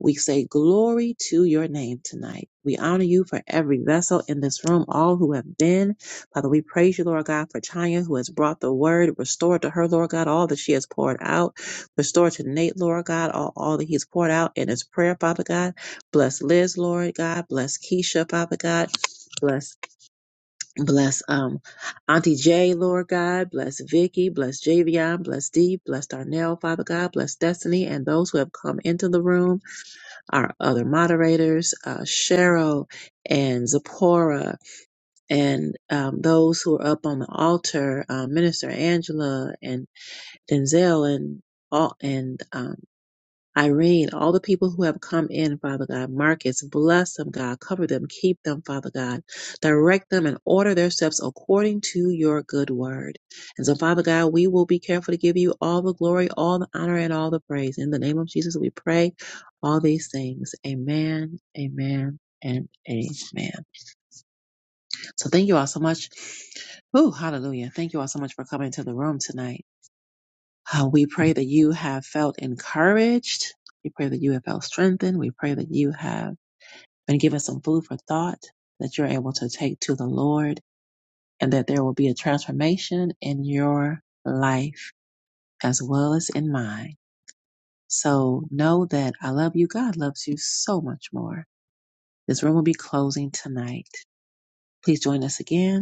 [SPEAKER 1] We say glory to your name tonight. We honor you for every vessel in this room, all who have been. Father, we praise you, Lord God, for Chaya, who has brought the word, restored to her, Lord God, all that she has poured out. Restore to Nate, Lord God, all, all that he's poured out in his prayer, Father God. Bless Liz, Lord God. Bless Keisha, Father God. Bless Bless um Auntie J, Lord God. Bless Vicky. Bless Javion. Bless Dee. Bless Darnell, Father God. Bless Destiny and those who have come into the room. Our other moderators, uh, Cheryl and Zipporah, and um, those who are up on the altar, uh, Minister Angela and Denzel and all and um, Irene, all the people who have come in, Father God, Marcus, bless them, God. Cover them, keep them, Father God. Direct them and order their steps according to your good word. And so, Father God, we will be careful to give you all the glory, all the honor, and all the praise. In the name of Jesus, we pray all these things. Amen, amen, and amen. So, thank you all so much. Oh, hallelujah. Thank you all so much for coming to the room tonight. Uh, we pray that you have felt encouraged. We pray that you have felt strengthened. We pray that you have been given some food for thought that you're able to take to the Lord and that there will be a transformation in your life as well as in mine. So know that I love you. God loves you so much more. This room will be closing tonight. Please join us again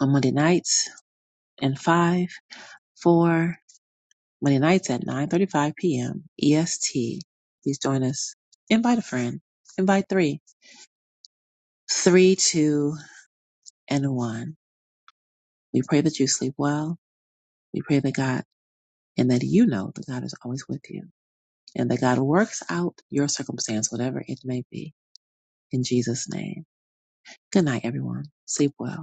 [SPEAKER 1] on Monday nights in five, four, Monday nights at 9.35 p.m. EST. Please join us. Invite a friend. Invite three. Three, two, and one. We pray that you sleep well. We pray that God, and that you know that God is always with you and that God works out your circumstance, whatever it may be. In Jesus' name. Good night, everyone. Sleep well.